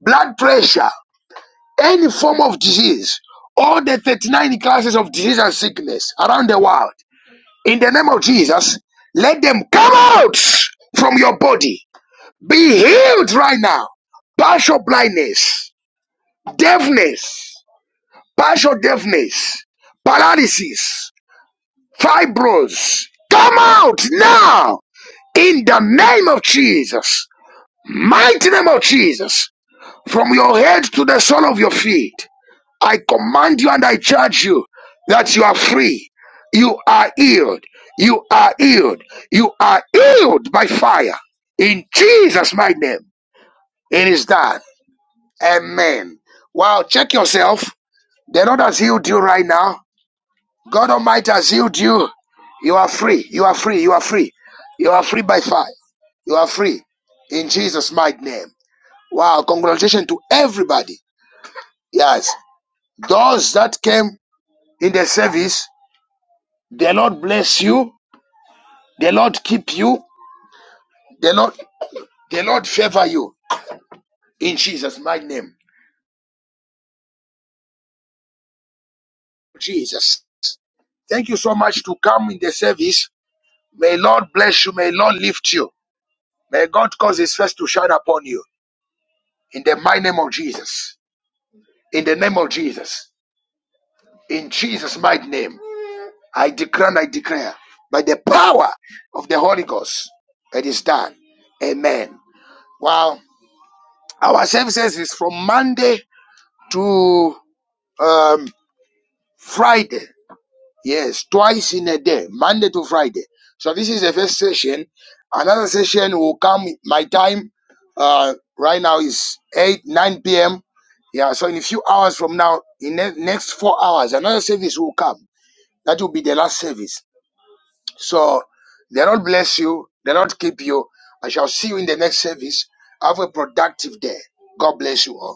A: blood pressure, any form of disease, all the 39 classes of disease and sickness around the world, in the name of Jesus, let them come out from your body. Be healed right now. Partial blindness, deafness, partial deafness, paralysis, fibros. Come out now in the name of Jesus, mighty name of Jesus, from your head to the sole of your feet. I command you and I charge you that you are free. You are healed. You are healed. You are healed by fire. In Jesus' mighty name, it is done. Amen. Wow, check yourself. The Lord has healed you right now. God Almighty has healed you. You are free. You are free. You are free. You are free by fire. You are free. In Jesus' mighty name. Wow, congratulations to everybody. Yes. Those that came in the service, The Lord bless you. The Lord keep you. The Lord, the Lord favor you in Jesus' mighty name. Jesus. Thank you so much to come in the service. May Lord bless you. May Lord lift you. May God cause his face to shine upon you. In the mighty name of Jesus. In the name of Jesus. In Jesus' mighty name. I declare and I declare by the power of the Holy Ghost. It is done. Amen. Wow. Our services is from Monday to um Friday. Yes, twice in a day, Monday to Friday. So this is the first session. Another session will come. My time uh, right now is 8, 9 p.m. Yeah, so in a few hours from now, in the next four hours, another service will come. That will be the last service. So the Lord bless you. The Lord keep you. I shall see you in the next service. Have a productive day. God bless you all.